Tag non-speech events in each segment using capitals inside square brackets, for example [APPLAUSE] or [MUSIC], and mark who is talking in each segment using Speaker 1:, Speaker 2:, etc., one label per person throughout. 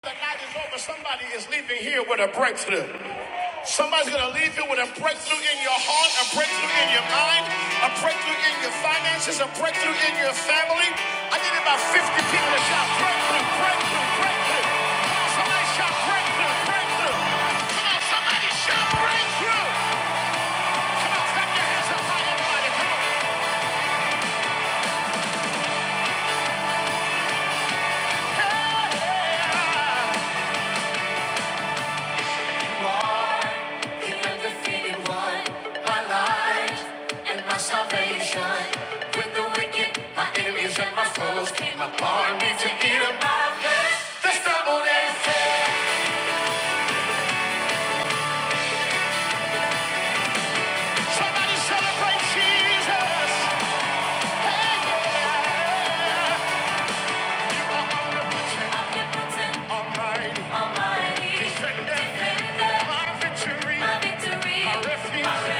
Speaker 1: The night is over. Somebody is leaving here with a breakthrough. Somebody's going to leave you with a breakthrough in your heart, a breakthrough in your mind, a breakthrough in your finances, a breakthrough in your family. I need about 50 people to shout breakthrough, breakthrough, breakthrough. somebody shout breakthrough, breakthrough. Come on, somebody shout breakthrough. Come on, clap your hands up high, everybody. Come on. Hey, hey, hey. The undefeated one, my life and my salvation. With the wicked, my enemies and my foes came upon me to eat up my flesh. They stumbled and fell. Somebody celebrate Jesus. Hey, yeah. Omnipotent, Almighty, Almighty, Defender, Defender, my victory, my refuge, my refuge.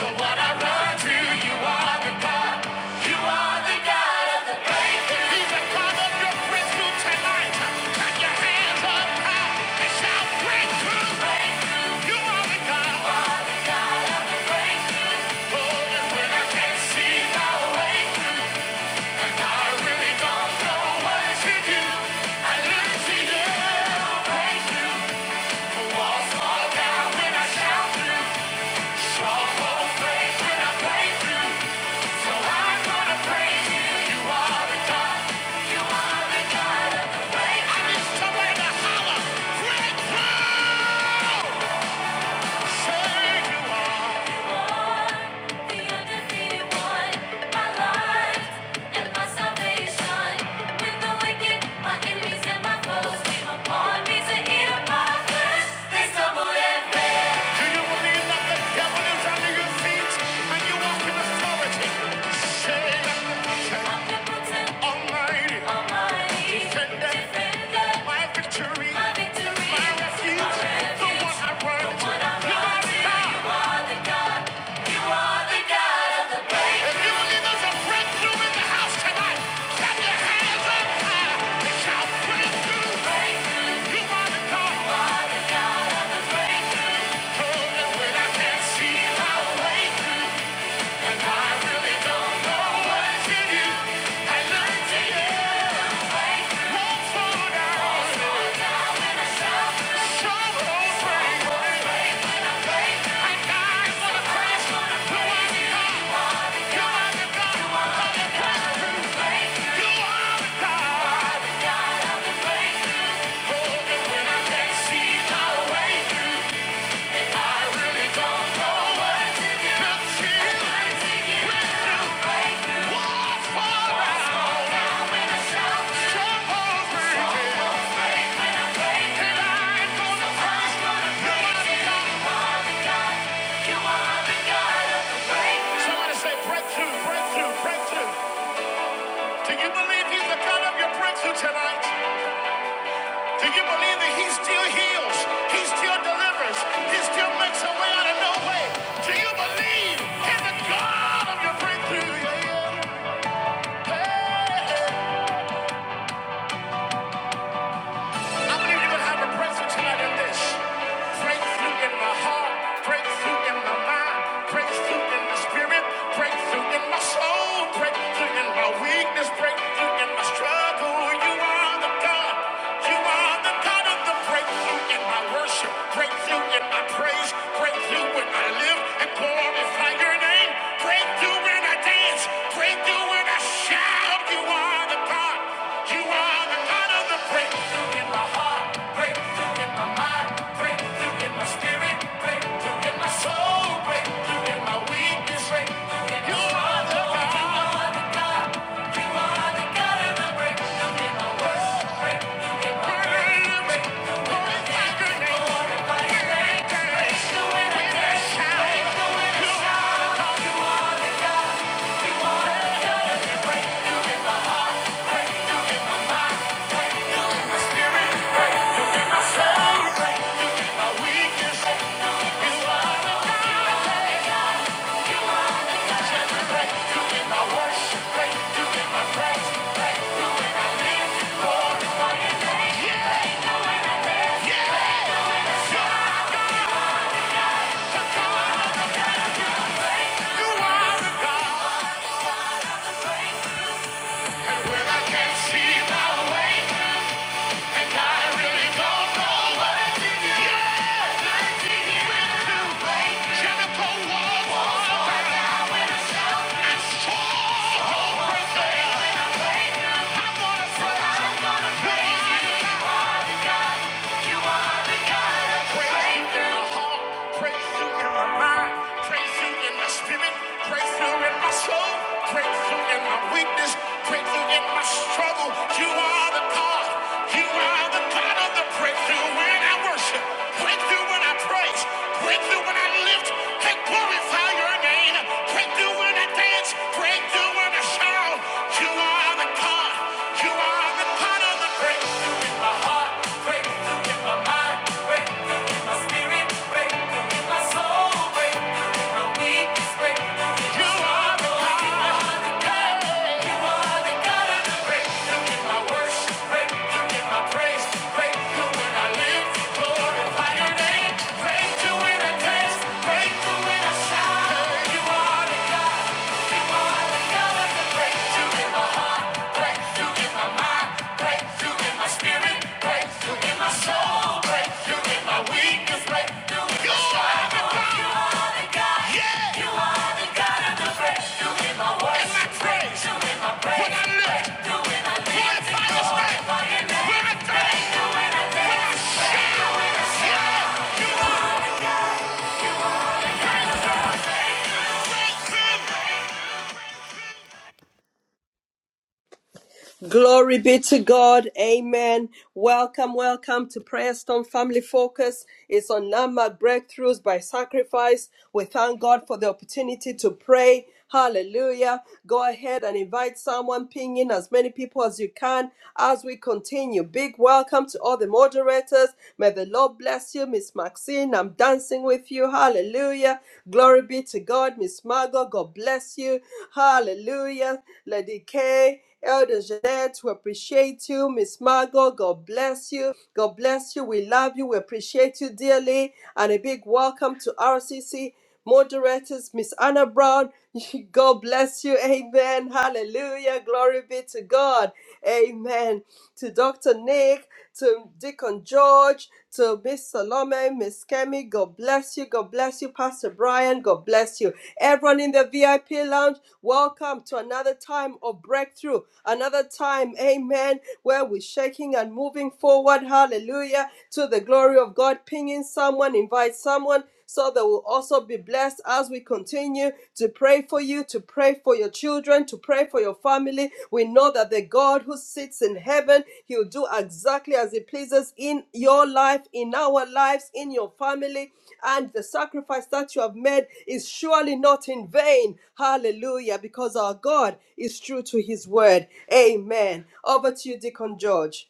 Speaker 1: So what I run to, you are the God. You are the God of the breakthrough. He's the God of your breakthrough tonight. Clap your hands up high and shout breakthrough. You are the God of my boldness when I can't see my way through. And I really don't know what to do. See, you need somebody to holler. Breakthrough. My enemies and my foes came upon me to eat up my flesh. They stumbled and do you believe that the is under your feet and you walk in authority? Say, Almighty, defender, my victory, my refuge, the one I run to. If you believe there's a breakthrough in the house tonight, clap your hands up high and shout breakthrough. You are the God. Oh, and when I can't see my way Thank you. Somebody say breakthrough, breakthrough, breakthrough. Do you believe he's the God of your breakthrough tonight? Do you believe that he still heals? He still delivers? He still makes a way out of no way? Do you believe in the God of your breakthrough? Yeah, yeah. Hey, hey. I believe you would have a breakthrough tonight in this. Breakthrough in my heart, breakthrough in my mind, breakthrough in my spirit, breakthrough in my soul, breakthrough in my weakness, breakthrough in my struggle. You are the God. You are the God of the breakthrough in my worship, breakthrough in my praise, breakthrough when I live and glorify your name, breakthrough when I dance, breakthrough when I shout. You are the God. Praise you in the heart, praise you in the mind, praise you in my spirit, praise you in my soul, praise you in my weakness, praise you in my struggle. You are the God, you are the God of the praise you when I worship, praise you when I praise, praise you when I lift and glorify your name, praise you when I dance, praise you when I shout. You are the God, you are the God of the praise. Breakthrough in my heart, breakthrough in my mind.
Speaker 2: Glory be to God. Amen. Welcome, welcome to Prayer Storm Family Focus. It's on Nama Breakthroughs by Sacrifice. We thank God for the opportunity to pray. Hallelujah. Go ahead and invite someone, ping in as many people as you can as we continue. Big welcome to all the moderators. May the Lord bless you, Miss Maxine. I'm dancing with you. Hallelujah. Glory be to God, Miss Margot. God bless you. Hallelujah. Lady K. Elder Jeanette, we appreciate you. Miss Margot, God bless you. God bless you. We love you. We appreciate you dearly. And a big welcome to RCC moderators, Miss Anna Brown. [LAUGHS] God bless you. Amen. Hallelujah. Glory be to God. Amen. To Dr. Nick to Deacon George, to Miss Salome, Miss Kemi. God bless you. God bless you, Pastor Brian. God bless you. Everyone in the VIP lounge, welcome to another time of breakthrough. Another time, amen, where we're shaking and moving forward. Hallelujah. To the glory of God. Pinging someone, invite someone so they will also be blessed as we continue continue to pray for you, to pray for your children, to pray for your family. We know that the God who sits in heaven, He'll do exactly as He pleases in your life, in our lives, in your family. And the sacrifice that you have made is surely not in vain. Hallelujah, because our God is true to His word. Amen. Over to you, Deacon George.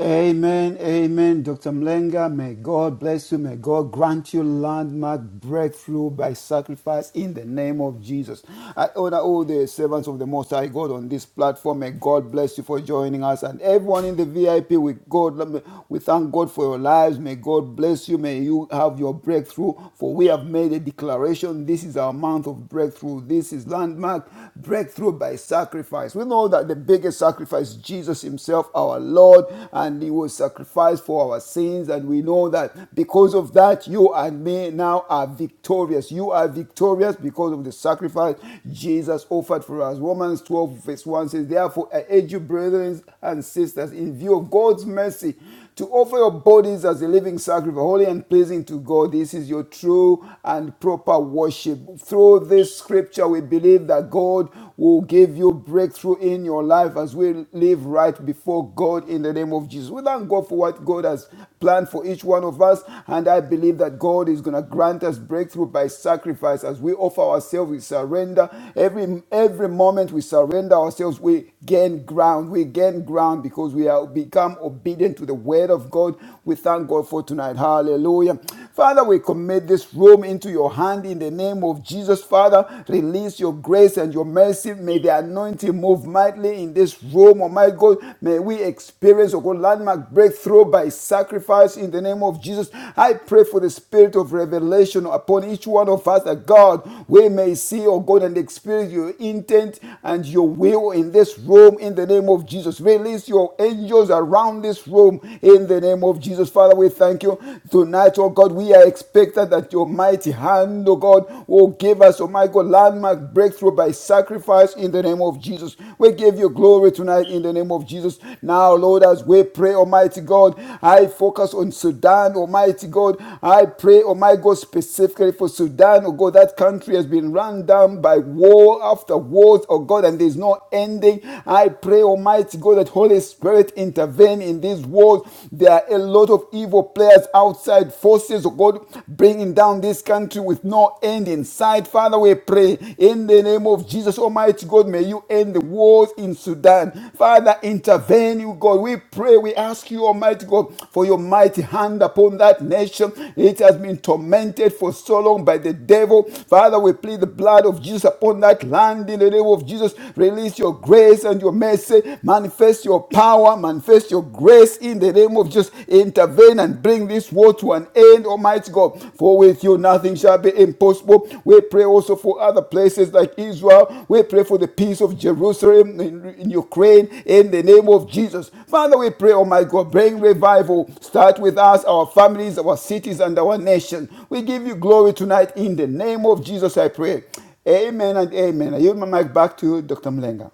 Speaker 3: Amen, amen, Dr. Mlenga. May God bless you. May God grant you landmark breakthrough by sacrifice in the name of Jesus. I honor all the servants of the Most High God on this platform. May God bless you for joining us and everyone in the VIP. We God, we thank God for your lives. May God bless you. May you have your breakthrough. For we have made a declaration. This is our month of breakthrough. This is landmark breakthrough by sacrifice. We know that the biggest sacrifice, Jesus Himself, our Lord, and He was sacrificed for our sins. And we know that because of that, you and me now are victorious. You are victorious because of the sacrifice Jesus offered for us. Romans 12, verse 1 says, Therefore, I urge you, brethren and sisters, in view of God's mercy, to offer your bodies as a living sacrifice, holy and pleasing to God. This is your true and proper worship. Through this scripture, we believe that God will give you breakthrough in your life as we live right before God in the name of Jesus. We thank God for what God has planned for each one of us, and I believe that God is going to grant us breakthrough by sacrifice as we offer ourselves, we surrender. Every every moment we surrender ourselves, we gain ground. We gain ground because we have become obedient to the word of God. We thank God for tonight. Hallelujah. Father, we commit this room into your hand in the name of Jesus. Father, release your grace and your mercy. May the anointing move mightily in this room, Almighty God. May we experience, oh God, landmark breakthrough by sacrifice in the name of Jesus. I pray for the spirit of revelation upon each one of us that God, we may see, oh God, and experience your intent and your will in this room in the name of Jesus. Release your your angels around this room in the name of Jesus. Father, we thank you. Tonight, oh God, we are expected that your mighty hand, oh God, will give us, oh my God, landmark breakthrough by sacrifice in the name of Jesus. We give you glory tonight in the name of Jesus. Now, Lord, as we pray, Almighty God, I focus on Sudan, Almighty God. I pray, oh my God, specifically for Sudan, oh God, that country has been run down by war after wars, oh God, and there's no ending. I pray, Almighty Almighty God, that Holy Spirit intervene in this world. There are a lot of evil players outside, forces of God bringing down this country with no end in sight. Father, we pray in the name of Jesus, Almighty God, may you end the wars in Sudan. Father, intervene, you God. We pray, we ask you, Almighty God, for your mighty hand upon that nation. It has been tormented for so long by the devil. Father, we plead the blood of Jesus upon that land in the name of Jesus. Release your grace and your your mercy, manifest your power, manifest your grace in the name of Jesus. Intervene and bring this war to an end, Almighty God. For with you nothing shall be impossible. We pray also for other places like Israel. We pray for the peace of Jerusalem in, in Ukraine in the name of Jesus. Father, we pray, Almighty God, bring revival. Start with us, our families, our cities, and our nation. We give you glory tonight in the name of Jesus, I pray. Amen and amen. I yield my mic back to Dr. Mlenga.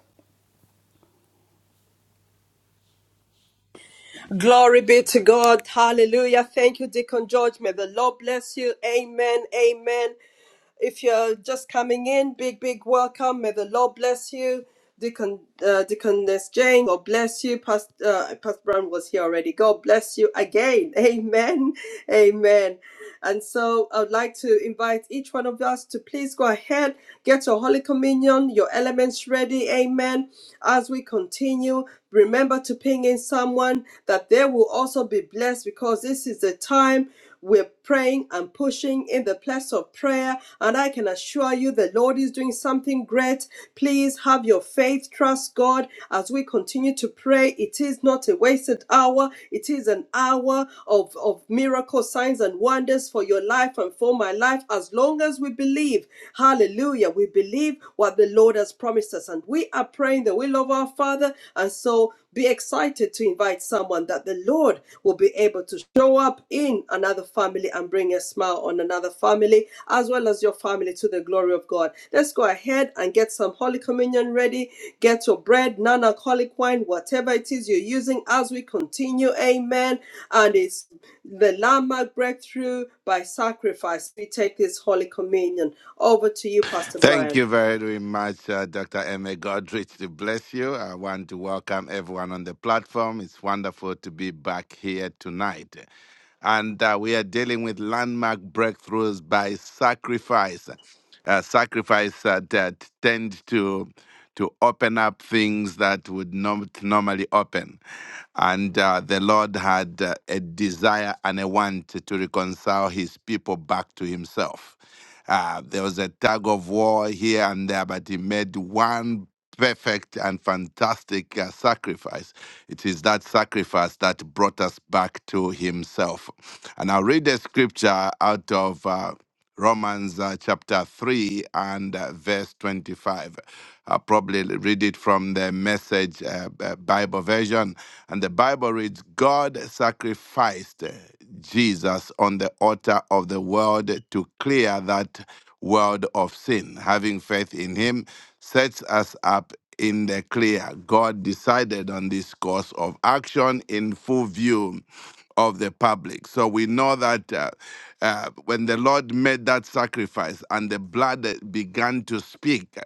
Speaker 2: Glory be to God. Hallelujah. Thank you, Deacon George. May the Lord bless you. Amen. Amen. If you're just coming in, big, big welcome. May the Lord bless you. Deacon, uh, Deaconess Jane, God bless you. Pastor, uh, Pastor Brown was here already. God bless you again. [LAUGHS] Amen. Amen. And so I'd like to invite each one of us to please go ahead, get your Holy Communion, your elements ready. Amen. As we continue, remember to ping in someone that they will also be blessed because this is the time. we're praying and pushing in the place of prayer. And I can assure you the Lord is doing something great. Please have your faith, trust God as we continue to pray. It is not a wasted hour, it is an hour of, of miracle signs and wonders for your life and for my life. As long as we believe, hallelujah, we believe what the Lord has promised us. And we are praying the will of our Father. And so be excited to invite someone that the Lord will be able to show up in another family and bring a smile on another family as well as your family to the glory of God. Let's go ahead and get some Holy Communion ready. Get your bread, non alcoholic wine, whatever it is you're using as we continue. Amen. And it's the landmark breakthrough by sacrifice. We take this Holy Communion. Over to you, Pastor
Speaker 4: Thank
Speaker 2: Brian.
Speaker 4: you very, very much, uh, Dr. Emma Godrich, to bless you. I want to welcome everyone on the platform. It's wonderful to be back here tonight. And uh, we are dealing with landmark breakthroughs by sacrifice. Uh, sacrifice uh, that tend to to open up things that would not normally open. And uh, the Lord had uh, a desire and a want to reconcile his people back to himself. Uh, there was a tug of war here and there, but he made one perfect and fantastic uh, sacrifice. It is that sacrifice that brought us back to himself. And I'll read a scripture out of. Uh, Romans uh, chapter 3 and uh, verse 25. I'll probably read it from the message uh, B- Bible version. And the Bible reads God sacrificed Jesus on the altar of the world to clear that world of sin. Having faith in him sets us up in the clear. God decided on this course of action in full view of the public. So we know that uh, uh, when the Lord made that sacrifice and the blood began to speak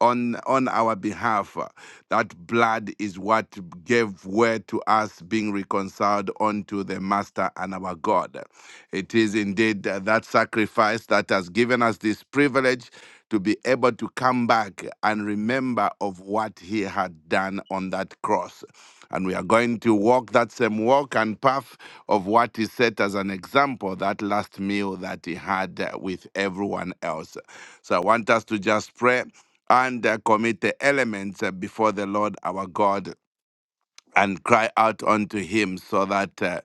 Speaker 4: on on our behalf, uh, that blood is what gave way to us being reconciled unto the Master and our God. It is indeed uh, that sacrifice that has given us this privilege to be able to come back and remember of what he had done on that cross. And we are going to walk that same walk and path of what he set as an example, that last meal that he had uh, with everyone else. So I want us to just pray and uh, commit the elements uh, before the Lord our God and cry out unto him so that uh,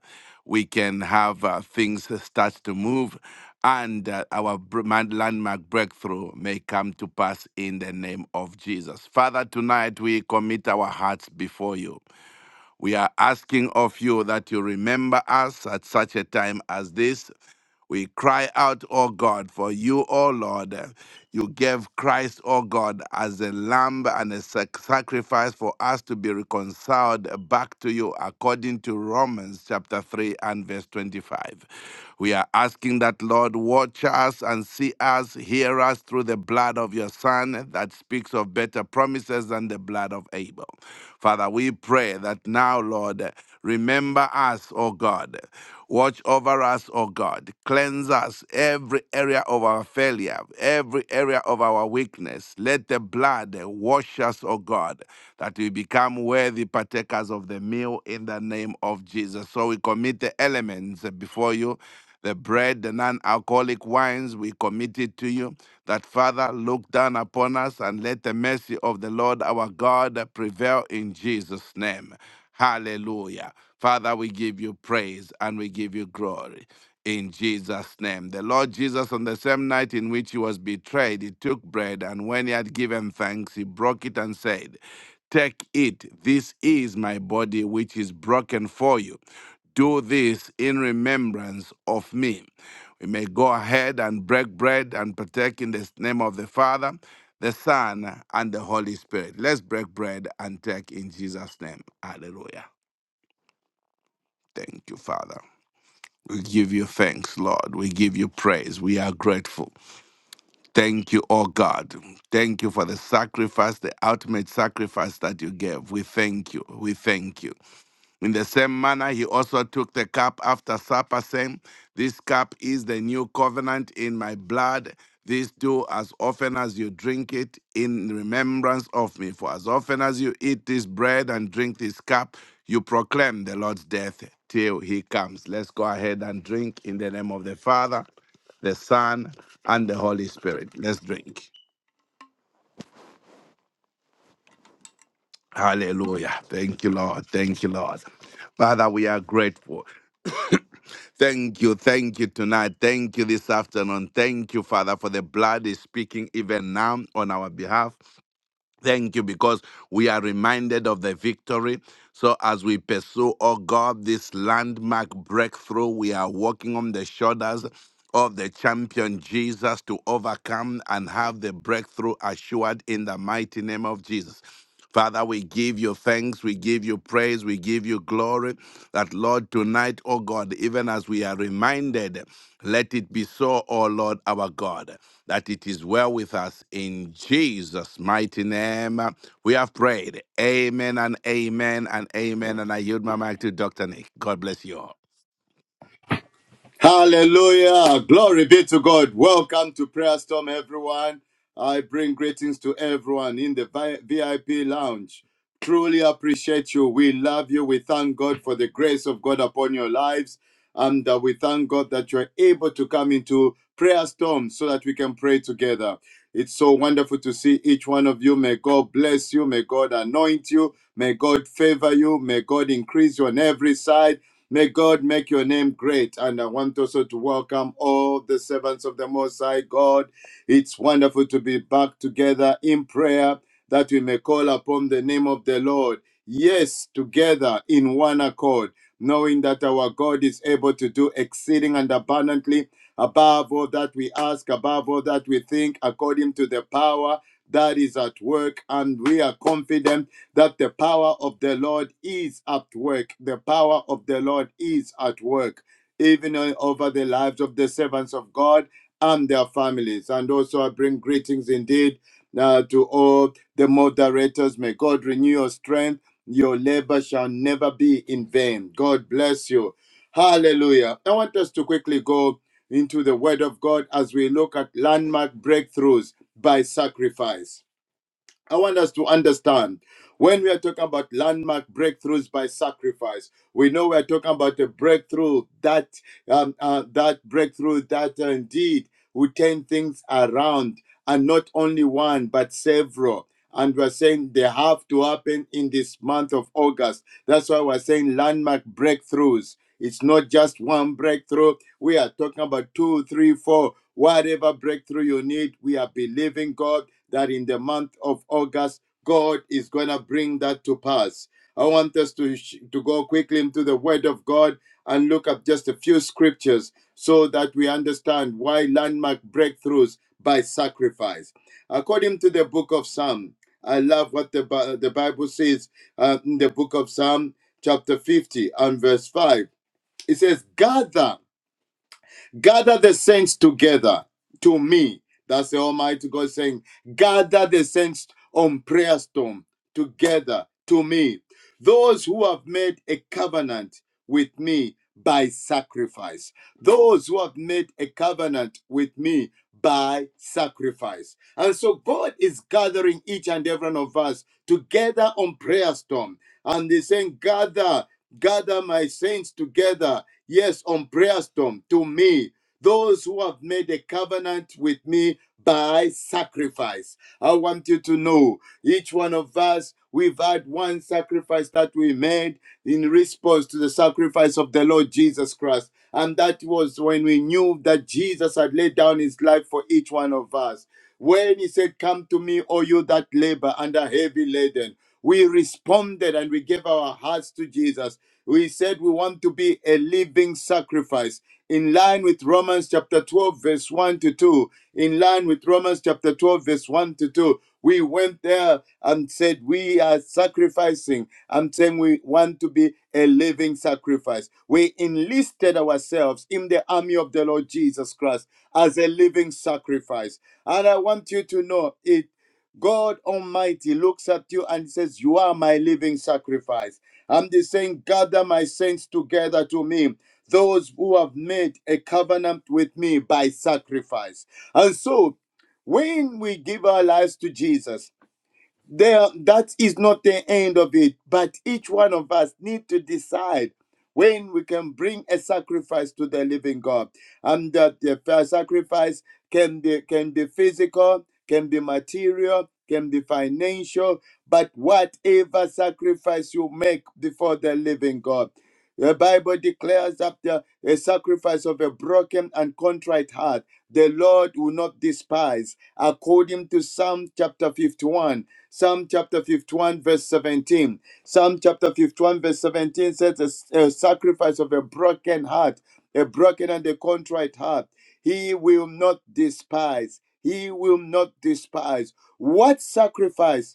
Speaker 4: we can have uh, things start to move and uh, our br- man- landmark breakthrough may come to pass in the name of Jesus. Father, tonight we commit our hearts before you. We are asking of you that you remember us at such a time as this. We cry out, O God, for you, O Lord. You gave Christ, O God, as a lamb and a sac- sacrifice for us to be reconciled back to you, according to Romans chapter 3 and verse 25. We are asking that, Lord, watch us and see us, hear us through the blood of your Son that speaks of better promises than the blood of Abel. Father, we pray that now, Lord, remember us, O God. Watch over us, O God. Cleanse us every area of our failure, every area of our weakness. Let the blood wash us, O God, that we become worthy partakers of the meal in the name of Jesus. So we commit the elements before you. The bread, the non alcoholic wines, we commit it to you. That Father, look down upon us and let the mercy of the Lord our God prevail in Jesus' name. Hallelujah. Father, we give you praise and we give you glory. In Jesus' name. The Lord Jesus, on the same night in which he was betrayed, he took bread, and when he had given thanks, he broke it and said, Take it. This is my body, which is broken for you. Do this in remembrance of me. We may go ahead and break bread and partake in the name of the Father, the Son, and the Holy Spirit. Let's break bread and take in Jesus' name. Hallelujah. Thank you, Father. We give you thanks, Lord. We give you praise. We are grateful. Thank you, oh God. Thank you for the sacrifice, the ultimate sacrifice that you gave. We thank you. We thank you. In the same manner, he also took the cup after supper, saying, This cup is the new covenant in my blood. This do as often as you drink it in remembrance of me. For as often as you eat this bread and drink this cup, you proclaim the Lord's death till he comes. Let's go ahead and drink in the name of the Father, the Son, and the Holy Spirit. Let's drink. Hallelujah. Thank you, Lord. Thank you, Lord. Father, we are grateful. Thank you, thank you tonight. Thank you this afternoon. Thank you, Father, for the blood is speaking even now on our behalf. Thank you because we are reminded of the victory. So, as we pursue, oh God, this landmark breakthrough, we are walking on the shoulders of the champion Jesus to overcome and have the breakthrough assured in the mighty name of Jesus. Father, we give you thanks, we give you praise, we give you glory. That, Lord, tonight, oh God, even as we are reminded, let it be so, oh Lord, our God, that it is well with us in Jesus' mighty name. We have prayed. Amen and amen and amen. And I yield my mic to Dr. Nick. God bless you all.
Speaker 5: Hallelujah. Glory be to God. Welcome to Prayer Storm, everyone. I bring greetings to everyone in the vi- VIP lounge. Truly appreciate you. We love you. We thank God for the grace of God upon your lives. And uh, we thank God that you're able to come into Prayer Storm so that we can pray together. It's so wonderful to see each one of you. May God bless you. May God anoint you. May God favor you. May God increase you on every side. May God make your name great. And I want also to welcome all the servants of the Most High God. It's wonderful to be back together in prayer that we may call upon the name of the Lord. Yes, together in one accord, knowing that our God is able to do exceeding and abundantly above all that we ask, above all that we think, according to the power that is at work. And we are confident that the power of the Lord is at work. The power of the Lord is at work, even uh, over the lives of the servants of God and their families. And also, I bring greetings indeed uh, to all the moderators. May God renew your strength. Your labor shall never be in vain. God bless you. Hallelujah. I want us to quickly go into the Word of God as we look at landmark breakthroughs by sacrifice. I want us to understand when we are talking about landmark breakthroughs by sacrifice, we know we are talking about a breakthrough that um, uh, that breakthrough that uh, indeed will turn things around, and not only one but several. And we're saying they have to happen in this month of August. That's why we're saying landmark breakthroughs it's not just one breakthrough. We are talking about two, three, four, whatever breakthrough you need. We are believing God that in the month of August, God is going to bring that to pass. I want us to, sh- to go quickly into the Word of God and look up just a few scriptures so that we understand why landmark breakthroughs by sacrifice. According to the book of Psalm, I love what the, Bi- the Bible says uh, in the book of Psalm, chapter 50 and verse 5. It says, gather, gather the saints together to me. That's the Almighty God saying, gather the saints on prayer storm together to me. Those who have made a covenant with me by sacrifice. Those who have made a covenant with me by sacrifice. And so God is gathering each and every one of us together on prayer storm. And he's saying, gather gather my saints together, yes, on prayer storm to me, those who have made a covenant with me by sacrifice. I want you to know each one of us, we've had one sacrifice that we made in response to the sacrifice of the Lord Jesus Christ. And that was when we knew that Jesus had laid down his life for each one of us. When he said, Come to me, all you that labor and are heavy laden. We responded and we gave our hearts to Jesus. We said we want to be a living sacrifice in line with Romans chapter 12, verse 1 to 2. In line with Romans chapter 12, verse 1 to 2. We went there and said, We are sacrificing. I'm saying we want to be a living sacrifice. We enlisted ourselves in the army of the Lord Jesus Christ as a living sacrifice. And I want you to know it. God Almighty looks at you and says, You are my living sacrifice. I'm just saying, Gather my saints together to me, those who have made a covenant with me by sacrifice. And so, when we give our lives to Jesus, there that is not the end of it but each one of us need to decide when we can bring a sacrifice to the living god and that the first sacrifice can be can be physical can be material can be financial but whatever sacrifice you make before the living god the bible declares that the a sacrifice of a broken and contrite heart the lord will not despise according to psalm chapter 51 Psalm chapter 51, verse 17. Psalm chapter 51, verse 17 says, A a sacrifice of a broken heart, a broken and a contrite heart, he will not despise. He will not despise. What sacrifice?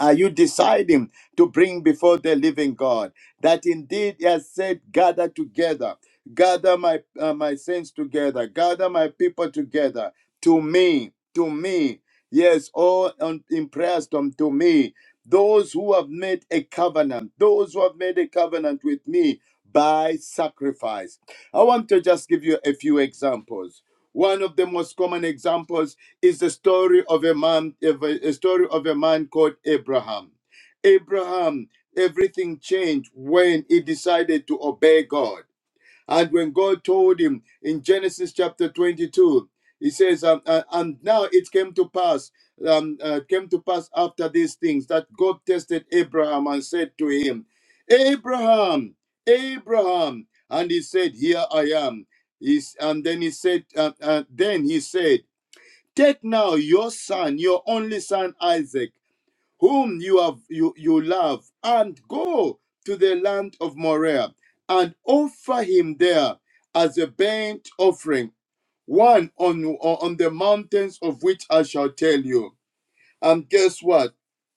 Speaker 5: Are you deciding to bring before the living God that indeed He has said, gather together, gather my uh, my saints together, gather my people together to me, to me. Yes, all on, in prayers to to me. Those who have made a covenant, those who have made a covenant with me by sacrifice. I want to just give you a few examples. One of the most common examples is the story of a man, of a, a story of a man called Abraham. Abraham, everything changed when he decided to obey God. And when God told him in Genesis chapter 22, he says, um, uh, and now it came to pass, um, uh, came to pass after these things that God tested Abraham and said to him, Abraham, Abraham. And he said, Here I am. He's, and then he said, uh, uh, then he said, Take now your son, your only son Isaac whom you have you, you love, and go to the land of Moriah and offer him there as a burnt offering, one on, on the mountains of which I shall tell you. And guess what?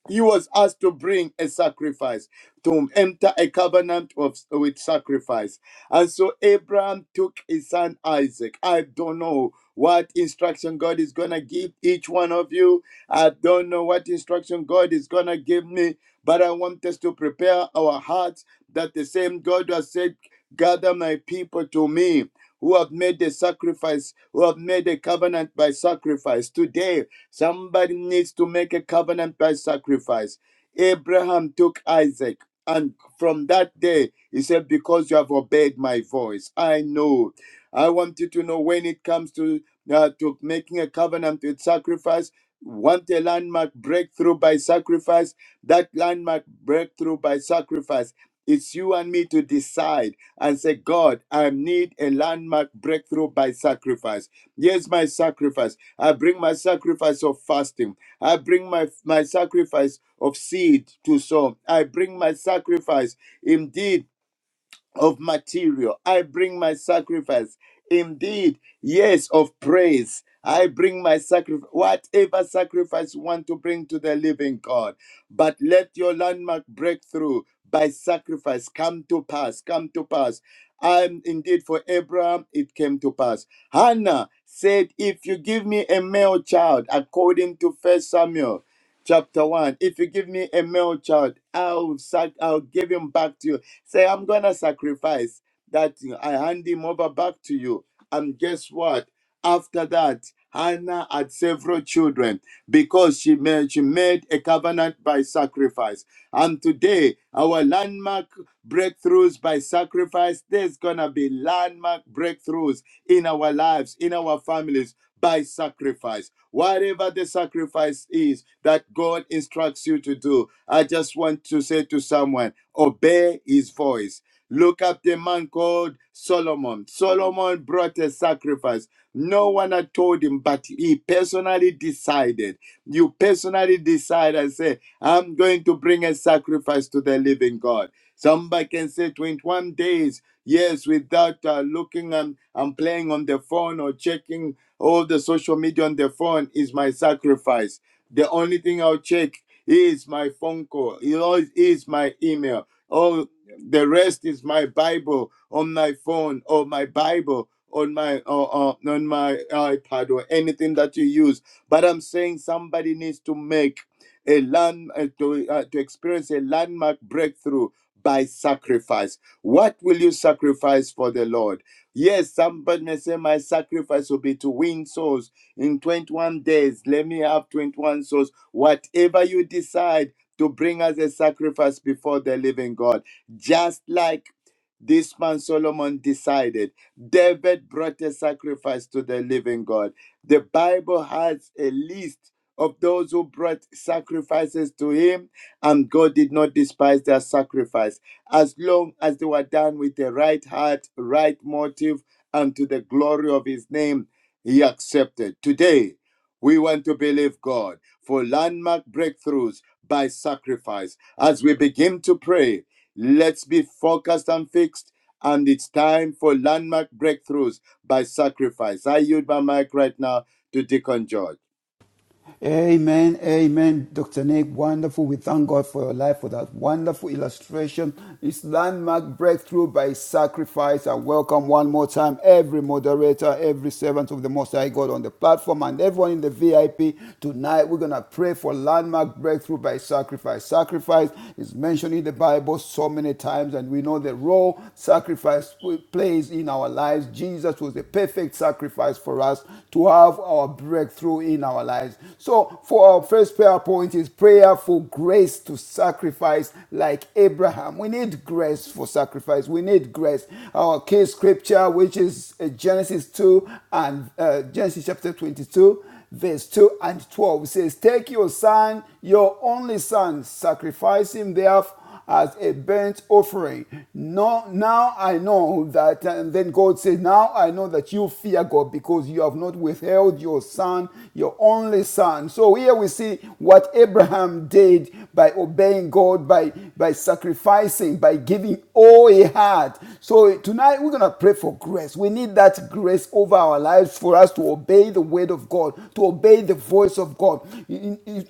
Speaker 5: He was asked to bring a sacrifice, to enter a covenant of with sacrifice. And so Abraham took his son Isaac. I don't know what instruction God is gonna give each one of you. I don't know what instruction God is gonna give me, but I want us to prepare our hearts that the same God who has said, Gather my people to me, who have made a sacrifice, who have made a covenant by sacrifice. Today Somebody needs to make a covenant by sacrifice. Abraham took Isaac, and from that day, he said, Because you have obeyed my voice, I know. I want you to know when it comes to, uh, to making a covenant with sacrifice, want a landmark breakthrough by sacrifice, that landmark breakthrough by sacrifice. It's you and me to decide and say, God, I need a landmark breakthrough by sacrifice. Yes, my sacrifice. I bring my sacrifice of fasting. I bring my, my sacrifice of seed to sow. I bring my sacrifice indeed of material. I bring my sacrifice. Indeed, yes, of praise. I bring my sacrifice, whatever sacrifice you want to bring to the living God. But let your landmark breakthrough by sacrifice come to pass, come to pass. And indeed, for Abraham, it came to pass. Hannah said, If you give me a male child, according to First Samuel, chapter 1 if you give me a male child i'll sac- i'll give him back to you say i'm gonna sacrifice that thing. i hand him over back to you and guess what after that hannah had several children because she made, she made a covenant by sacrifice and today our landmark breakthroughs by sacrifice there's gonna be landmark breakthroughs in our lives in our families by sacrifice. Whatever the sacrifice is that God instructs you to do, I just want to say to someone, obey his voice. Look up the man called Solomon. Solomon brought a sacrifice. No one had told him, but he personally decided. You personally decide and say, I'm going to bring a sacrifice to the living God. Somebody can say 21 days, yes, without uh, looking and, and playing on the phone or checking all the social media on the phone is my sacrifice. The only thing I'll check is my phone call, it always is my email. All the rest is my Bible on my phone or my Bible on my uh, uh, on my iPad or anything that you use. But I'm saying somebody needs to make a land uh, to, uh, to experience a landmark breakthrough by sacrifice. What will you sacrifice for the Lord? Yes, somebody may say, My sacrifice will be to win souls in 21 days. Let me have 21 souls. Whatever you decide to bring as a sacrifice before the living God, just like this man Solomon decided, David brought a sacrifice to the living God. The Bible has a list of those who brought sacrifices to him and God did not despise their sacrifice, as long as they were done with the right heart, right motive, and to the glory of His name, He accepted. Today, we want to believe God for landmark breakthroughs by sacrifice. As we begin to pray, let's be focused and fixed. And it's time for landmark breakthroughs by sacrifice. I yield my mic right now to Deacon George.
Speaker 3: Amen, amen, Dr. Nick. Wonderful. We thank God for your life for that wonderful illustration. It's landmark breakthrough by sacrifice. I welcome one more time every moderator, every servant of the Most High God on the platform, and everyone in the VIP. Tonight, we're going to pray for landmark breakthrough by sacrifice. Sacrifice is mentioned in the Bible so many times, and we know the role sacrifice plays in our lives. Jesus was the perfect sacrifice for us to have our God breakthrough in our lives. So, for our first prayer point is prayer for grace to sacrifice like Abraham. We need grace for sacrifice. We need grace. Our key scripture, which is uh, Genesis 2 and uh, Genesis chapter 22 verse 2 and 12 says, Take your son, your only son, sacrifice him therefore as a burnt offering. No, now I know that. And then God said, Now I know that you fear God because you have not withheld your son, your only son. So here we see what Abraham did by obeying God, by, by sacrificing, by giving all he had. So tonight we're going to pray for grace. We need that grace over our lives for us to obey the word of God, to obey the voice of God,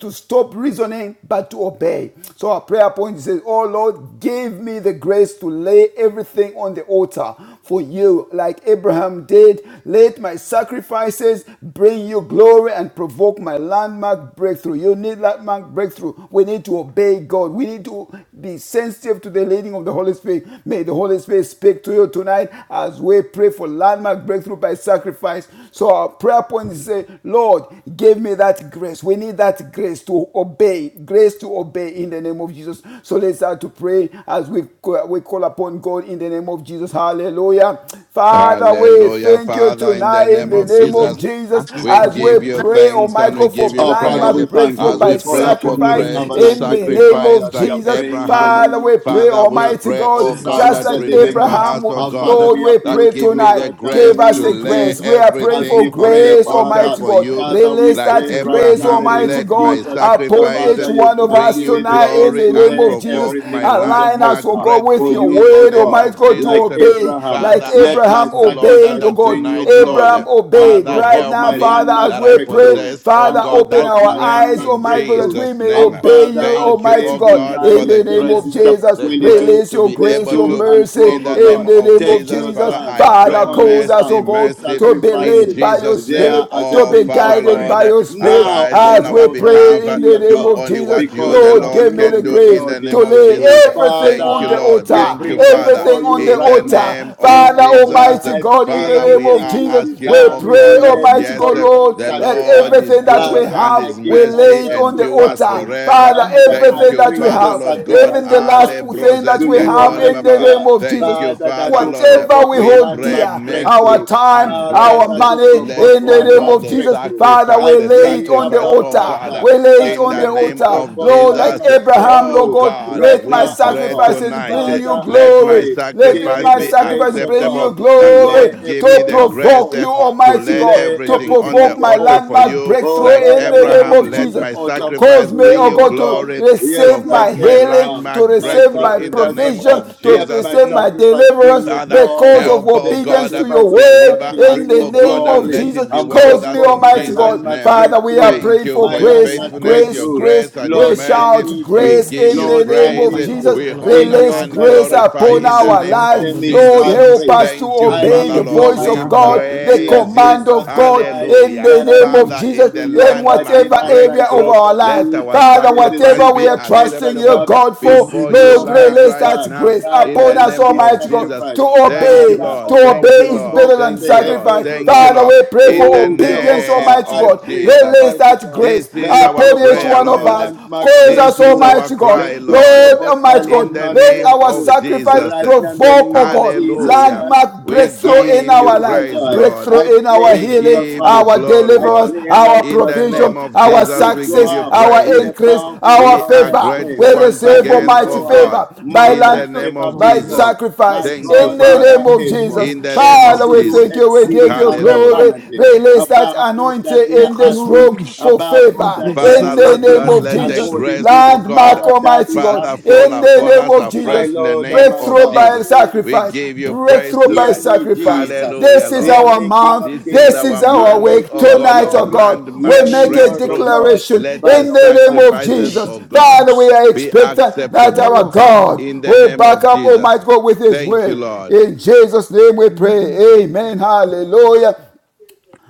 Speaker 3: to stop reasoning, but to obey. So our prayer point. He says, Oh Lord, give me the grace to lay everything on the altar for you, like Abraham did. Let my sacrifices bring you glory and provoke my landmark breakthrough. You need landmark breakthrough. We need to obey God. We need to be sensitive to the leading of the Holy Spirit. May the Holy Spirit speak to you tonight as we pray for landmark breakthrough by sacrifice. So our prayer point is say, Lord, give me that grace. We need that grace to obey, grace to obey obey in the name of Jesus. So let's start to pray as we, we call upon God in the name of Jesus. Hallelujah. Father, we
Speaker 4: Hallelujah,
Speaker 3: thank you
Speaker 4: Father, in the
Speaker 3: tonight in
Speaker 4: name
Speaker 6: even
Speaker 3: the
Speaker 4: of
Speaker 6: this
Speaker 3: name of
Speaker 6: evening,
Speaker 4: Jesus.
Speaker 3: Jesus
Speaker 6: as we
Speaker 4: We
Speaker 6: come
Speaker 3: as
Speaker 6: in the
Speaker 3: we
Speaker 4: give
Speaker 6: name
Speaker 4: you
Speaker 6: of
Speaker 3: pray,
Speaker 6: Jesus,
Speaker 4: thanks
Speaker 6: Lord,
Speaker 3: Almighty
Speaker 4: and we
Speaker 3: God,
Speaker 6: as
Speaker 4: give
Speaker 3: for
Speaker 4: you
Speaker 5: Oh,
Speaker 6: we pray, yeah,
Speaker 5: Father,
Speaker 4: praise
Speaker 5: we
Speaker 3: landmark
Speaker 5: thank
Speaker 6: we
Speaker 3: breakthrough
Speaker 5: you.
Speaker 4: as
Speaker 6: come
Speaker 4: we
Speaker 5: We
Speaker 3: by
Speaker 6: to
Speaker 5: call
Speaker 4: pray
Speaker 6: pray in
Speaker 4: for
Speaker 5: upon
Speaker 6: the
Speaker 5: you, the
Speaker 3: sacrifice
Speaker 6: name
Speaker 4: grace
Speaker 6: of
Speaker 4: to
Speaker 5: covenant
Speaker 3: in
Speaker 6: Jesus.
Speaker 3: the
Speaker 5: keeping
Speaker 3: name
Speaker 5: God,
Speaker 4: sacrifice
Speaker 3: of
Speaker 5: that we
Speaker 4: like
Speaker 5: are
Speaker 3: Jesus.
Speaker 5: praying in the
Speaker 4: Abraham.
Speaker 3: Father,
Speaker 5: name
Speaker 3: we
Speaker 5: of
Speaker 3: pray,
Speaker 4: Father,
Speaker 5: Jesus
Speaker 4: we
Speaker 6: This
Speaker 5: Christ,
Speaker 6: is
Speaker 3: Almighty
Speaker 4: pray,
Speaker 3: God,
Speaker 5: the
Speaker 4: oh
Speaker 6: Jesus,
Speaker 5: Son
Speaker 4: God,
Speaker 5: of
Speaker 3: just
Speaker 4: that
Speaker 6: first
Speaker 5: the
Speaker 3: like
Speaker 6: of all,
Speaker 5: living
Speaker 6: this
Speaker 4: remember
Speaker 5: God.
Speaker 6: is the
Speaker 4: us,
Speaker 3: Abraham,
Speaker 4: oh
Speaker 5: Our
Speaker 6: brand new
Speaker 5: Father,
Speaker 6: day.
Speaker 4: God,
Speaker 3: Lord,
Speaker 5: we
Speaker 3: we
Speaker 5: appeal
Speaker 4: that
Speaker 3: pray
Speaker 5: to
Speaker 4: give
Speaker 5: you
Speaker 4: me the
Speaker 5: right
Speaker 3: tonight.
Speaker 5: now in the
Speaker 4: grace
Speaker 3: Give us
Speaker 5: name
Speaker 4: to
Speaker 3: the
Speaker 5: of
Speaker 6: Jesus, we
Speaker 4: lay
Speaker 3: grace.
Speaker 6: will
Speaker 3: We
Speaker 5: Jesus
Speaker 3: are
Speaker 6: be
Speaker 3: praying
Speaker 5: as
Speaker 6: able to
Speaker 3: for
Speaker 5: we
Speaker 6: see
Speaker 4: everything
Speaker 6: the
Speaker 4: on the
Speaker 5: pray,
Speaker 3: grace,
Speaker 4: altar
Speaker 5: Father.
Speaker 3: Almighty
Speaker 4: for
Speaker 3: God.
Speaker 4: you.
Speaker 5: Father, we
Speaker 3: Release
Speaker 4: Like
Speaker 5: pray
Speaker 3: that
Speaker 5: right
Speaker 3: grace,
Speaker 5: now in the
Speaker 4: Abraham,
Speaker 5: name
Speaker 6: Father,
Speaker 3: Almighty
Speaker 5: of
Speaker 4: let
Speaker 3: God,
Speaker 4: my
Speaker 5: Jesus. The
Speaker 3: upon
Speaker 4: sacrifice
Speaker 3: each
Speaker 5: Father, you
Speaker 3: one of
Speaker 5: can
Speaker 4: bring
Speaker 3: us
Speaker 5: give
Speaker 4: you
Speaker 5: me the
Speaker 3: tonight in
Speaker 5: grace
Speaker 4: glory
Speaker 3: the
Speaker 5: to
Speaker 3: name
Speaker 4: and
Speaker 5: lay
Speaker 3: of Jesus.
Speaker 4: provoke my
Speaker 5: everything on the
Speaker 3: Align us,
Speaker 4: landmark
Speaker 3: oh
Speaker 5: altar
Speaker 3: God, with
Speaker 5: for
Speaker 4: breakthrough
Speaker 3: your
Speaker 5: you,
Speaker 4: in the
Speaker 5: O
Speaker 3: word,
Speaker 4: name
Speaker 5: God.
Speaker 3: Almighty
Speaker 4: of
Speaker 3: God, to
Speaker 5: Like
Speaker 4: Jesus.
Speaker 3: obey
Speaker 5: Abraham,
Speaker 6: the
Speaker 3: like
Speaker 4: Father,
Speaker 6: Son,
Speaker 4: I
Speaker 5: let
Speaker 6: the
Speaker 5: my
Speaker 6: Holy Spirit, the
Speaker 3: Abraham
Speaker 4: ask,
Speaker 6: Lord,
Speaker 4: Lord, that
Speaker 3: obeyed,
Speaker 5: sacrifice
Speaker 3: oh God.
Speaker 5: bring you
Speaker 4: tonight, Lord,
Speaker 5: glory
Speaker 4: eh,
Speaker 3: Abraham
Speaker 5: and
Speaker 3: obeyed.
Speaker 4: Father,
Speaker 3: Right
Speaker 5: provoke
Speaker 4: help
Speaker 3: now,
Speaker 5: my
Speaker 4: me
Speaker 3: Father,
Speaker 5: landmark
Speaker 3: as
Speaker 4: that I
Speaker 3: we pray,
Speaker 5: breakthroughs
Speaker 4: possess, oh
Speaker 3: Father,
Speaker 5: and
Speaker 4: God,
Speaker 3: open
Speaker 5: provoke
Speaker 4: that
Speaker 3: our
Speaker 5: my
Speaker 4: grace
Speaker 3: eyes,
Speaker 5: landmark
Speaker 4: in
Speaker 3: Almighty God, that
Speaker 5: breakthroughs.
Speaker 3: we
Speaker 4: Jesus'
Speaker 3: may
Speaker 4: name.
Speaker 5: And
Speaker 3: obey
Speaker 5: Father,
Speaker 3: you,
Speaker 5: I
Speaker 4: Thank you,
Speaker 3: Almighty
Speaker 4: oh
Speaker 5: pray
Speaker 3: God,
Speaker 5: in
Speaker 4: God,
Speaker 5: line
Speaker 3: in
Speaker 4: for the
Speaker 3: the
Speaker 5: with
Speaker 3: name of
Speaker 4: grace,
Speaker 5: Genesis
Speaker 4: eh,
Speaker 5: chapter
Speaker 3: Jesus.
Speaker 4: the
Speaker 3: Release
Speaker 4: grace
Speaker 5: 22,
Speaker 3: kindness,
Speaker 4: to
Speaker 3: your
Speaker 4: be
Speaker 5: verse
Speaker 3: grace,
Speaker 4: able
Speaker 3: your
Speaker 5: 2
Speaker 4: to,
Speaker 5: and
Speaker 3: mercy
Speaker 4: in
Speaker 5: 12, oh
Speaker 4: the
Speaker 3: in
Speaker 4: name
Speaker 5: God.
Speaker 3: the
Speaker 4: of
Speaker 3: name of
Speaker 5: Take
Speaker 4: Jesus,
Speaker 5: your
Speaker 3: Jesus.
Speaker 4: Father,
Speaker 5: son,
Speaker 4: I
Speaker 5: your
Speaker 4: pray
Speaker 3: Father,
Speaker 5: only
Speaker 3: cause us,
Speaker 4: mercy,
Speaker 5: son,
Speaker 3: oh
Speaker 5: and
Speaker 3: God,
Speaker 4: mercy
Speaker 3: to be
Speaker 4: in
Speaker 5: sacrifice
Speaker 3: led
Speaker 5: him
Speaker 3: by your
Speaker 4: Jesus' name.
Speaker 5: there
Speaker 3: spirit,
Speaker 5: as a
Speaker 3: to
Speaker 4: Oh,
Speaker 3: be
Speaker 5: burnt
Speaker 4: Father,
Speaker 3: guided
Speaker 4: Lord,
Speaker 5: offering.
Speaker 3: by
Speaker 4: eh,
Speaker 3: your spirit
Speaker 5: Now
Speaker 4: arise
Speaker 5: I
Speaker 4: on
Speaker 3: as
Speaker 4: our
Speaker 3: we
Speaker 5: know that you
Speaker 4: behalf.
Speaker 3: pray
Speaker 4: eh,
Speaker 3: in the
Speaker 5: fear
Speaker 3: name
Speaker 4: Do
Speaker 3: of
Speaker 5: God
Speaker 4: only
Speaker 3: Jesus.
Speaker 4: what you,
Speaker 5: because
Speaker 4: the
Speaker 5: you
Speaker 3: Lord,
Speaker 5: have
Speaker 4: Lord,
Speaker 3: give me
Speaker 5: not
Speaker 3: the
Speaker 4: can do
Speaker 3: grace
Speaker 4: in the
Speaker 5: withheld
Speaker 3: to
Speaker 4: name
Speaker 5: him
Speaker 4: of
Speaker 5: from
Speaker 3: lay
Speaker 5: me.
Speaker 4: Jesus.
Speaker 3: everything
Speaker 4: Thank
Speaker 3: on
Speaker 4: you,
Speaker 3: the
Speaker 5: Father,
Speaker 4: Lord.
Speaker 5: we
Speaker 4: Thank
Speaker 3: altar,
Speaker 4: you,
Speaker 5: bring
Speaker 4: Father
Speaker 5: before
Speaker 3: everything on
Speaker 5: you
Speaker 3: the
Speaker 4: in
Speaker 5: right
Speaker 4: the
Speaker 5: now
Speaker 4: name
Speaker 3: altar.
Speaker 5: in
Speaker 4: of
Speaker 3: Father,
Speaker 5: my own
Speaker 4: Jesus.
Speaker 3: Almighty
Speaker 5: life
Speaker 3: God, in the
Speaker 4: Father,
Speaker 5: anything
Speaker 3: name
Speaker 4: we
Speaker 3: of
Speaker 4: are
Speaker 5: you
Speaker 3: Jesus,
Speaker 4: asking,
Speaker 3: we
Speaker 5: desire
Speaker 4: oh
Speaker 5: me
Speaker 3: pray,
Speaker 5: to
Speaker 4: God, that
Speaker 5: lay
Speaker 3: Almighty
Speaker 4: yes,
Speaker 5: before
Speaker 3: God,
Speaker 5: you
Speaker 3: Lord,
Speaker 5: in
Speaker 4: the
Speaker 3: that
Speaker 4: Lord
Speaker 5: sacrifice.
Speaker 4: is
Speaker 3: everything that
Speaker 4: good
Speaker 3: we
Speaker 5: Father,
Speaker 4: and
Speaker 5: I
Speaker 4: his
Speaker 3: have,
Speaker 5: give
Speaker 3: we
Speaker 4: mercy
Speaker 3: lay it
Speaker 5: myself
Speaker 3: on the
Speaker 5: to
Speaker 4: endures
Speaker 3: altar.
Speaker 7: Thank
Speaker 3: Father,
Speaker 5: fasting.
Speaker 4: forever.
Speaker 6: the
Speaker 3: Father,
Speaker 6: King,
Speaker 5: Father,
Speaker 4: Thank
Speaker 5: I
Speaker 3: everything
Speaker 6: the
Speaker 4: you,
Speaker 6: Lord,
Speaker 3: that we
Speaker 5: bring the
Speaker 4: Father,
Speaker 3: have,
Speaker 4: Lord God.
Speaker 3: even
Speaker 5: sacrifice
Speaker 3: the
Speaker 5: of
Speaker 3: last
Speaker 4: Ale
Speaker 5: fasting
Speaker 3: thing that
Speaker 5: to
Speaker 3: we
Speaker 4: brozeske
Speaker 5: you,
Speaker 3: have
Speaker 4: kore
Speaker 3: in
Speaker 5: Almighty
Speaker 3: the
Speaker 4: baba.
Speaker 3: name
Speaker 5: God.
Speaker 3: of
Speaker 4: Thank
Speaker 3: Jesus,
Speaker 4: you,
Speaker 5: Father, that
Speaker 4: Father,
Speaker 5: will
Speaker 4: Lord.
Speaker 3: Whatever
Speaker 5: provoke
Speaker 3: we
Speaker 4: We
Speaker 3: hold
Speaker 4: pray
Speaker 3: dear,
Speaker 5: landmark
Speaker 3: our
Speaker 5: breakthrough.
Speaker 4: mercy
Speaker 3: time,
Speaker 4: and
Speaker 5: Father,
Speaker 3: our
Speaker 4: grace.
Speaker 5: that will
Speaker 3: money,
Speaker 4: Let,
Speaker 5: provoke
Speaker 3: in
Speaker 4: oh
Speaker 3: the name
Speaker 5: landmark
Speaker 4: God,
Speaker 3: of
Speaker 4: the
Speaker 3: Jesus,
Speaker 5: breakthrough.
Speaker 3: Father,
Speaker 4: sacrifice,
Speaker 5: I
Speaker 3: we
Speaker 4: the
Speaker 3: lay it
Speaker 5: pray,
Speaker 3: on the
Speaker 4: sacrifice,
Speaker 5: Abba
Speaker 4: oh
Speaker 3: altar.
Speaker 4: God,
Speaker 5: Father,
Speaker 3: We lay it
Speaker 5: that
Speaker 4: in
Speaker 3: on
Speaker 4: the
Speaker 3: the
Speaker 5: let it
Speaker 4: name
Speaker 3: altar.
Speaker 4: of
Speaker 5: provoke
Speaker 3: Lord, like
Speaker 4: Jesus.
Speaker 5: landmark
Speaker 3: Abraham,
Speaker 4: Oh
Speaker 3: Lord
Speaker 5: breakthrough
Speaker 3: God,
Speaker 4: God,
Speaker 5: right
Speaker 3: let my
Speaker 4: we
Speaker 5: now, oh
Speaker 4: pray
Speaker 5: God.
Speaker 3: sacrifices bring
Speaker 4: tonight.
Speaker 3: you
Speaker 5: Father, I
Speaker 4: Let
Speaker 3: glory.
Speaker 4: my
Speaker 5: pray, give
Speaker 3: Let
Speaker 4: sacrifice
Speaker 5: me
Speaker 3: my
Speaker 5: the
Speaker 4: be
Speaker 3: sacrifice
Speaker 5: grace, oh
Speaker 3: bring
Speaker 5: God,
Speaker 3: you
Speaker 4: acceptable.
Speaker 5: to
Speaker 4: That
Speaker 3: glory
Speaker 5: lay
Speaker 4: Lord give me
Speaker 3: to
Speaker 5: everything
Speaker 4: the
Speaker 5: on the
Speaker 4: grace
Speaker 3: provoke you,
Speaker 4: eh,
Speaker 5: altar
Speaker 4: to
Speaker 3: Almighty
Speaker 5: to
Speaker 4: lay
Speaker 5: lay
Speaker 3: God, to
Speaker 4: everything on
Speaker 5: everything
Speaker 4: the
Speaker 3: provoke
Speaker 5: on the
Speaker 3: my
Speaker 4: altar for
Speaker 5: altar.
Speaker 3: landmark
Speaker 4: you.
Speaker 3: breakthrough
Speaker 5: Oh
Speaker 4: Like
Speaker 5: God,
Speaker 3: in
Speaker 5: I
Speaker 3: the
Speaker 5: lay
Speaker 3: name
Speaker 4: Abraham,
Speaker 3: of
Speaker 5: everything on
Speaker 4: let
Speaker 5: the
Speaker 3: Jesus
Speaker 4: my
Speaker 3: to
Speaker 5: altar for,
Speaker 3: cause
Speaker 4: sacrifice
Speaker 3: me,
Speaker 5: to
Speaker 4: bring
Speaker 5: you,
Speaker 3: oh
Speaker 4: you
Speaker 5: oh
Speaker 3: God,
Speaker 5: God.
Speaker 3: to
Speaker 4: glory.
Speaker 5: Yes,
Speaker 3: receive
Speaker 5: like
Speaker 3: my
Speaker 4: Provoke my
Speaker 3: healing,
Speaker 5: Abraham,
Speaker 3: to
Speaker 4: landmark
Speaker 5: my
Speaker 3: receive
Speaker 4: breakthrough
Speaker 3: my
Speaker 4: in the
Speaker 5: sacrifice, oh
Speaker 4: name
Speaker 3: provision,
Speaker 5: God,
Speaker 4: of
Speaker 3: to
Speaker 5: let
Speaker 4: Jesus.
Speaker 5: my
Speaker 3: receive
Speaker 4: Mm.
Speaker 3: my
Speaker 5: sacrifice bring
Speaker 3: deliverance
Speaker 5: you
Speaker 4: Father,
Speaker 3: because
Speaker 5: glory.
Speaker 3: of
Speaker 4: help, oh
Speaker 5: The
Speaker 3: obedience
Speaker 4: God, uh,
Speaker 3: to your
Speaker 5: sacrifice of
Speaker 3: word
Speaker 4: deliver
Speaker 5: fasting
Speaker 3: in
Speaker 4: us,
Speaker 5: bring
Speaker 3: the
Speaker 4: oh
Speaker 5: you
Speaker 4: God,
Speaker 3: name
Speaker 4: and
Speaker 3: of
Speaker 5: glory
Speaker 4: let
Speaker 6: the
Speaker 3: Jesus.
Speaker 4: it be
Speaker 5: and
Speaker 4: well
Speaker 6: King,
Speaker 4: with
Speaker 3: Cause me,
Speaker 4: us
Speaker 5: provoke
Speaker 4: in
Speaker 5: my
Speaker 3: Almighty
Speaker 4: Jesus'
Speaker 3: God.
Speaker 5: landmark
Speaker 4: name. Uh,
Speaker 3: Father, we are
Speaker 5: breakthroughs,
Speaker 4: Thank
Speaker 3: praying
Speaker 4: you
Speaker 3: for
Speaker 5: my
Speaker 4: for your
Speaker 3: grace,
Speaker 5: landmark
Speaker 6: Jesus,
Speaker 4: faithfulness,
Speaker 6: name.
Speaker 3: grace,
Speaker 4: your
Speaker 5: breakthroughs.
Speaker 3: grace.
Speaker 4: grace, and
Speaker 6: we will
Speaker 4: your
Speaker 6: be
Speaker 3: We
Speaker 5: Lord,
Speaker 6: able to
Speaker 5: I
Speaker 4: mercy.
Speaker 3: shout
Speaker 6: see
Speaker 5: need
Speaker 6: the
Speaker 4: We
Speaker 5: you.
Speaker 6: Lord,
Speaker 3: grace
Speaker 6: and
Speaker 4: give
Speaker 3: in
Speaker 4: you
Speaker 6: Jesus,
Speaker 3: the
Speaker 5: Lord, I
Speaker 3: name
Speaker 6: the
Speaker 4: praise.
Speaker 3: of
Speaker 4: uh,
Speaker 5: need
Speaker 6: Father,
Speaker 3: Jesus.
Speaker 5: you.
Speaker 4: We
Speaker 6: the Lord, the
Speaker 5: In
Speaker 4: honor
Speaker 3: Release
Speaker 6: Lord.
Speaker 5: your
Speaker 4: and
Speaker 5: might,
Speaker 3: grace
Speaker 5: God,
Speaker 4: glorify
Speaker 3: upon
Speaker 5: in
Speaker 6: Yes,
Speaker 4: in the
Speaker 6: so
Speaker 3: our
Speaker 4: name
Speaker 5: Jesus'
Speaker 6: Lord, in
Speaker 4: of
Speaker 6: the
Speaker 5: name,
Speaker 3: lives.
Speaker 6: name
Speaker 5: it's
Speaker 6: of
Speaker 3: Lord,
Speaker 4: Jesus.
Speaker 5: my
Speaker 4: Uh,
Speaker 6: Jesus,
Speaker 3: help
Speaker 6: I
Speaker 3: us
Speaker 5: prayer.
Speaker 3: to
Speaker 4: Thank
Speaker 6: we
Speaker 4: you,
Speaker 5: I
Speaker 6: lay
Speaker 3: obey
Speaker 4: Father
Speaker 3: the
Speaker 5: need you,
Speaker 4: Lord.
Speaker 3: voice
Speaker 6: everything
Speaker 4: We
Speaker 3: of
Speaker 5: Almighty
Speaker 6: down on
Speaker 5: God.
Speaker 6: your
Speaker 3: God, the the
Speaker 6: altar.
Speaker 5: Let
Speaker 4: praise you.
Speaker 5: this
Speaker 3: command of God
Speaker 5: sacrifice
Speaker 3: in
Speaker 4: Hallelujah.
Speaker 3: the
Speaker 5: that I
Speaker 3: name of
Speaker 5: bring
Speaker 4: Father, in
Speaker 3: Jesus
Speaker 5: to
Speaker 4: the
Speaker 5: you, O
Speaker 3: in
Speaker 5: God,
Speaker 4: landmark
Speaker 3: whatever
Speaker 5: deny
Speaker 3: area of
Speaker 5: myself
Speaker 4: breakthrough,
Speaker 3: our
Speaker 5: for
Speaker 3: lives.
Speaker 4: let
Speaker 5: food,
Speaker 4: our
Speaker 3: Father,
Speaker 5: that to
Speaker 4: sacrifice
Speaker 5: seek
Speaker 3: whatever we
Speaker 4: be
Speaker 3: are
Speaker 5: your face, O
Speaker 3: trusting you,
Speaker 4: acceptable
Speaker 5: God,
Speaker 3: God,
Speaker 5: to
Speaker 6: In
Speaker 3: for,
Speaker 6: the
Speaker 5: seek
Speaker 6: name
Speaker 4: before
Speaker 6: of
Speaker 4: you
Speaker 5: you,
Speaker 3: Lord,
Speaker 4: li-
Speaker 5: Almighty
Speaker 3: release
Speaker 4: right
Speaker 3: that
Speaker 5: God.
Speaker 4: now
Speaker 3: grace
Speaker 4: in
Speaker 5: Father,
Speaker 3: upon
Speaker 4: the
Speaker 5: let
Speaker 3: us,
Speaker 4: name
Speaker 5: this
Speaker 4: of
Speaker 3: Almighty God,
Speaker 4: Jesus.
Speaker 5: sacrifice,
Speaker 3: to
Speaker 4: Thank you,
Speaker 3: obey.
Speaker 5: Father, O
Speaker 4: Lord.
Speaker 3: To
Speaker 5: God,
Speaker 4: Thank you,
Speaker 3: obey is
Speaker 4: Lord.
Speaker 3: better
Speaker 5: provoke
Speaker 3: than
Speaker 4: Thank
Speaker 5: the
Speaker 4: you, Lord.
Speaker 3: sacrifice.
Speaker 5: heavens, O
Speaker 4: Thank you,
Speaker 5: God.
Speaker 3: Father,
Speaker 4: Lord.
Speaker 3: we pray
Speaker 4: In
Speaker 3: for
Speaker 4: the
Speaker 5: Oh
Speaker 3: obedience,
Speaker 6: Jesus,
Speaker 4: name
Speaker 5: Jehovah,
Speaker 6: we
Speaker 3: Almighty
Speaker 5: I
Speaker 3: God.
Speaker 4: of
Speaker 5: pray,
Speaker 4: Jesus.
Speaker 3: Release
Speaker 5: Almighty
Speaker 3: that
Speaker 5: God,
Speaker 3: grace
Speaker 4: This
Speaker 5: let
Speaker 4: is
Speaker 5: it
Speaker 4: our
Speaker 3: upon each
Speaker 5: provoke
Speaker 4: prayer,
Speaker 3: one
Speaker 5: my
Speaker 3: of us.
Speaker 4: Lord.
Speaker 5: landmark
Speaker 3: Cause
Speaker 4: This
Speaker 3: us,
Speaker 4: is
Speaker 5: breakthroughs.
Speaker 4: our
Speaker 3: Almighty God.
Speaker 4: cry,
Speaker 5: Let it
Speaker 4: Lord.
Speaker 3: Lord,
Speaker 5: provoke my
Speaker 3: Almighty
Speaker 4: In
Speaker 3: God,
Speaker 4: the
Speaker 5: landmark
Speaker 3: let
Speaker 4: name
Speaker 3: our sacrifice
Speaker 5: breakthroughs
Speaker 4: of
Speaker 3: sacrifice,
Speaker 4: Jesus.
Speaker 5: right now in the
Speaker 3: provoke,
Speaker 5: name
Speaker 3: oh
Speaker 5: of
Speaker 3: God,
Speaker 5: Jesus
Speaker 4: Hallelujah.
Speaker 5: Christ,
Speaker 3: landmark
Speaker 4: We
Speaker 5: the
Speaker 3: breakthrough
Speaker 5: Son of
Speaker 3: in
Speaker 4: give
Speaker 5: the
Speaker 4: you
Speaker 3: our life,
Speaker 5: Living
Speaker 4: praise,
Speaker 5: God.
Speaker 4: Lord.
Speaker 5: I
Speaker 3: breakthrough in our
Speaker 5: pray,
Speaker 4: We
Speaker 3: healing,
Speaker 5: the
Speaker 4: give you
Speaker 5: Father,
Speaker 3: our
Speaker 4: glory,
Speaker 5: I
Speaker 3: deliverance,
Speaker 4: Lord.
Speaker 5: pray,
Speaker 3: our
Speaker 4: In the
Speaker 5: righteous
Speaker 3: provision,
Speaker 4: name
Speaker 5: God,
Speaker 4: of
Speaker 3: our
Speaker 5: that
Speaker 4: Jesus,
Speaker 5: you
Speaker 4: we
Speaker 5: show
Speaker 4: give
Speaker 3: success,
Speaker 4: you
Speaker 5: up
Speaker 6: will
Speaker 4: praise.
Speaker 3: our
Speaker 5: in a
Speaker 3: increase,
Speaker 5: powerful,
Speaker 3: our
Speaker 4: We are
Speaker 5: glorious
Speaker 3: favor.
Speaker 5: way,
Speaker 3: We
Speaker 4: grateful once
Speaker 3: receive
Speaker 5: that you
Speaker 4: again,
Speaker 3: almighty
Speaker 4: oh
Speaker 5: show up
Speaker 4: God.
Speaker 3: favor by
Speaker 5: more
Speaker 4: In
Speaker 3: land
Speaker 4: the
Speaker 5: than
Speaker 4: name of
Speaker 5: ever
Speaker 6: Lord, we
Speaker 3: by
Speaker 6: bless
Speaker 4: Jesus.
Speaker 5: before.
Speaker 6: you.
Speaker 5: My
Speaker 3: sacrifice
Speaker 6: Yes,
Speaker 4: Thank
Speaker 6: Lord,
Speaker 4: you,
Speaker 3: in
Speaker 5: God,
Speaker 3: the
Speaker 5: you
Speaker 4: Father
Speaker 3: name
Speaker 5: are
Speaker 6: In the
Speaker 3: of
Speaker 5: able,
Speaker 3: Jesus.
Speaker 6: name
Speaker 4: in
Speaker 6: of
Speaker 4: the name
Speaker 5: able
Speaker 6: Jesus
Speaker 4: of
Speaker 3: Father,
Speaker 5: to
Speaker 3: we
Speaker 5: do
Speaker 6: Christ,
Speaker 3: thank
Speaker 4: Jesus.
Speaker 3: you, we give
Speaker 6: I
Speaker 5: exceeding
Speaker 3: you
Speaker 5: and
Speaker 6: pray,
Speaker 3: glory.
Speaker 4: Hallelujah.
Speaker 5: abundantly,
Speaker 3: Release that
Speaker 5: above all that
Speaker 3: anointing
Speaker 5: we are
Speaker 3: in this
Speaker 5: asking,
Speaker 6: glory
Speaker 3: room for
Speaker 5: above all
Speaker 6: and
Speaker 3: favor
Speaker 5: that we are
Speaker 3: in
Speaker 4: Father,
Speaker 3: the
Speaker 6: provoke
Speaker 4: Lord
Speaker 3: name
Speaker 5: thinking,
Speaker 4: God,
Speaker 6: my
Speaker 3: of
Speaker 4: let the
Speaker 3: Jesus.
Speaker 6: victory.
Speaker 5: according
Speaker 4: grace,
Speaker 5: to
Speaker 4: oh
Speaker 5: the
Speaker 4: God,
Speaker 3: Landmark,
Speaker 5: power that
Speaker 3: Almighty
Speaker 5: is
Speaker 3: God,
Speaker 5: at
Speaker 4: Father, fall
Speaker 5: work,
Speaker 3: in
Speaker 5: O
Speaker 3: the
Speaker 4: upon
Speaker 5: God.
Speaker 3: name
Speaker 4: us
Speaker 3: of
Speaker 5: My
Speaker 4: afresh
Speaker 3: Jesus.
Speaker 4: in the
Speaker 5: Lord and
Speaker 4: name
Speaker 5: my
Speaker 4: of
Speaker 3: Breakthrough
Speaker 5: God.
Speaker 3: by
Speaker 4: Jesus.
Speaker 5: Mm.
Speaker 4: We
Speaker 3: sacrifice.
Speaker 4: give you praise
Speaker 3: Breakthrough by
Speaker 5: Hear
Speaker 4: tonight.
Speaker 5: me,
Speaker 3: sacrifice.
Speaker 5: Jesus.
Speaker 4: Hallelujah,
Speaker 3: This is
Speaker 5: Hear
Speaker 4: Lord.
Speaker 3: our
Speaker 5: me, King
Speaker 3: month.
Speaker 5: of
Speaker 4: This is
Speaker 5: Kings.
Speaker 3: This
Speaker 4: our
Speaker 3: is our
Speaker 5: Hear me,
Speaker 4: month,
Speaker 3: week.
Speaker 4: oh
Speaker 5: King of
Speaker 4: God,
Speaker 3: Tonight,
Speaker 4: of
Speaker 3: oh
Speaker 6: In the
Speaker 5: Glory.
Speaker 3: God,
Speaker 6: name of
Speaker 3: we
Speaker 4: landmark
Speaker 5: Hear me,
Speaker 3: make a
Speaker 6: Jesus,
Speaker 5: Lord of
Speaker 4: breakthrough.
Speaker 5: Lords.
Speaker 3: declaration
Speaker 4: Let the
Speaker 3: in
Speaker 5: Father, we
Speaker 3: the
Speaker 5: thank
Speaker 3: name of
Speaker 5: you.
Speaker 4: sacrifices,
Speaker 3: Jesus.
Speaker 4: oh
Speaker 6: Jesus,
Speaker 5: Hmm.
Speaker 4: God,
Speaker 3: Father, we
Speaker 6: Jesus.
Speaker 3: are
Speaker 4: be
Speaker 3: expectant that
Speaker 4: acceptable
Speaker 3: our
Speaker 6: Oh, Father,
Speaker 3: God
Speaker 4: in the
Speaker 3: will
Speaker 4: name
Speaker 3: back
Speaker 4: of
Speaker 3: up Almighty
Speaker 4: Jesus.
Speaker 3: God with His
Speaker 4: Thank you,
Speaker 3: word.
Speaker 4: Lord.
Speaker 3: In Jesus' name we
Speaker 6: Mm.
Speaker 3: pray.
Speaker 7: you.
Speaker 3: Amen. Hallelujah.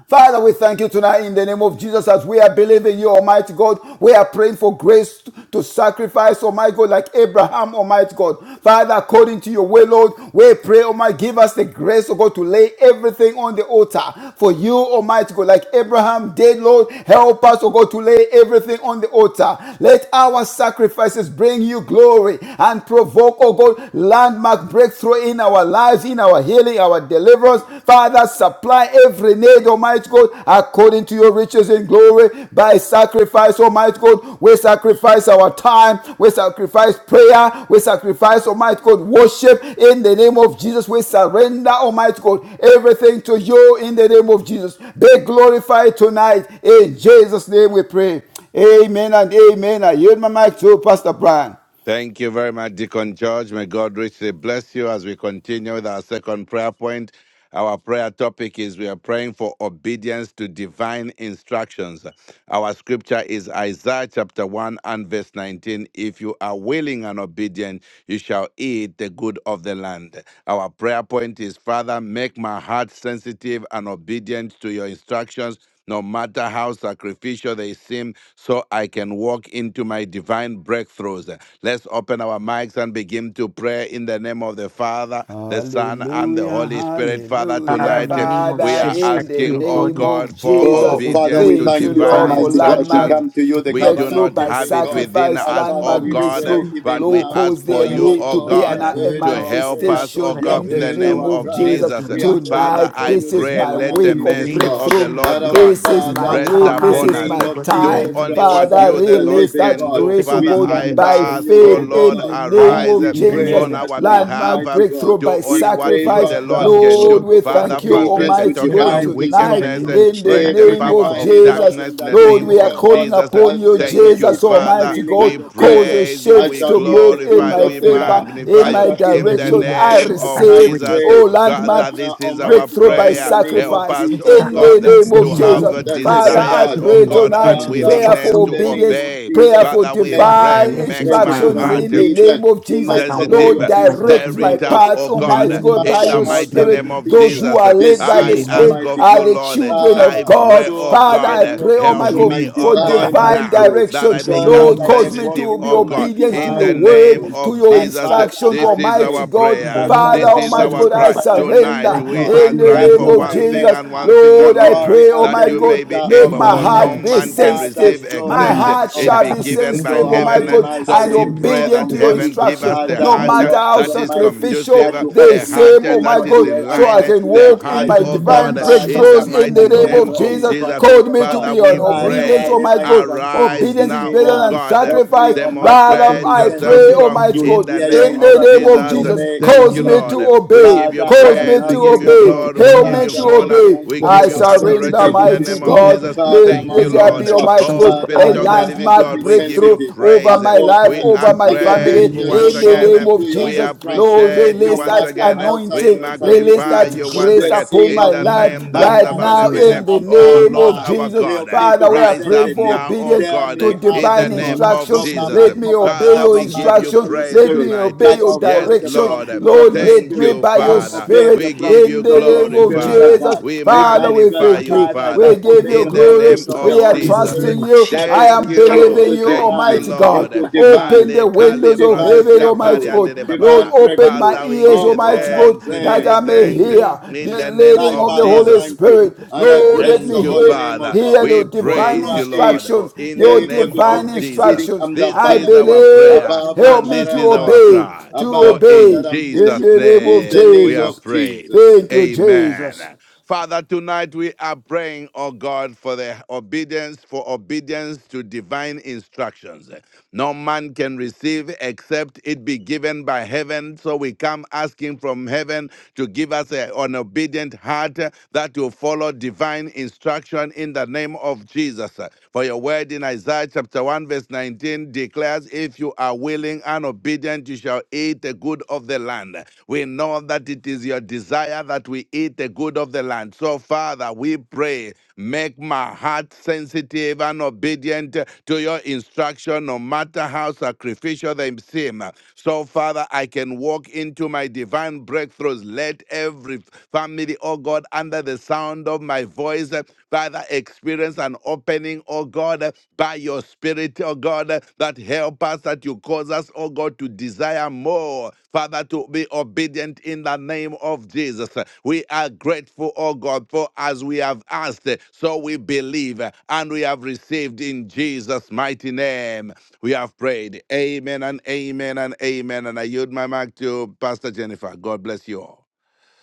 Speaker 3: Father, we thank you tonight in the name of Jesus as we are believing you, Almighty God. We are praying for grace to sacrifice, Almighty God, like Abraham, Almighty God. Father, according to your way, Lord, we pray, Almighty, give us the grace, oh God, to lay everything on the altar for you, Almighty God, like Abraham did, Lord. Help us, oh God, to lay everything on the altar. Let our sacrifices bring you glory and provoke, oh God, landmark breakthrough in our lives lives, in our healing, our deliverance. Father, supply every need, Almighty God, according to your riches in glory by sacrifice, Almighty God. We sacrifice our time, we sacrifice prayer, we sacrifice, Almighty God, worship in the name of Jesus. We surrender, Almighty God, everything to you in the name of Jesus. Be glorified tonight. In Jesus' name we pray. Amen and amen. I yield my mic to Pastor Brian.
Speaker 4: Thank you very much, Deacon George. May God richly bless you as we continue with our second prayer point. Our prayer topic is we are praying for obedience to divine instructions. Our scripture is Isaiah chapter 1 and verse 19. If you are willing and obedient, you shall eat the good of the land. Our prayer point is Father, make my heart sensitive and obedient to your instructions no matter how sacrificial they seem him so I can walk into my divine breakthroughs. Let's open our mics and begin to pray in the name of the Father, the Son, and the
Speaker 3: Hallelujah,
Speaker 4: Holy Spirit. Father,
Speaker 6: Father,
Speaker 3: hallelujah,
Speaker 6: in the
Speaker 4: tonight eh,
Speaker 6: name of
Speaker 4: we
Speaker 3: Father,
Speaker 4: are
Speaker 6: Jesus, I
Speaker 3: in the
Speaker 6: pray,
Speaker 4: asking,
Speaker 6: oh
Speaker 4: oh
Speaker 3: name
Speaker 6: God,
Speaker 3: of
Speaker 4: God, for
Speaker 5: Oh,
Speaker 6: for
Speaker 3: Jesus.
Speaker 5: Father,
Speaker 4: obedience
Speaker 5: we
Speaker 4: to
Speaker 3: Thank
Speaker 6: obedience,
Speaker 3: you,
Speaker 5: thank you,
Speaker 4: divine
Speaker 3: Lord,
Speaker 6: divine
Speaker 3: for
Speaker 5: Almighty God. We
Speaker 6: instruction,
Speaker 3: landmark
Speaker 4: instructions.
Speaker 5: come to you, the
Speaker 4: We do
Speaker 3: breakthrough
Speaker 5: covenant
Speaker 4: not
Speaker 3: by
Speaker 4: have
Speaker 5: keeping
Speaker 4: it
Speaker 5: God.
Speaker 4: within
Speaker 3: sacrifice,
Speaker 5: Our
Speaker 4: us,
Speaker 5: Father,
Speaker 4: O
Speaker 3: landmark
Speaker 5: we
Speaker 6: yes,
Speaker 4: God,
Speaker 5: pray
Speaker 3: breakthrough.
Speaker 4: but
Speaker 5: even
Speaker 4: we
Speaker 3: Lord,
Speaker 5: now
Speaker 4: ask
Speaker 3: cause
Speaker 4: for
Speaker 5: that
Speaker 3: there
Speaker 4: you,
Speaker 5: our
Speaker 6: obedience,
Speaker 3: be
Speaker 4: O
Speaker 3: to
Speaker 5: God,
Speaker 3: be
Speaker 5: you
Speaker 3: an,
Speaker 6: instruction,
Speaker 5: have
Speaker 4: God,
Speaker 6: no
Speaker 3: a
Speaker 6: matter
Speaker 5: heard
Speaker 4: to
Speaker 5: our
Speaker 4: help
Speaker 5: prayer,
Speaker 4: us, O
Speaker 6: how
Speaker 3: manifestation
Speaker 5: you have
Speaker 6: help
Speaker 3: in
Speaker 4: God, in
Speaker 3: the
Speaker 6: me
Speaker 4: the
Speaker 5: heard
Speaker 4: name
Speaker 3: name
Speaker 6: to
Speaker 5: our
Speaker 3: of
Speaker 4: of
Speaker 6: it
Speaker 5: cry.
Speaker 3: Jesus.
Speaker 4: Jesus.
Speaker 6: doesn't
Speaker 5: We are
Speaker 6: matter
Speaker 5: calling
Speaker 4: Father,
Speaker 3: Tonight,
Speaker 4: I
Speaker 5: upon you,
Speaker 3: this
Speaker 5: the
Speaker 3: is
Speaker 4: pray,
Speaker 3: my
Speaker 4: let
Speaker 5: covenant
Speaker 4: the
Speaker 6: In
Speaker 3: week
Speaker 6: the
Speaker 3: of
Speaker 5: keeping
Speaker 6: name
Speaker 4: mercy
Speaker 6: of
Speaker 5: God,
Speaker 4: of
Speaker 3: breakthrough.
Speaker 4: the
Speaker 6: Jesus,
Speaker 5: that
Speaker 4: Lord
Speaker 5: our
Speaker 3: This
Speaker 4: God.
Speaker 3: is
Speaker 6: no
Speaker 3: my
Speaker 5: Father,
Speaker 6: matter
Speaker 4: Rest
Speaker 6: how
Speaker 3: week.
Speaker 5: in the
Speaker 3: This
Speaker 6: hard it
Speaker 4: upon
Speaker 3: is
Speaker 6: is,
Speaker 3: my
Speaker 4: us.
Speaker 5: name of
Speaker 6: but in the
Speaker 4: Do
Speaker 3: time.
Speaker 5: Jesus
Speaker 6: name
Speaker 4: only
Speaker 6: of
Speaker 5: Christ, the
Speaker 4: what
Speaker 6: Jesus,
Speaker 5: Son
Speaker 3: Father,
Speaker 4: you,
Speaker 5: of
Speaker 4: the
Speaker 5: the
Speaker 3: release
Speaker 4: Lord,
Speaker 5: living
Speaker 3: that
Speaker 4: can
Speaker 5: God,
Speaker 4: do.
Speaker 6: but
Speaker 3: grace, oh
Speaker 6: in
Speaker 5: we
Speaker 6: the
Speaker 4: Father,
Speaker 3: God,
Speaker 6: name
Speaker 4: I
Speaker 5: stand
Speaker 6: of
Speaker 3: by
Speaker 6: Jesus,
Speaker 5: upon your
Speaker 4: ask, oh
Speaker 3: faith
Speaker 5: word,
Speaker 6: over.
Speaker 5: O
Speaker 3: in
Speaker 4: Lord,
Speaker 3: the
Speaker 5: God,
Speaker 6: I pray
Speaker 3: name
Speaker 5: as
Speaker 4: arise
Speaker 3: of
Speaker 5: we
Speaker 6: in the
Speaker 5: pray
Speaker 3: Jesus
Speaker 6: name
Speaker 4: on
Speaker 6: of
Speaker 5: right
Speaker 4: our
Speaker 5: now,
Speaker 4: behalf.
Speaker 3: landmark
Speaker 5: Almighty
Speaker 3: breakthrough
Speaker 5: God.
Speaker 4: Do
Speaker 3: by
Speaker 5: We
Speaker 4: only what
Speaker 5: pray,
Speaker 6: in
Speaker 4: you,
Speaker 3: sacrifice.
Speaker 6: the
Speaker 4: the
Speaker 5: Father,
Speaker 6: name
Speaker 4: Lord,
Speaker 6: of
Speaker 4: can
Speaker 5: oh
Speaker 3: Lord,
Speaker 4: do.
Speaker 6: Jesus,
Speaker 3: we
Speaker 5: God, for
Speaker 4: Father,
Speaker 3: thank
Speaker 6: Father,
Speaker 3: you,
Speaker 6: I pray
Speaker 4: frustrate
Speaker 5: obedience
Speaker 4: the
Speaker 5: to
Speaker 3: Almighty
Speaker 4: token
Speaker 6: help me,
Speaker 3: God,
Speaker 4: of
Speaker 5: divine
Speaker 6: you get in
Speaker 3: tonight
Speaker 6: the
Speaker 4: wickedness.
Speaker 6: name
Speaker 5: instruction.
Speaker 6: of
Speaker 3: in
Speaker 6: Jesus,
Speaker 3: the
Speaker 4: Break the
Speaker 6: when
Speaker 5: Every
Speaker 3: name
Speaker 6: I
Speaker 4: power
Speaker 3: of
Speaker 5: divine
Speaker 4: of
Speaker 6: continue
Speaker 3: Jesus.
Speaker 4: darkness
Speaker 5: instruction
Speaker 4: in
Speaker 5: that
Speaker 4: the
Speaker 6: to
Speaker 5: you
Speaker 3: Lord,
Speaker 4: name
Speaker 5: give
Speaker 6: meet
Speaker 3: we
Speaker 5: me,
Speaker 6: the
Speaker 3: are
Speaker 5: oh
Speaker 4: of
Speaker 6: Lord
Speaker 5: God,
Speaker 3: calling
Speaker 4: Jesus.
Speaker 3: upon
Speaker 5: as
Speaker 3: you,
Speaker 5: you have
Speaker 4: Thank
Speaker 5: said,
Speaker 4: you,
Speaker 3: Jesus
Speaker 5: if I am
Speaker 4: Father.
Speaker 3: Almighty
Speaker 5: willing
Speaker 4: We
Speaker 5: and
Speaker 3: God. Cause
Speaker 5: obedient,
Speaker 3: a
Speaker 4: praise you.
Speaker 5: I
Speaker 4: We
Speaker 3: shift
Speaker 5: shall
Speaker 3: to
Speaker 5: eat
Speaker 3: move
Speaker 5: the
Speaker 3: in
Speaker 4: glorify.
Speaker 5: good
Speaker 3: my
Speaker 5: of
Speaker 4: We
Speaker 5: the
Speaker 6: in
Speaker 3: favor,
Speaker 6: the
Speaker 5: land.
Speaker 3: in
Speaker 4: magnify
Speaker 5: I
Speaker 6: altar.
Speaker 4: you
Speaker 3: my
Speaker 5: shall eat
Speaker 6: In
Speaker 4: in
Speaker 5: the
Speaker 6: the
Speaker 4: the
Speaker 3: direction.
Speaker 5: good
Speaker 6: name
Speaker 5: of
Speaker 6: of
Speaker 3: I
Speaker 5: the
Speaker 4: name
Speaker 6: Jesus,
Speaker 5: land.
Speaker 6: I
Speaker 4: of
Speaker 5: I
Speaker 3: receive,
Speaker 6: pray.
Speaker 4: Jesus.
Speaker 3: oh
Speaker 5: pray right
Speaker 4: Father,
Speaker 3: landmark
Speaker 5: now,
Speaker 4: this is our
Speaker 5: Almighty
Speaker 3: breakthrough
Speaker 5: God,
Speaker 3: by
Speaker 5: in
Speaker 4: prayer.
Speaker 5: the name of
Speaker 4: Help
Speaker 3: sacrifice
Speaker 4: us,
Speaker 6: Just
Speaker 4: oh
Speaker 5: Jesus
Speaker 3: in the
Speaker 5: Christ,
Speaker 4: God,
Speaker 6: sacrifice
Speaker 3: name
Speaker 6: in
Speaker 5: the
Speaker 6: me
Speaker 3: of
Speaker 4: to
Speaker 6: and
Speaker 5: Son
Speaker 3: Jesus.
Speaker 4: have
Speaker 6: make
Speaker 5: of
Speaker 4: a
Speaker 6: my
Speaker 5: the
Speaker 6: heart
Speaker 3: Father,
Speaker 5: living
Speaker 3: I
Speaker 4: desire,
Speaker 5: God,
Speaker 6: sensitive
Speaker 4: oh
Speaker 3: pray
Speaker 6: and
Speaker 5: the
Speaker 4: God,
Speaker 3: tonight,
Speaker 6: obedient
Speaker 4: and
Speaker 6: to the
Speaker 5: Father,
Speaker 3: prayer
Speaker 4: willingness
Speaker 3: for
Speaker 5: in
Speaker 6: instruction
Speaker 4: to
Speaker 5: the name
Speaker 3: obedience.
Speaker 5: of
Speaker 4: obey.
Speaker 3: Prayer
Speaker 5: Jesus,
Speaker 3: for
Speaker 4: Father, we
Speaker 6: so
Speaker 5: make
Speaker 6: I
Speaker 5: my
Speaker 4: pray,
Speaker 3: divine
Speaker 6: can
Speaker 5: heart heart
Speaker 6: walk
Speaker 4: make
Speaker 6: into my
Speaker 4: my
Speaker 5: sensitive
Speaker 3: instructions
Speaker 5: and
Speaker 6: divine
Speaker 4: heart
Speaker 3: in the
Speaker 6: breakthrough.
Speaker 5: obedient
Speaker 3: name of
Speaker 5: for
Speaker 3: Jesus.
Speaker 6: like
Speaker 5: might
Speaker 6: I can
Speaker 5: God to
Speaker 6: walk
Speaker 4: sensitive.
Speaker 3: Lord,
Speaker 5: your
Speaker 6: into my
Speaker 3: direct
Speaker 4: Stir
Speaker 3: my
Speaker 6: mandate
Speaker 4: it
Speaker 5: instructions, oh
Speaker 4: up,
Speaker 5: God.
Speaker 3: path,
Speaker 4: oh
Speaker 6: in the
Speaker 3: Almighty
Speaker 5: No
Speaker 4: God,
Speaker 6: name
Speaker 3: God,
Speaker 6: of
Speaker 3: by
Speaker 4: in
Speaker 5: matter
Speaker 4: the
Speaker 3: your
Speaker 6: Jesus,
Speaker 5: how
Speaker 6: in
Speaker 4: mighty
Speaker 6: the
Speaker 3: Spirit.
Speaker 4: name
Speaker 6: name
Speaker 4: of
Speaker 6: of
Speaker 3: Those
Speaker 6: Jesus,
Speaker 5: sacrificial
Speaker 3: who
Speaker 4: Jesus.
Speaker 3: are
Speaker 5: they
Speaker 3: led by
Speaker 6: in
Speaker 3: the
Speaker 6: the
Speaker 4: I
Speaker 5: seem,
Speaker 3: Spirit
Speaker 4: ask
Speaker 6: name,
Speaker 4: of
Speaker 5: Almighty
Speaker 3: are
Speaker 4: you,
Speaker 5: God.
Speaker 3: the
Speaker 4: Lord. eh,
Speaker 3: children of
Speaker 4: I
Speaker 5: Father,
Speaker 3: God.
Speaker 4: pray, oh
Speaker 5: so I
Speaker 3: Father,
Speaker 4: God,
Speaker 3: I
Speaker 5: can
Speaker 4: eh,
Speaker 5: walk
Speaker 3: pray,
Speaker 6: in
Speaker 3: Almighty
Speaker 6: the
Speaker 4: help
Speaker 5: into my
Speaker 6: name
Speaker 3: God,
Speaker 4: me,
Speaker 6: of Jesus,
Speaker 4: oh
Speaker 3: for
Speaker 4: God,
Speaker 5: divine
Speaker 6: Father, I
Speaker 3: divine
Speaker 4: now
Speaker 6: pray.
Speaker 5: breakthroughs,
Speaker 4: that
Speaker 6: In
Speaker 3: direction.
Speaker 4: I
Speaker 6: the
Speaker 5: so that
Speaker 4: become
Speaker 3: Lord,
Speaker 6: name
Speaker 5: I
Speaker 6: of
Speaker 3: cause
Speaker 5: can
Speaker 6: Jesus,
Speaker 3: me
Speaker 5: walk
Speaker 4: sensitive,
Speaker 3: to be
Speaker 4: oh
Speaker 5: into
Speaker 4: God,
Speaker 5: my
Speaker 3: obedient to
Speaker 4: in
Speaker 6: Father,
Speaker 3: your
Speaker 4: the
Speaker 5: divine
Speaker 6: Lord, we
Speaker 3: word,
Speaker 4: name
Speaker 5: breakthroughs.
Speaker 6: pray.
Speaker 3: to
Speaker 4: of
Speaker 3: your
Speaker 5: My
Speaker 4: Jesus. eh,
Speaker 5: Father,
Speaker 3: instructions,
Speaker 5: I
Speaker 4: This is
Speaker 5: pray
Speaker 3: Almighty
Speaker 4: our
Speaker 3: God.
Speaker 6: in
Speaker 5: and
Speaker 6: the
Speaker 4: prayer.
Speaker 5: I
Speaker 6: name
Speaker 3: Father,
Speaker 5: call
Speaker 4: This
Speaker 6: of
Speaker 4: is
Speaker 3: Almighty
Speaker 5: upon
Speaker 6: Jesus,
Speaker 4: our
Speaker 5: you,
Speaker 3: God, I
Speaker 4: cry.
Speaker 6: Father,
Speaker 5: covenant
Speaker 4: Tonight
Speaker 3: surrender
Speaker 5: keeping
Speaker 6: help me,
Speaker 4: we
Speaker 5: God,
Speaker 6: but
Speaker 4: are
Speaker 3: in
Speaker 6: in the
Speaker 3: the
Speaker 4: crying
Speaker 5: that
Speaker 3: name
Speaker 4: for
Speaker 5: the
Speaker 6: name,
Speaker 3: of
Speaker 5: way
Speaker 4: one thing
Speaker 3: Jesus.
Speaker 4: and
Speaker 5: maker,
Speaker 4: one thing
Speaker 5: the
Speaker 3: Lord, I
Speaker 4: alone, eh,
Speaker 5: glory
Speaker 3: pray,
Speaker 5: and
Speaker 4: that
Speaker 5: the
Speaker 3: Almighty
Speaker 4: you may
Speaker 3: God,
Speaker 4: be
Speaker 5: lifter
Speaker 3: make
Speaker 6: in
Speaker 5: of
Speaker 4: able,
Speaker 6: the
Speaker 3: my
Speaker 4: for
Speaker 5: my
Speaker 4: no
Speaker 6: name
Speaker 3: heart
Speaker 6: of
Speaker 5: head.
Speaker 3: be
Speaker 4: man
Speaker 6: Jesus,
Speaker 4: can
Speaker 5: Father,
Speaker 4: receive
Speaker 3: sensitive.
Speaker 5: show
Speaker 6: pray
Speaker 3: My
Speaker 4: except eh,
Speaker 5: up,
Speaker 3: heart
Speaker 5: oh
Speaker 4: it
Speaker 6: that
Speaker 3: shall
Speaker 4: be
Speaker 3: be
Speaker 6: I'll
Speaker 5: God
Speaker 6: be
Speaker 4: given by
Speaker 6: thankful
Speaker 3: sensitive,
Speaker 5: show
Speaker 6: with
Speaker 5: up
Speaker 3: Almighty
Speaker 4: heaven.
Speaker 6: what
Speaker 5: in
Speaker 4: eh.
Speaker 3: God,
Speaker 6: you
Speaker 5: my
Speaker 6: are
Speaker 4: So
Speaker 3: and
Speaker 4: we
Speaker 5: spirit,
Speaker 6: saying,
Speaker 4: pray
Speaker 5: soul,
Speaker 3: obedient
Speaker 4: that
Speaker 3: to
Speaker 5: and
Speaker 6: with
Speaker 3: your
Speaker 6: what
Speaker 4: heaven
Speaker 5: body.
Speaker 6: you
Speaker 4: give
Speaker 6: are
Speaker 3: instruction,
Speaker 4: us the
Speaker 3: no
Speaker 5: Father, oh
Speaker 6: instructions,
Speaker 4: heart eh,
Speaker 6: and
Speaker 3: matter
Speaker 5: Lord
Speaker 3: how
Speaker 5: God
Speaker 4: that is
Speaker 5: Almighty,
Speaker 4: conducive,
Speaker 5: that
Speaker 4: eh,
Speaker 3: sacrificial
Speaker 5: you
Speaker 3: they
Speaker 4: a
Speaker 5: open
Speaker 4: their
Speaker 5: my
Speaker 4: heart
Speaker 3: seem,
Speaker 4: uh, that
Speaker 3: Almighty
Speaker 5: spiritual
Speaker 4: is
Speaker 3: God,
Speaker 4: in
Speaker 5: ears
Speaker 3: so
Speaker 5: and
Speaker 3: I
Speaker 4: line,
Speaker 5: my
Speaker 4: uh,
Speaker 3: can
Speaker 4: their
Speaker 5: spiritual
Speaker 3: walk walk in
Speaker 4: heart,
Speaker 5: eyes,
Speaker 6: in the
Speaker 3: my
Speaker 4: oh
Speaker 5: that
Speaker 6: name
Speaker 4: God,
Speaker 3: divine
Speaker 6: of
Speaker 4: uh,
Speaker 5: Father,
Speaker 4: in
Speaker 6: Jesus,
Speaker 4: the
Speaker 5: I
Speaker 3: breakthroughs
Speaker 6: if
Speaker 5: may
Speaker 3: in
Speaker 4: mighty
Speaker 3: the
Speaker 6: you don't,
Speaker 3: name
Speaker 5: obey
Speaker 4: name
Speaker 3: of
Speaker 5: your
Speaker 4: of
Speaker 3: Jesus.
Speaker 4: Jesus.
Speaker 5: instructions,
Speaker 3: Called
Speaker 5: oh
Speaker 3: me to
Speaker 5: God.
Speaker 4: Father,
Speaker 3: be
Speaker 4: we
Speaker 3: on
Speaker 6: Lord,
Speaker 5: Father,
Speaker 3: obedience,
Speaker 4: pray,
Speaker 5: whatever
Speaker 3: Almighty God.
Speaker 5: instruction you
Speaker 4: arise
Speaker 3: Obedience
Speaker 5: give
Speaker 3: is
Speaker 4: now,
Speaker 5: me
Speaker 3: better
Speaker 4: oh
Speaker 5: now,
Speaker 3: than
Speaker 4: God, uh,
Speaker 5: help
Speaker 3: sacrifice.
Speaker 5: me, Almighty God,
Speaker 3: Rather,
Speaker 5: to
Speaker 6: let
Speaker 5: be
Speaker 4: demonstrate
Speaker 6: me
Speaker 3: I
Speaker 6: pray
Speaker 4: yourself
Speaker 3: pray,
Speaker 5: sensitive,
Speaker 4: strong
Speaker 3: Almighty
Speaker 5: to
Speaker 6: in the
Speaker 4: in
Speaker 3: God,
Speaker 4: the
Speaker 5: hear your
Speaker 4: name
Speaker 3: in the
Speaker 4: of
Speaker 3: name
Speaker 5: instruction
Speaker 3: of
Speaker 5: and
Speaker 4: Jesus.
Speaker 6: name
Speaker 3: Jesus.
Speaker 5: obey
Speaker 6: of
Speaker 4: Thank
Speaker 3: Cause
Speaker 4: you,
Speaker 3: me
Speaker 6: Jesus.
Speaker 4: Lord.
Speaker 3: to
Speaker 5: instantly.
Speaker 4: We
Speaker 3: obey.
Speaker 4: give you
Speaker 5: Father, I
Speaker 3: Cause
Speaker 5: am
Speaker 3: me
Speaker 4: praise, we
Speaker 3: to
Speaker 4: give
Speaker 6: Spirit
Speaker 5: asking,
Speaker 4: you
Speaker 6: of
Speaker 5: oh
Speaker 6: God
Speaker 5: God.
Speaker 3: obey.
Speaker 4: glory,
Speaker 6: in
Speaker 4: we
Speaker 6: the
Speaker 3: Help
Speaker 6: name
Speaker 4: give
Speaker 6: of
Speaker 3: me
Speaker 4: you
Speaker 5: Father,
Speaker 3: to
Speaker 6: Jesus.
Speaker 5: for
Speaker 4: honor,
Speaker 5: the
Speaker 3: obey.
Speaker 5: mighty
Speaker 4: we
Speaker 6: We
Speaker 5: God,
Speaker 6: need
Speaker 3: I
Speaker 5: for
Speaker 4: give
Speaker 6: to
Speaker 4: you
Speaker 6: be
Speaker 5: that
Speaker 3: surrender,
Speaker 4: adoration
Speaker 6: sensitive
Speaker 4: in
Speaker 6: in
Speaker 4: the
Speaker 6: the
Speaker 5: sensitivity, oh
Speaker 3: mighty
Speaker 4: name of
Speaker 6: spirit
Speaker 5: God.
Speaker 6: of
Speaker 3: God.
Speaker 6: God
Speaker 4: Jesus.
Speaker 5: Father,
Speaker 3: Let,
Speaker 5: I'm
Speaker 4: Thank you,
Speaker 3: let
Speaker 6: and your
Speaker 5: asking,
Speaker 3: there
Speaker 5: oh
Speaker 4: Lord.
Speaker 3: be,
Speaker 5: God,
Speaker 3: Almighty
Speaker 6: instructions
Speaker 4: Oh,
Speaker 6: over
Speaker 3: God,
Speaker 5: Father,
Speaker 6: our
Speaker 3: a
Speaker 4: Spirit
Speaker 5: that
Speaker 4: of the
Speaker 5: my
Speaker 6: lives.
Speaker 5: heart
Speaker 4: living
Speaker 5: will
Speaker 3: landmark
Speaker 4: God,
Speaker 5: be
Speaker 4: we give
Speaker 3: breakthrough
Speaker 4: you
Speaker 5: sensitive
Speaker 3: over
Speaker 4: praise.
Speaker 5: at
Speaker 3: my
Speaker 5: all
Speaker 3: life,
Speaker 4: We
Speaker 6: In
Speaker 5: times
Speaker 4: are
Speaker 3: over my
Speaker 5: and
Speaker 6: the
Speaker 3: family,
Speaker 4: grateful
Speaker 6: name
Speaker 5: obedient,
Speaker 6: of
Speaker 5: oh
Speaker 4: once
Speaker 3: in the the
Speaker 5: God,
Speaker 4: again. eh,
Speaker 3: name
Speaker 6: Jesus,
Speaker 5: to
Speaker 3: of
Speaker 5: your
Speaker 4: we
Speaker 3: Jesus.
Speaker 5: instruction,
Speaker 3: Lord,
Speaker 4: appreciate you
Speaker 5: no
Speaker 3: release
Speaker 4: once
Speaker 3: that
Speaker 5: matter
Speaker 4: again.
Speaker 5: how
Speaker 4: We
Speaker 3: anointing,
Speaker 5: sacri-
Speaker 3: release
Speaker 4: magnify
Speaker 6: in
Speaker 3: that
Speaker 4: you
Speaker 5: sacrificial
Speaker 4: once
Speaker 3: grace
Speaker 6: Jesus'
Speaker 5: they
Speaker 4: again
Speaker 3: upon
Speaker 5: seem,
Speaker 3: my
Speaker 4: in
Speaker 5: oh
Speaker 4: the
Speaker 6: name,
Speaker 5: God.
Speaker 3: life
Speaker 4: name
Speaker 6: in
Speaker 4: that
Speaker 5: My
Speaker 6: God,
Speaker 4: is
Speaker 3: right
Speaker 6: we
Speaker 5: Father,
Speaker 4: above
Speaker 3: now
Speaker 6: pray
Speaker 4: every
Speaker 6: that
Speaker 5: stir
Speaker 3: in
Speaker 4: name.
Speaker 3: the
Speaker 5: up
Speaker 4: Oh
Speaker 5: my
Speaker 3: name
Speaker 4: Lord,
Speaker 3: of
Speaker 5: heart.
Speaker 4: our
Speaker 3: Jesus.
Speaker 4: God,
Speaker 5: Help me to
Speaker 3: Father, we
Speaker 5: be
Speaker 3: are
Speaker 4: rise
Speaker 3: praying
Speaker 4: up
Speaker 3: for
Speaker 5: sensitive.
Speaker 4: now, oh
Speaker 3: obedience
Speaker 5: Stir
Speaker 4: God,
Speaker 5: me
Speaker 3: to
Speaker 5: up,
Speaker 4: in
Speaker 6: in
Speaker 4: the
Speaker 3: divine
Speaker 5: oh
Speaker 6: the
Speaker 4: name
Speaker 5: God.
Speaker 6: name of
Speaker 4: of
Speaker 3: instructions.
Speaker 5: Not by
Speaker 6: Jesus.
Speaker 4: Jesus.
Speaker 5: my,
Speaker 3: Let me
Speaker 5: not by
Speaker 3: obey
Speaker 4: Father,
Speaker 5: power,
Speaker 3: your
Speaker 4: we
Speaker 5: but by
Speaker 4: give
Speaker 5: the
Speaker 4: you
Speaker 3: instructions.
Speaker 5: Holy
Speaker 4: praise
Speaker 3: Let
Speaker 5: Spirit
Speaker 3: me
Speaker 4: tonight.
Speaker 3: obey
Speaker 5: that
Speaker 3: your
Speaker 5: I'll
Speaker 4: Yes,
Speaker 5: follow the
Speaker 3: directions.
Speaker 4: Lord.
Speaker 5: promptings of
Speaker 3: Lord,
Speaker 5: your
Speaker 3: lead
Speaker 4: Thank
Speaker 3: me
Speaker 5: spirit.
Speaker 4: you,
Speaker 3: by your
Speaker 5: I'll
Speaker 4: Father.
Speaker 5: obey
Speaker 3: spirit
Speaker 5: the
Speaker 4: We give
Speaker 3: in
Speaker 4: you
Speaker 5: promptings
Speaker 3: the
Speaker 5: of your
Speaker 3: name
Speaker 4: glory,
Speaker 3: of
Speaker 5: spirit, O
Speaker 4: Father.
Speaker 3: Jesus.
Speaker 5: God.
Speaker 4: We
Speaker 3: Father,
Speaker 5: Tonight,
Speaker 3: we
Speaker 5: God,
Speaker 4: magnify
Speaker 3: thank
Speaker 4: you,
Speaker 5: Father,
Speaker 3: you.
Speaker 5: as
Speaker 4: Father,
Speaker 3: We
Speaker 5: I
Speaker 3: give
Speaker 5: obey
Speaker 3: you
Speaker 5: the
Speaker 4: in the
Speaker 3: glory.
Speaker 5: promptings
Speaker 4: name
Speaker 5: of the
Speaker 3: We
Speaker 4: of
Speaker 3: are
Speaker 5: Holy
Speaker 6: In the name
Speaker 4: Jesus.
Speaker 5: Spirit,
Speaker 3: trusting
Speaker 6: of
Speaker 3: you.
Speaker 5: that
Speaker 6: Jesus.
Speaker 3: I
Speaker 5: will
Speaker 4: Thank
Speaker 3: am
Speaker 5: bring me
Speaker 4: you.
Speaker 3: believing
Speaker 5: into
Speaker 3: you,
Speaker 4: Thank you,
Speaker 5: divine,
Speaker 3: Almighty
Speaker 4: Lord.
Speaker 3: God.
Speaker 5: into
Speaker 3: Open
Speaker 5: divine,
Speaker 3: the
Speaker 5: into
Speaker 4: Malekale
Speaker 3: windows of
Speaker 5: divine
Speaker 3: heaven,
Speaker 4: brazeska
Speaker 3: Almighty
Speaker 5: breakthrough,
Speaker 3: God.
Speaker 4: pariandere
Speaker 3: Lord,
Speaker 4: baba.
Speaker 5: divine
Speaker 3: open my
Speaker 5: breakthrough.
Speaker 4: Father, we
Speaker 3: ears,
Speaker 4: give you
Speaker 5: Oh God,
Speaker 3: Almighty
Speaker 5: I
Speaker 3: God,
Speaker 4: thanks. We give
Speaker 3: that
Speaker 5: pray.
Speaker 4: you
Speaker 3: I may
Speaker 5: Mm.
Speaker 4: thanks
Speaker 3: hear
Speaker 4: in
Speaker 3: the
Speaker 4: the name
Speaker 3: leading
Speaker 5: My
Speaker 3: of
Speaker 4: of
Speaker 3: the
Speaker 5: Father,
Speaker 3: Holy
Speaker 4: Jesus.
Speaker 5: thank you.
Speaker 3: Spirit.
Speaker 5: And
Speaker 6: In
Speaker 5: I
Speaker 6: the
Speaker 3: Lord, let
Speaker 5: bless
Speaker 3: me
Speaker 4: Thank
Speaker 5: your
Speaker 4: you,
Speaker 5: holy
Speaker 3: hear
Speaker 5: name, O
Speaker 4: Father.
Speaker 3: hear
Speaker 5: God,
Speaker 3: the
Speaker 4: We
Speaker 6: name of Jesus.
Speaker 5: for
Speaker 3: divine
Speaker 5: you
Speaker 4: praise
Speaker 5: are
Speaker 4: you, Lord,
Speaker 3: instructions,
Speaker 5: able,
Speaker 6: I
Speaker 4: in the
Speaker 3: your
Speaker 6: think
Speaker 5: able
Speaker 4: name
Speaker 6: the
Speaker 5: to
Speaker 3: divine
Speaker 5: do
Speaker 4: of
Speaker 5: exceeding
Speaker 6: name
Speaker 4: Jesus.
Speaker 3: instructions.
Speaker 5: and
Speaker 4: This
Speaker 3: I
Speaker 4: is
Speaker 5: abundantly
Speaker 4: our
Speaker 3: believe,
Speaker 4: prayer
Speaker 5: above all
Speaker 6: of
Speaker 3: help
Speaker 4: and
Speaker 3: me
Speaker 5: that
Speaker 6: Jesus.
Speaker 4: this
Speaker 3: to
Speaker 5: I'm
Speaker 4: is our
Speaker 5: asking,
Speaker 3: obey,
Speaker 4: cry.
Speaker 6: My
Speaker 3: to
Speaker 4: For
Speaker 5: above
Speaker 6: body,
Speaker 5: all
Speaker 6: the
Speaker 4: in
Speaker 5: that
Speaker 3: obey
Speaker 5: I'm
Speaker 6: name of
Speaker 3: in
Speaker 4: Jesus'
Speaker 5: thinking,
Speaker 6: Jesus.
Speaker 3: the name of
Speaker 5: in the
Speaker 4: name we
Speaker 5: name
Speaker 4: have
Speaker 3: Jesus.
Speaker 5: of
Speaker 4: prayed.
Speaker 5: Jesus.
Speaker 3: Thank you,
Speaker 4: Amen.
Speaker 3: Jesus.
Speaker 4: Father, tonight we are praying, oh God, for the obedience, for obedience to divine instructions. No man can receive except it be given by heaven. So we come asking from heaven to give us a- an obedient heart uh, that will follow divine instruction in the name of Jesus. For your word in Isaiah chapter 1, verse 19 declares declares, If you are willing and obedient, you shall eat the good of the land. We know that it is your desire that we eat the good of the land. So, Father, we pray, make my heart sensitive and obedient to your instruction, no matter how sacrificial they seem. So, Father, I can walk into my divine breakthroughs. Let every family body, oh God, under the sound of my voice. Uh, Father, experience an opening, oh God, uh, by your Spirit, oh God, uh, that help us, that you cause us, oh God, to desire more. Father, to be obedient in the name of Jesus. Uh, We are grateful, oh God, for as we have asked, uh, so we believe uh, and we have received in Jesus' mighty name. We have prayed. Amen and amen and amen. And I yield my mic to Pastor Jennifer. God bless you all.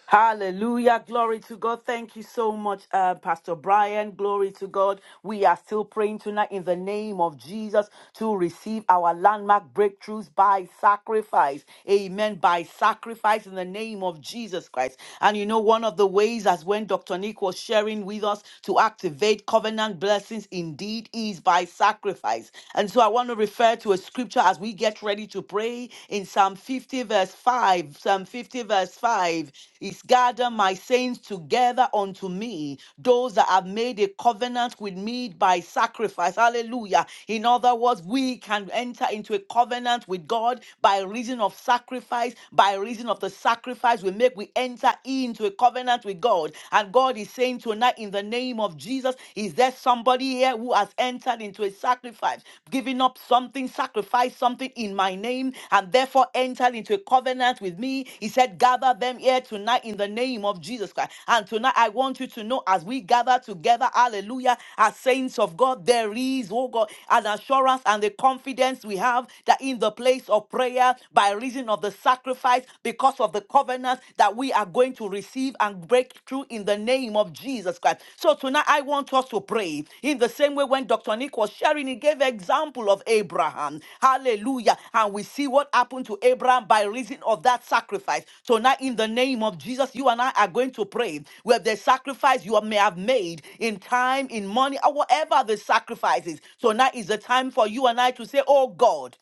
Speaker 6: Hallelujah. Glory to God. Thank you so much, uh, Pastor Brian. Glory to God. We are still praying tonight in the name of Jesus. to receive our landmark breakthroughs by sacrifice. Amen. By sacrifice in the name of Jesus Christ. And you know, one of the ways, as when Dr. Nick was sharing with us to activate covenant blessings, indeed is by sacrifice. And so I want to refer to a scripture as we get ready to pray in Psalm 50, verse 5. Psalm 50, verse 5 is gather my saints together unto me, those that have made a covenant with me by sacrifice. Hallelujah. In other words, we can enter into a covenant with God by reason of sacrifice, by reason of the sacrifice we make, we enter into a covenant with God. And God is saying tonight, in the name of Jesus, is there somebody here who has entered into a sacrifice, giving up something? something, sacrifice something in my name, and therefore enter into a covenant with me. He said, Gather them here tonight in the name of Jesus Christ. And tonight I want you to know as we gather together, hallelujah, as saints of God, there is, oh God, an assurance and the confidence we have that in the place of prayer, by reason of the sacrifice, because of the covenant that we are going to receive and break through you in the name of Jesus Christ. So tonight I want us to pray in the same way when Dr. Nick was sharing, he gave example of Abraham. Hallelujah. And we see what happened to Abraham by reason of that sacrifice. Tonight, in the name of Jesus, you and I are going to pray where the sacrifice you may have made in time, in money, or whatever the sacrifice is. Tonight is the time for you and I to say, Oh God.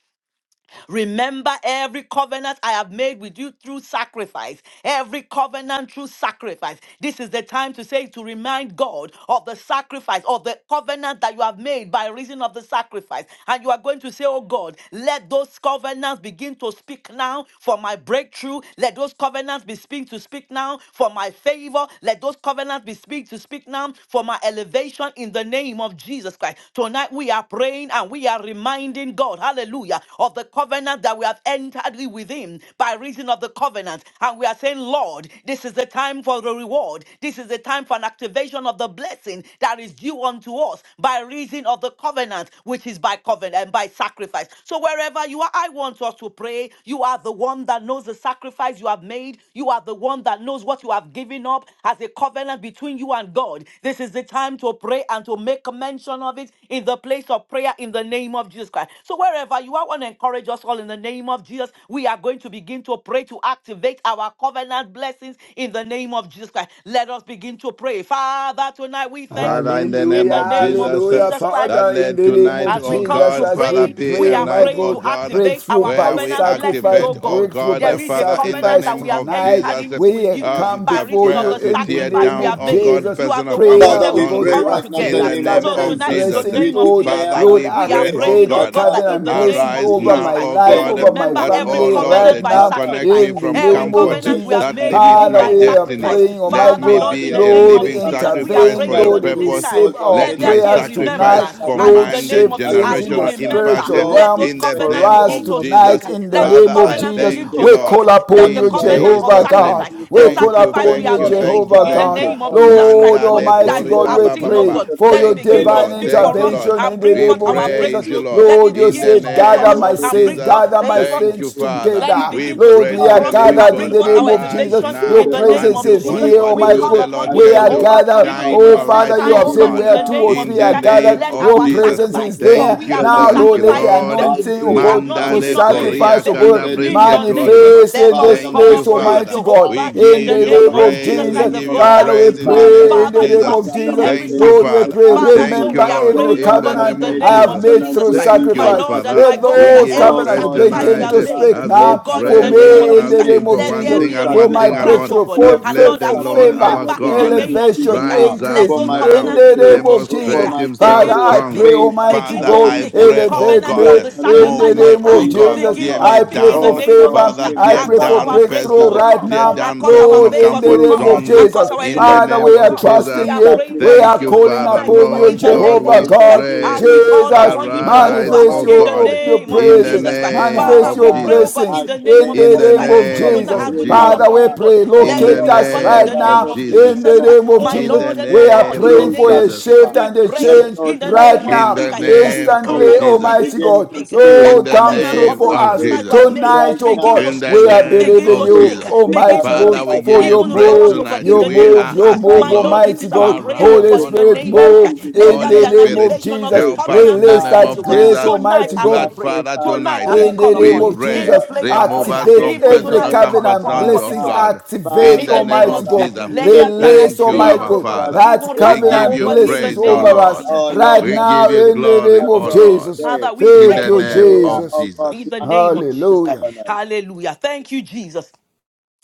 Speaker 6: Remember every covenant I have made with you through sacrifice, every covenant through sacrifice. This is the time to say, to remind God of the sacrifice, of the covenant that you have made by reason of the sacrifice. And you are going to say, Oh God, let those covenants begin to speak now for my breakthrough. Let those covenants be speak to speak now for my favor. Let those covenants be speak to speak now for my elevation in the name of Jesus Christ. Tonight we are praying and we are reminding God, hallelujah, of the covenant that we have entered with Him by reason of the covenant. And we are saying, Lord, this is the time for the reward. This is the time for an activation of the blessing that is due unto us by reason of the covenant, which is by covenant and by sacrifice. So wherever you are, I want us to pray. You are the one that knows the sacrifice you have made. You are the one that knows what you have given up as a covenant between you and God. This is the time to pray and to make mention of it in the place of prayer in the name of Jesus Christ. So, wherever you are, I want to encourage us all in the name of Jesus. We are going to begin to pray to activate our covenant blessings in the name of Jesus Christ. Let us begin to pray. Father, tonight we thank
Speaker 4: Father,
Speaker 6: you
Speaker 4: in the
Speaker 6: in
Speaker 4: name
Speaker 3: Hallelujah,
Speaker 6: the
Speaker 4: of
Speaker 6: name of
Speaker 4: Jesus, uh,
Speaker 3: hallelujah.
Speaker 6: Jesus
Speaker 4: that
Speaker 6: Christ.
Speaker 3: Father, in
Speaker 4: led
Speaker 3: the name
Speaker 4: tonight,
Speaker 3: of
Speaker 6: As we
Speaker 4: oh
Speaker 6: come
Speaker 3: Jesus,
Speaker 6: to
Speaker 4: God,
Speaker 3: as
Speaker 4: Father,
Speaker 3: we
Speaker 6: pray,
Speaker 4: be
Speaker 6: we
Speaker 3: pray,
Speaker 4: a
Speaker 3: oh
Speaker 6: are
Speaker 3: my
Speaker 4: night,
Speaker 6: praying
Speaker 4: oh
Speaker 3: God,
Speaker 6: to
Speaker 4: God,
Speaker 6: activate
Speaker 3: breakthrough
Speaker 6: our
Speaker 3: by
Speaker 4: where we
Speaker 6: covenant blessings,
Speaker 3: sacrifice,
Speaker 6: oh
Speaker 4: activate, oh
Speaker 6: God.
Speaker 3: breakthrough
Speaker 4: God,
Speaker 3: by
Speaker 4: uh,
Speaker 6: There is a
Speaker 4: Father, in the
Speaker 6: covenant
Speaker 3: sacrifice
Speaker 6: that
Speaker 4: name
Speaker 6: we have
Speaker 4: of
Speaker 3: tonight.
Speaker 6: entered
Speaker 4: Jesus, uh,
Speaker 6: into
Speaker 3: We
Speaker 6: with you
Speaker 4: uh,
Speaker 3: come
Speaker 6: by
Speaker 4: uh,
Speaker 3: before
Speaker 6: reason of
Speaker 4: prayer
Speaker 3: you
Speaker 6: the
Speaker 4: to
Speaker 3: in the
Speaker 4: tear
Speaker 6: sacrifice
Speaker 3: name
Speaker 6: we
Speaker 4: down,
Speaker 6: have
Speaker 3: of
Speaker 4: oh
Speaker 6: made.
Speaker 4: God,
Speaker 3: Jesus.
Speaker 6: You are the
Speaker 4: personal
Speaker 6: one we
Speaker 3: Prayer,
Speaker 4: comfort
Speaker 5: Father,
Speaker 6: said
Speaker 3: oh
Speaker 6: we
Speaker 5: we
Speaker 6: should
Speaker 4: zones,
Speaker 3: God,
Speaker 4: uh,
Speaker 5: pray
Speaker 3: to
Speaker 6: come
Speaker 5: right now in
Speaker 4: in
Speaker 5: the
Speaker 6: together.
Speaker 4: the
Speaker 3: activate
Speaker 5: name of
Speaker 4: name
Speaker 6: So
Speaker 4: of
Speaker 3: covenant
Speaker 6: tonight, in
Speaker 5: Jesus.
Speaker 6: the
Speaker 4: Jesus.
Speaker 3: blessings,
Speaker 5: We
Speaker 6: name of
Speaker 3: Lord.
Speaker 6: Jesus
Speaker 5: declare
Speaker 4: Father,
Speaker 3: Lord,
Speaker 6: Christ,
Speaker 5: and
Speaker 4: we
Speaker 6: we are
Speaker 4: pray,
Speaker 5: pray
Speaker 4: oh
Speaker 6: praying,
Speaker 3: activate the
Speaker 6: oh
Speaker 5: that,
Speaker 4: God.
Speaker 6: God, that
Speaker 5: Father,
Speaker 6: in
Speaker 5: we
Speaker 3: covenant
Speaker 6: the
Speaker 5: have come
Speaker 6: name
Speaker 3: blessings
Speaker 6: of
Speaker 5: to
Speaker 4: Arise
Speaker 3: over
Speaker 6: Jesus
Speaker 5: you
Speaker 4: now,
Speaker 3: my
Speaker 6: Christ,
Speaker 4: O
Speaker 6: you
Speaker 3: life,
Speaker 6: will
Speaker 5: based
Speaker 3: over
Speaker 4: God,
Speaker 5: on your
Speaker 3: my
Speaker 6: remember
Speaker 4: that,
Speaker 5: word,
Speaker 6: every
Speaker 4: O
Speaker 3: family
Speaker 4: Lord,
Speaker 5: Almighty
Speaker 3: right
Speaker 6: covenant by
Speaker 3: now
Speaker 5: Father.
Speaker 4: disconnect
Speaker 6: sacrifice,
Speaker 4: me
Speaker 3: in the
Speaker 5: And
Speaker 4: from
Speaker 6: every
Speaker 5: Lord,
Speaker 3: name of
Speaker 5: your
Speaker 4: comfort
Speaker 5: word
Speaker 6: covenant we
Speaker 3: Jesus.
Speaker 6: have
Speaker 4: that
Speaker 5: declares
Speaker 6: made with
Speaker 5: to
Speaker 4: limits
Speaker 5: us,
Speaker 6: you
Speaker 3: Father,
Speaker 4: my
Speaker 6: by
Speaker 3: we
Speaker 5: Almighty
Speaker 3: are
Speaker 4: destiny.
Speaker 5: God,
Speaker 6: sacrifice.
Speaker 3: praying, oh
Speaker 5: that
Speaker 3: my
Speaker 4: Let
Speaker 6: Father, Lord.
Speaker 4: me
Speaker 6: Lord,
Speaker 3: God,
Speaker 5: Father, you
Speaker 6: in
Speaker 4: be
Speaker 5: have
Speaker 6: the
Speaker 4: a
Speaker 5: made
Speaker 6: name
Speaker 3: Lord,
Speaker 5: a
Speaker 6: of
Speaker 4: living
Speaker 6: Jesus,
Speaker 5: covenant
Speaker 6: we are
Speaker 4: sacrifice
Speaker 3: intervene.
Speaker 6: praying
Speaker 4: for your
Speaker 3: Lord,
Speaker 5: Gather
Speaker 6: even in
Speaker 5: to
Speaker 6: this
Speaker 5: me
Speaker 4: purpose.
Speaker 6: time.
Speaker 3: receive
Speaker 5: those who have
Speaker 3: our
Speaker 4: Let
Speaker 5: made
Speaker 6: Let there
Speaker 5: a
Speaker 4: my
Speaker 6: be a
Speaker 3: prayers
Speaker 5: covenant by
Speaker 3: tonight.
Speaker 4: sacrifice
Speaker 6: remembrance. And in
Speaker 3: Lord,
Speaker 5: sacrifice.
Speaker 6: the
Speaker 4: command a
Speaker 6: name
Speaker 3: shape
Speaker 6: of this,
Speaker 5: And
Speaker 3: things
Speaker 6: as
Speaker 5: so,
Speaker 3: in
Speaker 6: you
Speaker 3: the
Speaker 4: generational
Speaker 5: Father,
Speaker 6: remember,
Speaker 4: impact
Speaker 3: spiritual
Speaker 4: eh,
Speaker 5: Lord,
Speaker 6: let
Speaker 5: we
Speaker 3: realm
Speaker 6: those
Speaker 4: in the
Speaker 5: pray
Speaker 3: for
Speaker 6: covenants
Speaker 5: in
Speaker 4: name
Speaker 5: the
Speaker 3: us
Speaker 6: begin
Speaker 4: of
Speaker 5: name
Speaker 6: to
Speaker 5: of
Speaker 6: speak.
Speaker 3: tonight
Speaker 4: Jesus.
Speaker 5: Jesus
Speaker 3: in the
Speaker 6: Let
Speaker 5: Christ,
Speaker 6: those
Speaker 3: name
Speaker 4: Father,
Speaker 5: Son
Speaker 3: of
Speaker 4: I
Speaker 5: of
Speaker 6: covenants
Speaker 5: the
Speaker 3: Jesus.
Speaker 6: begin
Speaker 4: thank
Speaker 6: to
Speaker 4: you,
Speaker 5: living
Speaker 3: We
Speaker 5: God,
Speaker 6: speak.
Speaker 4: Lord,
Speaker 3: call
Speaker 5: that,
Speaker 6: Let
Speaker 3: upon
Speaker 6: the
Speaker 3: you,
Speaker 4: in
Speaker 5: Lord,
Speaker 6: covenant of
Speaker 3: Jehovah
Speaker 4: Jesus'
Speaker 5: disconnect
Speaker 4: name.
Speaker 3: God.
Speaker 6: sacrifice,
Speaker 5: me
Speaker 6: the
Speaker 3: We
Speaker 5: from
Speaker 3: call
Speaker 4: Thank
Speaker 5: the
Speaker 4: you,
Speaker 6: sacrifice
Speaker 3: upon
Speaker 6: we
Speaker 5: Almighty
Speaker 4: thank
Speaker 3: you,
Speaker 6: have
Speaker 4: you,
Speaker 5: God.
Speaker 6: made
Speaker 4: thank you,
Speaker 3: Jehovah
Speaker 6: in the
Speaker 4: thank
Speaker 3: God.
Speaker 5: Father,
Speaker 4: you.
Speaker 6: name of
Speaker 5: oh Lord
Speaker 6: Jesus
Speaker 5: God
Speaker 6: Christ,
Speaker 3: Lord
Speaker 6: oh God,
Speaker 4: Mandale
Speaker 5: Almighty,
Speaker 3: Almighty
Speaker 6: that
Speaker 5: in
Speaker 6: you
Speaker 5: the
Speaker 3: God,
Speaker 4: koriba
Speaker 6: have
Speaker 3: we
Speaker 5: name
Speaker 4: ba ba
Speaker 5: of
Speaker 4: ba
Speaker 6: seen,
Speaker 4: ba.
Speaker 6: oh
Speaker 3: pray
Speaker 4: ba.
Speaker 6: God,
Speaker 5: Jesus,
Speaker 3: for
Speaker 6: let
Speaker 3: your
Speaker 6: it
Speaker 4: Thank you,
Speaker 6: begin
Speaker 5: based
Speaker 6: to
Speaker 5: on
Speaker 3: divine
Speaker 4: Lord.
Speaker 5: the
Speaker 6: speak
Speaker 4: Thank
Speaker 6: for
Speaker 4: you,
Speaker 6: us
Speaker 5: covenant
Speaker 4: Lord.
Speaker 3: intervention
Speaker 5: that
Speaker 6: and
Speaker 3: in the
Speaker 5: I
Speaker 6: bring
Speaker 5: have
Speaker 4: We
Speaker 6: forth
Speaker 3: name of
Speaker 5: made
Speaker 6: our
Speaker 5: with
Speaker 3: Jesus.
Speaker 4: praise you,
Speaker 5: you,
Speaker 6: breakthrough.
Speaker 5: O
Speaker 4: Lord
Speaker 5: God.
Speaker 6: Let
Speaker 3: Lord,
Speaker 6: it
Speaker 3: you
Speaker 4: in
Speaker 6: begin
Speaker 5: Now,
Speaker 4: the
Speaker 6: to
Speaker 3: said,
Speaker 6: speak
Speaker 5: Father,
Speaker 6: for
Speaker 3: gather
Speaker 4: name
Speaker 5: you
Speaker 6: us
Speaker 5: would
Speaker 3: my
Speaker 4: of
Speaker 6: and
Speaker 3: saints,
Speaker 6: bring
Speaker 4: Jesus.
Speaker 5: remember
Speaker 6: forth
Speaker 3: gather
Speaker 5: me
Speaker 3: my
Speaker 5: right
Speaker 6: favor.
Speaker 5: in
Speaker 4: Thank you,
Speaker 5: the
Speaker 3: saints
Speaker 5: name of
Speaker 4: Father.
Speaker 6: Let it
Speaker 3: together.
Speaker 5: Jesus
Speaker 4: We
Speaker 6: begin to
Speaker 3: Lord,
Speaker 4: pray
Speaker 6: speak
Speaker 3: we
Speaker 4: to
Speaker 5: by
Speaker 6: for
Speaker 3: are
Speaker 4: the
Speaker 5: the
Speaker 6: us
Speaker 4: living
Speaker 6: and
Speaker 3: gathered
Speaker 5: blood
Speaker 3: in
Speaker 6: bring
Speaker 4: God,
Speaker 5: of
Speaker 3: the
Speaker 6: forth
Speaker 3: name
Speaker 6: our
Speaker 3: of
Speaker 5: Jesus,
Speaker 4: arise
Speaker 6: elevation
Speaker 3: Jesus.
Speaker 5: with
Speaker 3: Your
Speaker 6: in
Speaker 4: now
Speaker 5: the
Speaker 6: the
Speaker 5: help
Speaker 6: name
Speaker 4: and
Speaker 5: of
Speaker 3: presence
Speaker 6: of
Speaker 5: the
Speaker 4: do
Speaker 3: is
Speaker 4: only
Speaker 6: Jesus.
Speaker 5: Holy
Speaker 3: here,
Speaker 4: what
Speaker 6: We
Speaker 3: Almighty
Speaker 4: you,
Speaker 5: Spirit.
Speaker 6: call
Speaker 4: the
Speaker 3: God.
Speaker 6: upon
Speaker 4: Lord,
Speaker 5: I
Speaker 6: you,
Speaker 3: We
Speaker 4: can
Speaker 3: are
Speaker 5: pray,
Speaker 4: do.
Speaker 6: Jehovah,
Speaker 5: Abba
Speaker 3: gathered.
Speaker 6: even
Speaker 4: Shine
Speaker 6: even
Speaker 3: Oh,
Speaker 5: Father,
Speaker 4: your
Speaker 6: in this
Speaker 3: Father,
Speaker 4: light,
Speaker 3: you
Speaker 6: time,
Speaker 4: O
Speaker 3: have
Speaker 6: oh
Speaker 3: said
Speaker 6: God,
Speaker 5: beginning
Speaker 6: in
Speaker 4: God,
Speaker 3: where
Speaker 6: the
Speaker 3: two
Speaker 5: now,
Speaker 3: or
Speaker 6: name of
Speaker 4: in
Speaker 3: three
Speaker 6: Jesus.
Speaker 3: are
Speaker 4: the
Speaker 5: in the
Speaker 3: gathered,
Speaker 4: name
Speaker 5: name
Speaker 6: Let
Speaker 5: of
Speaker 4: of
Speaker 3: your
Speaker 6: our
Speaker 5: Jesus
Speaker 4: Jesus.
Speaker 3: presence
Speaker 5: Christ,
Speaker 6: sacrifice,
Speaker 3: is
Speaker 5: the
Speaker 6: for
Speaker 5: Son of
Speaker 4: Thank
Speaker 6: we
Speaker 3: there.
Speaker 4: you,
Speaker 6: have
Speaker 5: the
Speaker 6: not
Speaker 3: Now,
Speaker 5: living
Speaker 4: thank
Speaker 3: Lord,
Speaker 4: you,
Speaker 3: let
Speaker 5: God.
Speaker 6: sacrificed
Speaker 3: the
Speaker 6: in
Speaker 4: Lord.
Speaker 5: I
Speaker 6: vain.
Speaker 3: anointing, oh
Speaker 6: We
Speaker 5: pray
Speaker 6: have
Speaker 3: God,
Speaker 6: not
Speaker 3: for
Speaker 5: and
Speaker 6: given
Speaker 4: Mandale
Speaker 6: up things
Speaker 5: declare
Speaker 6: in
Speaker 4: Korea
Speaker 3: sacrifice, oh God,
Speaker 5: in
Speaker 6: vain
Speaker 5: the
Speaker 3: Lord,
Speaker 6: in
Speaker 5: name of
Speaker 4: Kadabreske
Speaker 6: your
Speaker 4: Tori
Speaker 6: name.
Speaker 5: Jesus,
Speaker 4: Baba.
Speaker 3: manifest in
Speaker 6: Therefore, we
Speaker 3: this
Speaker 5: Father,
Speaker 4: Thank
Speaker 6: call
Speaker 5: by
Speaker 4: you,
Speaker 3: place,
Speaker 6: upon you,
Speaker 5: prayer,
Speaker 3: Almighty
Speaker 4: Father.
Speaker 3: God.
Speaker 4: We
Speaker 6: Jehovah, in
Speaker 3: In
Speaker 5: activate
Speaker 4: give
Speaker 6: the
Speaker 5: the
Speaker 3: the
Speaker 4: you
Speaker 6: name
Speaker 3: name
Speaker 6: of
Speaker 5: covenant
Speaker 3: of
Speaker 6: Jesus
Speaker 4: praise. We
Speaker 6: Christ,
Speaker 3: Jesus,
Speaker 5: blessings
Speaker 6: the
Speaker 4: give
Speaker 5: of
Speaker 4: you
Speaker 6: God
Speaker 5: God
Speaker 3: Father,
Speaker 6: that
Speaker 3: we
Speaker 4: praise in
Speaker 6: sees.
Speaker 4: the name
Speaker 5: Father,
Speaker 3: pray
Speaker 5: g-
Speaker 3: in
Speaker 4: of
Speaker 6: Father,
Speaker 3: the
Speaker 6: you
Speaker 3: name
Speaker 6: have
Speaker 4: Jesus.
Speaker 3: of
Speaker 5: gather
Speaker 6: seen
Speaker 3: Jesus.
Speaker 5: my
Speaker 6: every
Speaker 4: Thank
Speaker 5: sins
Speaker 4: you,
Speaker 3: Lord, we
Speaker 6: sacrifice.
Speaker 4: Father.
Speaker 5: together
Speaker 3: pray,
Speaker 5: unto
Speaker 6: Father, so
Speaker 4: Thank
Speaker 5: me,
Speaker 4: you,
Speaker 3: remember
Speaker 6: we are
Speaker 4: Lord,
Speaker 3: every
Speaker 5: those
Speaker 6: praying, oh
Speaker 4: in
Speaker 5: that
Speaker 4: the
Speaker 6: God,
Speaker 5: have
Speaker 6: in
Speaker 3: covenant
Speaker 4: name
Speaker 6: the
Speaker 4: of
Speaker 5: made
Speaker 3: I
Speaker 5: a
Speaker 6: name
Speaker 3: have
Speaker 6: of
Speaker 4: Jesus.
Speaker 3: made
Speaker 5: covenant
Speaker 6: Jesus
Speaker 3: through
Speaker 5: with
Speaker 6: Christ,
Speaker 4: Thank
Speaker 5: me
Speaker 6: my
Speaker 5: by
Speaker 4: you,
Speaker 3: sacrifice.
Speaker 6: Lord and
Speaker 4: Father.
Speaker 6: my
Speaker 3: Let
Speaker 5: sacrifice.
Speaker 6: God,
Speaker 4: We
Speaker 6: that
Speaker 3: those
Speaker 4: give you
Speaker 6: every
Speaker 5: Oh
Speaker 3: covenants
Speaker 4: praise
Speaker 5: God,
Speaker 6: sacrifice we
Speaker 3: begin
Speaker 4: tonight.
Speaker 6: have
Speaker 3: to
Speaker 5: remember
Speaker 6: made,
Speaker 3: speak
Speaker 4: As we
Speaker 6: oh
Speaker 3: now
Speaker 5: every
Speaker 6: God, in
Speaker 3: for
Speaker 4: pray,
Speaker 6: the
Speaker 5: covenant
Speaker 4: we
Speaker 5: I
Speaker 6: name
Speaker 4: are
Speaker 6: of
Speaker 3: me
Speaker 5: have
Speaker 3: in
Speaker 6: Jesus
Speaker 3: the
Speaker 6: Christ,
Speaker 5: made
Speaker 3: name
Speaker 4: asking for
Speaker 3: of
Speaker 6: let
Speaker 4: one
Speaker 6: there
Speaker 3: Jesus.
Speaker 5: through
Speaker 4: thing
Speaker 6: be a
Speaker 4: and
Speaker 3: For
Speaker 4: one
Speaker 3: my
Speaker 4: thing
Speaker 5: sacrifice.
Speaker 6: remembrance,
Speaker 4: alone
Speaker 6: oh
Speaker 3: breakthrough,
Speaker 6: God.
Speaker 5: Let
Speaker 3: for,
Speaker 4: that
Speaker 6: And
Speaker 3: for,
Speaker 4: let
Speaker 5: those
Speaker 6: Lord,
Speaker 4: the
Speaker 6: as
Speaker 3: for
Speaker 6: you
Speaker 4: Lord
Speaker 5: covenants, oh
Speaker 3: favor,
Speaker 4: our
Speaker 6: remember
Speaker 5: God,
Speaker 6: in the
Speaker 5: begin
Speaker 4: God
Speaker 5: to
Speaker 6: name of
Speaker 5: speak
Speaker 6: Jesus
Speaker 3: elevation,
Speaker 6: Christ,
Speaker 5: now
Speaker 4: rise up
Speaker 6: let
Speaker 3: increase
Speaker 5: for
Speaker 6: those
Speaker 5: my
Speaker 3: in
Speaker 4: now,
Speaker 6: covenants
Speaker 3: the
Speaker 6: begin
Speaker 5: breakthrough,
Speaker 3: name
Speaker 6: to
Speaker 3: of
Speaker 5: oh,
Speaker 6: speak,
Speaker 5: for
Speaker 6: uh,
Speaker 4: demonstrate
Speaker 3: Jesus.
Speaker 5: my
Speaker 3: Father,
Speaker 4: himself
Speaker 6: begin to
Speaker 5: breakthrough,
Speaker 3: I pray,
Speaker 4: strong.
Speaker 6: speak, oh,
Speaker 5: favor
Speaker 3: Almighty
Speaker 6: begin
Speaker 5: and
Speaker 4: Father,
Speaker 6: to
Speaker 3: God,
Speaker 4: I
Speaker 6: speak. uh,
Speaker 4: pray,
Speaker 5: elevation.
Speaker 4: oh
Speaker 3: elevate
Speaker 6: Covenant
Speaker 3: me
Speaker 6: from
Speaker 5: Right
Speaker 4: God,
Speaker 6: the
Speaker 5: now in the
Speaker 3: in
Speaker 4: move
Speaker 3: the
Speaker 6: sacrifice
Speaker 5: name
Speaker 6: of
Speaker 5: of
Speaker 4: me,
Speaker 3: name
Speaker 4: oh
Speaker 3: of
Speaker 6: time,
Speaker 5: Jesus,
Speaker 4: God,
Speaker 3: Jesus.
Speaker 5: oh
Speaker 6: begin
Speaker 4: tear
Speaker 6: to
Speaker 5: God.
Speaker 4: me
Speaker 3: I
Speaker 6: speak
Speaker 3: pray
Speaker 6: in the
Speaker 3: for
Speaker 4: down.
Speaker 5: Oh
Speaker 6: name of
Speaker 5: God,
Speaker 3: favor.
Speaker 6: Jesus
Speaker 4: Father,
Speaker 6: Christ,
Speaker 3: I
Speaker 4: tear
Speaker 6: and
Speaker 3: pray
Speaker 6: cause our
Speaker 5: remember
Speaker 3: for
Speaker 4: down,
Speaker 6: our
Speaker 5: every
Speaker 6: breakthrough
Speaker 3: breakthrough
Speaker 6: to
Speaker 4: person,
Speaker 3: right
Speaker 5: covenant
Speaker 6: come
Speaker 4: tear
Speaker 5: I
Speaker 3: now,
Speaker 5: have
Speaker 6: and
Speaker 4: down
Speaker 6: cause our
Speaker 5: made
Speaker 3: Lord,
Speaker 4: personal
Speaker 6: favor
Speaker 3: in
Speaker 6: to
Speaker 3: the
Speaker 4: comfort
Speaker 5: through
Speaker 3: name
Speaker 6: come
Speaker 3: of
Speaker 4: zones
Speaker 6: and cause
Speaker 3: Jesus.
Speaker 5: sacrifice,
Speaker 6: our
Speaker 4: in the
Speaker 5: through
Speaker 3: Father,
Speaker 6: elevation
Speaker 4: name
Speaker 3: we
Speaker 6: to
Speaker 3: are
Speaker 4: of
Speaker 6: come.
Speaker 5: sacrifice,
Speaker 6: We
Speaker 4: Jesus.
Speaker 3: trusting
Speaker 6: are
Speaker 3: you.
Speaker 6: praying for
Speaker 3: We
Speaker 5: sacrifice
Speaker 6: this
Speaker 3: are
Speaker 4: Thank
Speaker 5: of
Speaker 4: you,
Speaker 6: even in
Speaker 3: calling
Speaker 4: Father.
Speaker 6: tonight, oh
Speaker 5: fasting,
Speaker 3: upon
Speaker 6: God,
Speaker 3: you,
Speaker 6: in
Speaker 4: Lord
Speaker 6: the
Speaker 4: God,
Speaker 6: name of
Speaker 3: Jehovah
Speaker 4: we
Speaker 5: sacrifice
Speaker 6: Jesus
Speaker 5: of
Speaker 6: Christ,
Speaker 3: God.
Speaker 4: pray.
Speaker 6: as we
Speaker 5: giving,
Speaker 6: call
Speaker 3: Jesus,
Speaker 6: upon you,
Speaker 5: sacrifice,
Speaker 4: Arise,
Speaker 6: Jehovah,
Speaker 3: manifest
Speaker 4: O
Speaker 6: in
Speaker 5: Almighty
Speaker 6: the
Speaker 5: God,
Speaker 3: your,
Speaker 5: of
Speaker 4: God,
Speaker 3: your
Speaker 6: name of
Speaker 4: in the
Speaker 3: presence,
Speaker 6: Jesus
Speaker 5: visitation.
Speaker 6: Christ.
Speaker 4: name
Speaker 6: Father,
Speaker 3: manifest
Speaker 4: of
Speaker 6: we
Speaker 3: your
Speaker 5: Father,
Speaker 6: pray, oh
Speaker 4: Jesus.
Speaker 6: God,
Speaker 3: blessings
Speaker 6: in
Speaker 5: I
Speaker 6: the name
Speaker 3: in
Speaker 6: of
Speaker 5: pray,
Speaker 4: In
Speaker 3: the
Speaker 6: Jesus
Speaker 4: the
Speaker 3: name
Speaker 6: Christ,
Speaker 5: Almighty
Speaker 3: of
Speaker 6: even
Speaker 5: God,
Speaker 4: name
Speaker 6: tonight
Speaker 3: Jesus.
Speaker 6: as
Speaker 4: of
Speaker 6: we call
Speaker 3: Father,
Speaker 4: Jesus.
Speaker 6: upon
Speaker 3: we
Speaker 6: you,
Speaker 5: remember,
Speaker 6: God,
Speaker 3: pray,
Speaker 4: In
Speaker 5: oh
Speaker 6: let it
Speaker 4: the
Speaker 3: locate
Speaker 5: Lord,
Speaker 6: be, oh
Speaker 3: us
Speaker 6: God, in
Speaker 3: right
Speaker 6: the
Speaker 4: name
Speaker 5: remember
Speaker 4: of
Speaker 6: name
Speaker 3: now
Speaker 6: of
Speaker 5: every
Speaker 3: in
Speaker 4: Jesus.
Speaker 6: Jesus
Speaker 3: the
Speaker 5: covenant
Speaker 6: Christ,
Speaker 3: name
Speaker 5: I
Speaker 3: of
Speaker 6: my
Speaker 5: have
Speaker 4: In
Speaker 3: Jesus.
Speaker 4: the
Speaker 6: Lord and
Speaker 5: made
Speaker 6: my
Speaker 3: We are
Speaker 6: God,
Speaker 4: name
Speaker 6: in the
Speaker 3: praying
Speaker 4: of
Speaker 5: through
Speaker 3: for
Speaker 6: name
Speaker 3: a
Speaker 6: of Jesus,
Speaker 4: Jesus.
Speaker 3: shift
Speaker 5: sacrifice.
Speaker 6: we
Speaker 3: and a
Speaker 5: Let
Speaker 6: pray
Speaker 3: change
Speaker 6: in
Speaker 5: those
Speaker 6: the name
Speaker 3: right
Speaker 6: name of
Speaker 5: covenants
Speaker 4: In
Speaker 6: Jesus
Speaker 4: the
Speaker 3: now,
Speaker 6: Christ,
Speaker 5: begin
Speaker 6: let
Speaker 5: to
Speaker 6: the
Speaker 4: name
Speaker 3: instantly
Speaker 4: of
Speaker 5: speak,
Speaker 3: pray,
Speaker 6: covenant
Speaker 4: Jesus.
Speaker 6: begin
Speaker 3: Almighty
Speaker 6: to
Speaker 5: begin
Speaker 3: God,
Speaker 5: to
Speaker 6: speak.
Speaker 5: speak,
Speaker 6: That
Speaker 4: In
Speaker 3: Lord,
Speaker 4: the
Speaker 3: come
Speaker 6: covenant
Speaker 3: through
Speaker 5: begin
Speaker 6: of
Speaker 4: name
Speaker 6: the
Speaker 3: for
Speaker 5: to
Speaker 4: of
Speaker 3: us
Speaker 5: speak
Speaker 6: sacrifice we
Speaker 4: Jesus.
Speaker 6: have made
Speaker 3: tonight,
Speaker 5: right
Speaker 3: oh
Speaker 6: begin
Speaker 5: now,
Speaker 6: to
Speaker 4: In
Speaker 3: God.
Speaker 4: the
Speaker 3: We
Speaker 6: speak,
Speaker 3: are
Speaker 5: begin
Speaker 4: name
Speaker 6: begin
Speaker 5: to
Speaker 3: believing
Speaker 6: to
Speaker 4: of
Speaker 3: you,
Speaker 5: speak.
Speaker 6: speak,
Speaker 4: Jesus.
Speaker 5: The
Speaker 6: begin
Speaker 3: Almighty
Speaker 6: to
Speaker 5: covenant
Speaker 4: Father,
Speaker 3: God,
Speaker 6: speak,
Speaker 4: we
Speaker 5: by
Speaker 6: oh,
Speaker 3: for
Speaker 4: give you
Speaker 3: your
Speaker 6: even
Speaker 5: fasting
Speaker 4: praise
Speaker 6: for us, oh
Speaker 3: move,
Speaker 5: begin
Speaker 6: God,
Speaker 4: tonight.
Speaker 6: in
Speaker 5: to
Speaker 3: your
Speaker 6: the
Speaker 4: We
Speaker 6: name
Speaker 5: speak.
Speaker 6: of
Speaker 3: move,
Speaker 4: are
Speaker 6: Jesus
Speaker 3: your
Speaker 6: Christ.
Speaker 4: asking,
Speaker 5: By
Speaker 3: move,
Speaker 6: My
Speaker 4: Lord,
Speaker 6: Lord, this
Speaker 5: giving
Speaker 3: Almighty
Speaker 6: is our
Speaker 3: God.
Speaker 5: begin
Speaker 6: prayer,
Speaker 5: to
Speaker 6: oh
Speaker 4: arise
Speaker 3: Holy
Speaker 6: God,
Speaker 5: speak.
Speaker 6: in
Speaker 4: on
Speaker 6: the
Speaker 4: our
Speaker 3: Spirit,
Speaker 6: name of
Speaker 5: By
Speaker 6: Jesus
Speaker 4: behalf.
Speaker 3: move
Speaker 6: Christ. Let
Speaker 3: in
Speaker 6: there be
Speaker 4: Holy
Speaker 3: the
Speaker 5: visitation
Speaker 6: an
Speaker 3: name
Speaker 5: begin
Speaker 4: Spirit,
Speaker 3: of
Speaker 5: to
Speaker 6: activation of the
Speaker 3: Jesus.
Speaker 5: speak.
Speaker 4: help us
Speaker 6: covenant
Speaker 4: in the
Speaker 3: Release
Speaker 4: name
Speaker 6: blessings,
Speaker 3: that
Speaker 6: oh
Speaker 4: of
Speaker 6: God,
Speaker 5: Father,
Speaker 3: grace,
Speaker 4: Jesus.
Speaker 6: tonight
Speaker 3: Almighty
Speaker 5: the
Speaker 6: as
Speaker 3: God
Speaker 6: we
Speaker 4: Lord,
Speaker 6: pray,
Speaker 4: Father,
Speaker 5: sacrifice
Speaker 6: tonight
Speaker 5: I
Speaker 4: tonight
Speaker 6: as we
Speaker 3: in
Speaker 5: have
Speaker 3: the
Speaker 6: call
Speaker 4: we
Speaker 3: name
Speaker 6: upon you,
Speaker 5: made,
Speaker 3: of
Speaker 5: to
Speaker 6: in
Speaker 4: pray,
Speaker 6: the
Speaker 3: Jesus,
Speaker 5: God.
Speaker 6: place of
Speaker 5: I
Speaker 4: remove
Speaker 6: prayer,
Speaker 4: us
Speaker 5: pray
Speaker 3: activate
Speaker 4: from
Speaker 6: even
Speaker 3: every
Speaker 6: tonight
Speaker 4: personal
Speaker 5: today,
Speaker 6: we call
Speaker 4: comfort
Speaker 6: upon
Speaker 3: covenant
Speaker 6: you
Speaker 4: zones,
Speaker 6: for
Speaker 4: oh
Speaker 6: this, oh
Speaker 3: blessings.
Speaker 6: God.
Speaker 5: Father,
Speaker 4: God, in
Speaker 5: Father,
Speaker 3: Activate,
Speaker 6: In
Speaker 4: the
Speaker 6: the
Speaker 5: I
Speaker 4: name
Speaker 6: name of
Speaker 3: Almighty
Speaker 5: call
Speaker 4: of
Speaker 6: Jesus,
Speaker 3: God.
Speaker 5: upon
Speaker 4: Jesus.
Speaker 5: you in
Speaker 6: let
Speaker 5: the
Speaker 6: there be an
Speaker 5: name of
Speaker 3: Release,
Speaker 4: Thank you,
Speaker 3: Almighty
Speaker 6: activation,
Speaker 4: our
Speaker 5: Jesus
Speaker 6: oh God,
Speaker 3: God,
Speaker 5: Christ,
Speaker 4: Father.
Speaker 3: that
Speaker 6: even
Speaker 5: the
Speaker 6: right
Speaker 4: We
Speaker 5: Son
Speaker 6: now,
Speaker 4: give
Speaker 5: of
Speaker 3: covenant
Speaker 6: oh
Speaker 4: you
Speaker 6: God,
Speaker 5: the
Speaker 6: in the
Speaker 5: living
Speaker 3: blessings
Speaker 4: praise, oh
Speaker 3: over
Speaker 6: name
Speaker 5: God.
Speaker 6: of
Speaker 3: us
Speaker 4: Lord.
Speaker 6: Jesus.
Speaker 5: Oh Lord,
Speaker 3: right
Speaker 4: We
Speaker 5: I
Speaker 3: now
Speaker 4: give you
Speaker 5: pray
Speaker 3: in the
Speaker 4: glory,
Speaker 3: name
Speaker 5: that
Speaker 4: oh
Speaker 3: of
Speaker 5: from
Speaker 4: Lord,
Speaker 3: Jesus.
Speaker 5: today,
Speaker 6: Father, we
Speaker 4: in
Speaker 5: by
Speaker 6: pray
Speaker 3: Thank
Speaker 4: the
Speaker 6: for
Speaker 3: you,
Speaker 6: this, oh
Speaker 4: name
Speaker 6: God,
Speaker 5: prayer,
Speaker 4: of
Speaker 3: Jesus.
Speaker 5: oh God,
Speaker 6: in
Speaker 4: Jesus.
Speaker 5: to
Speaker 6: the name of
Speaker 5: activate the
Speaker 6: Jesus, God.
Speaker 3: Hallelujah.
Speaker 5: covenant.
Speaker 6: Hallelujah. Thank you, Jesus.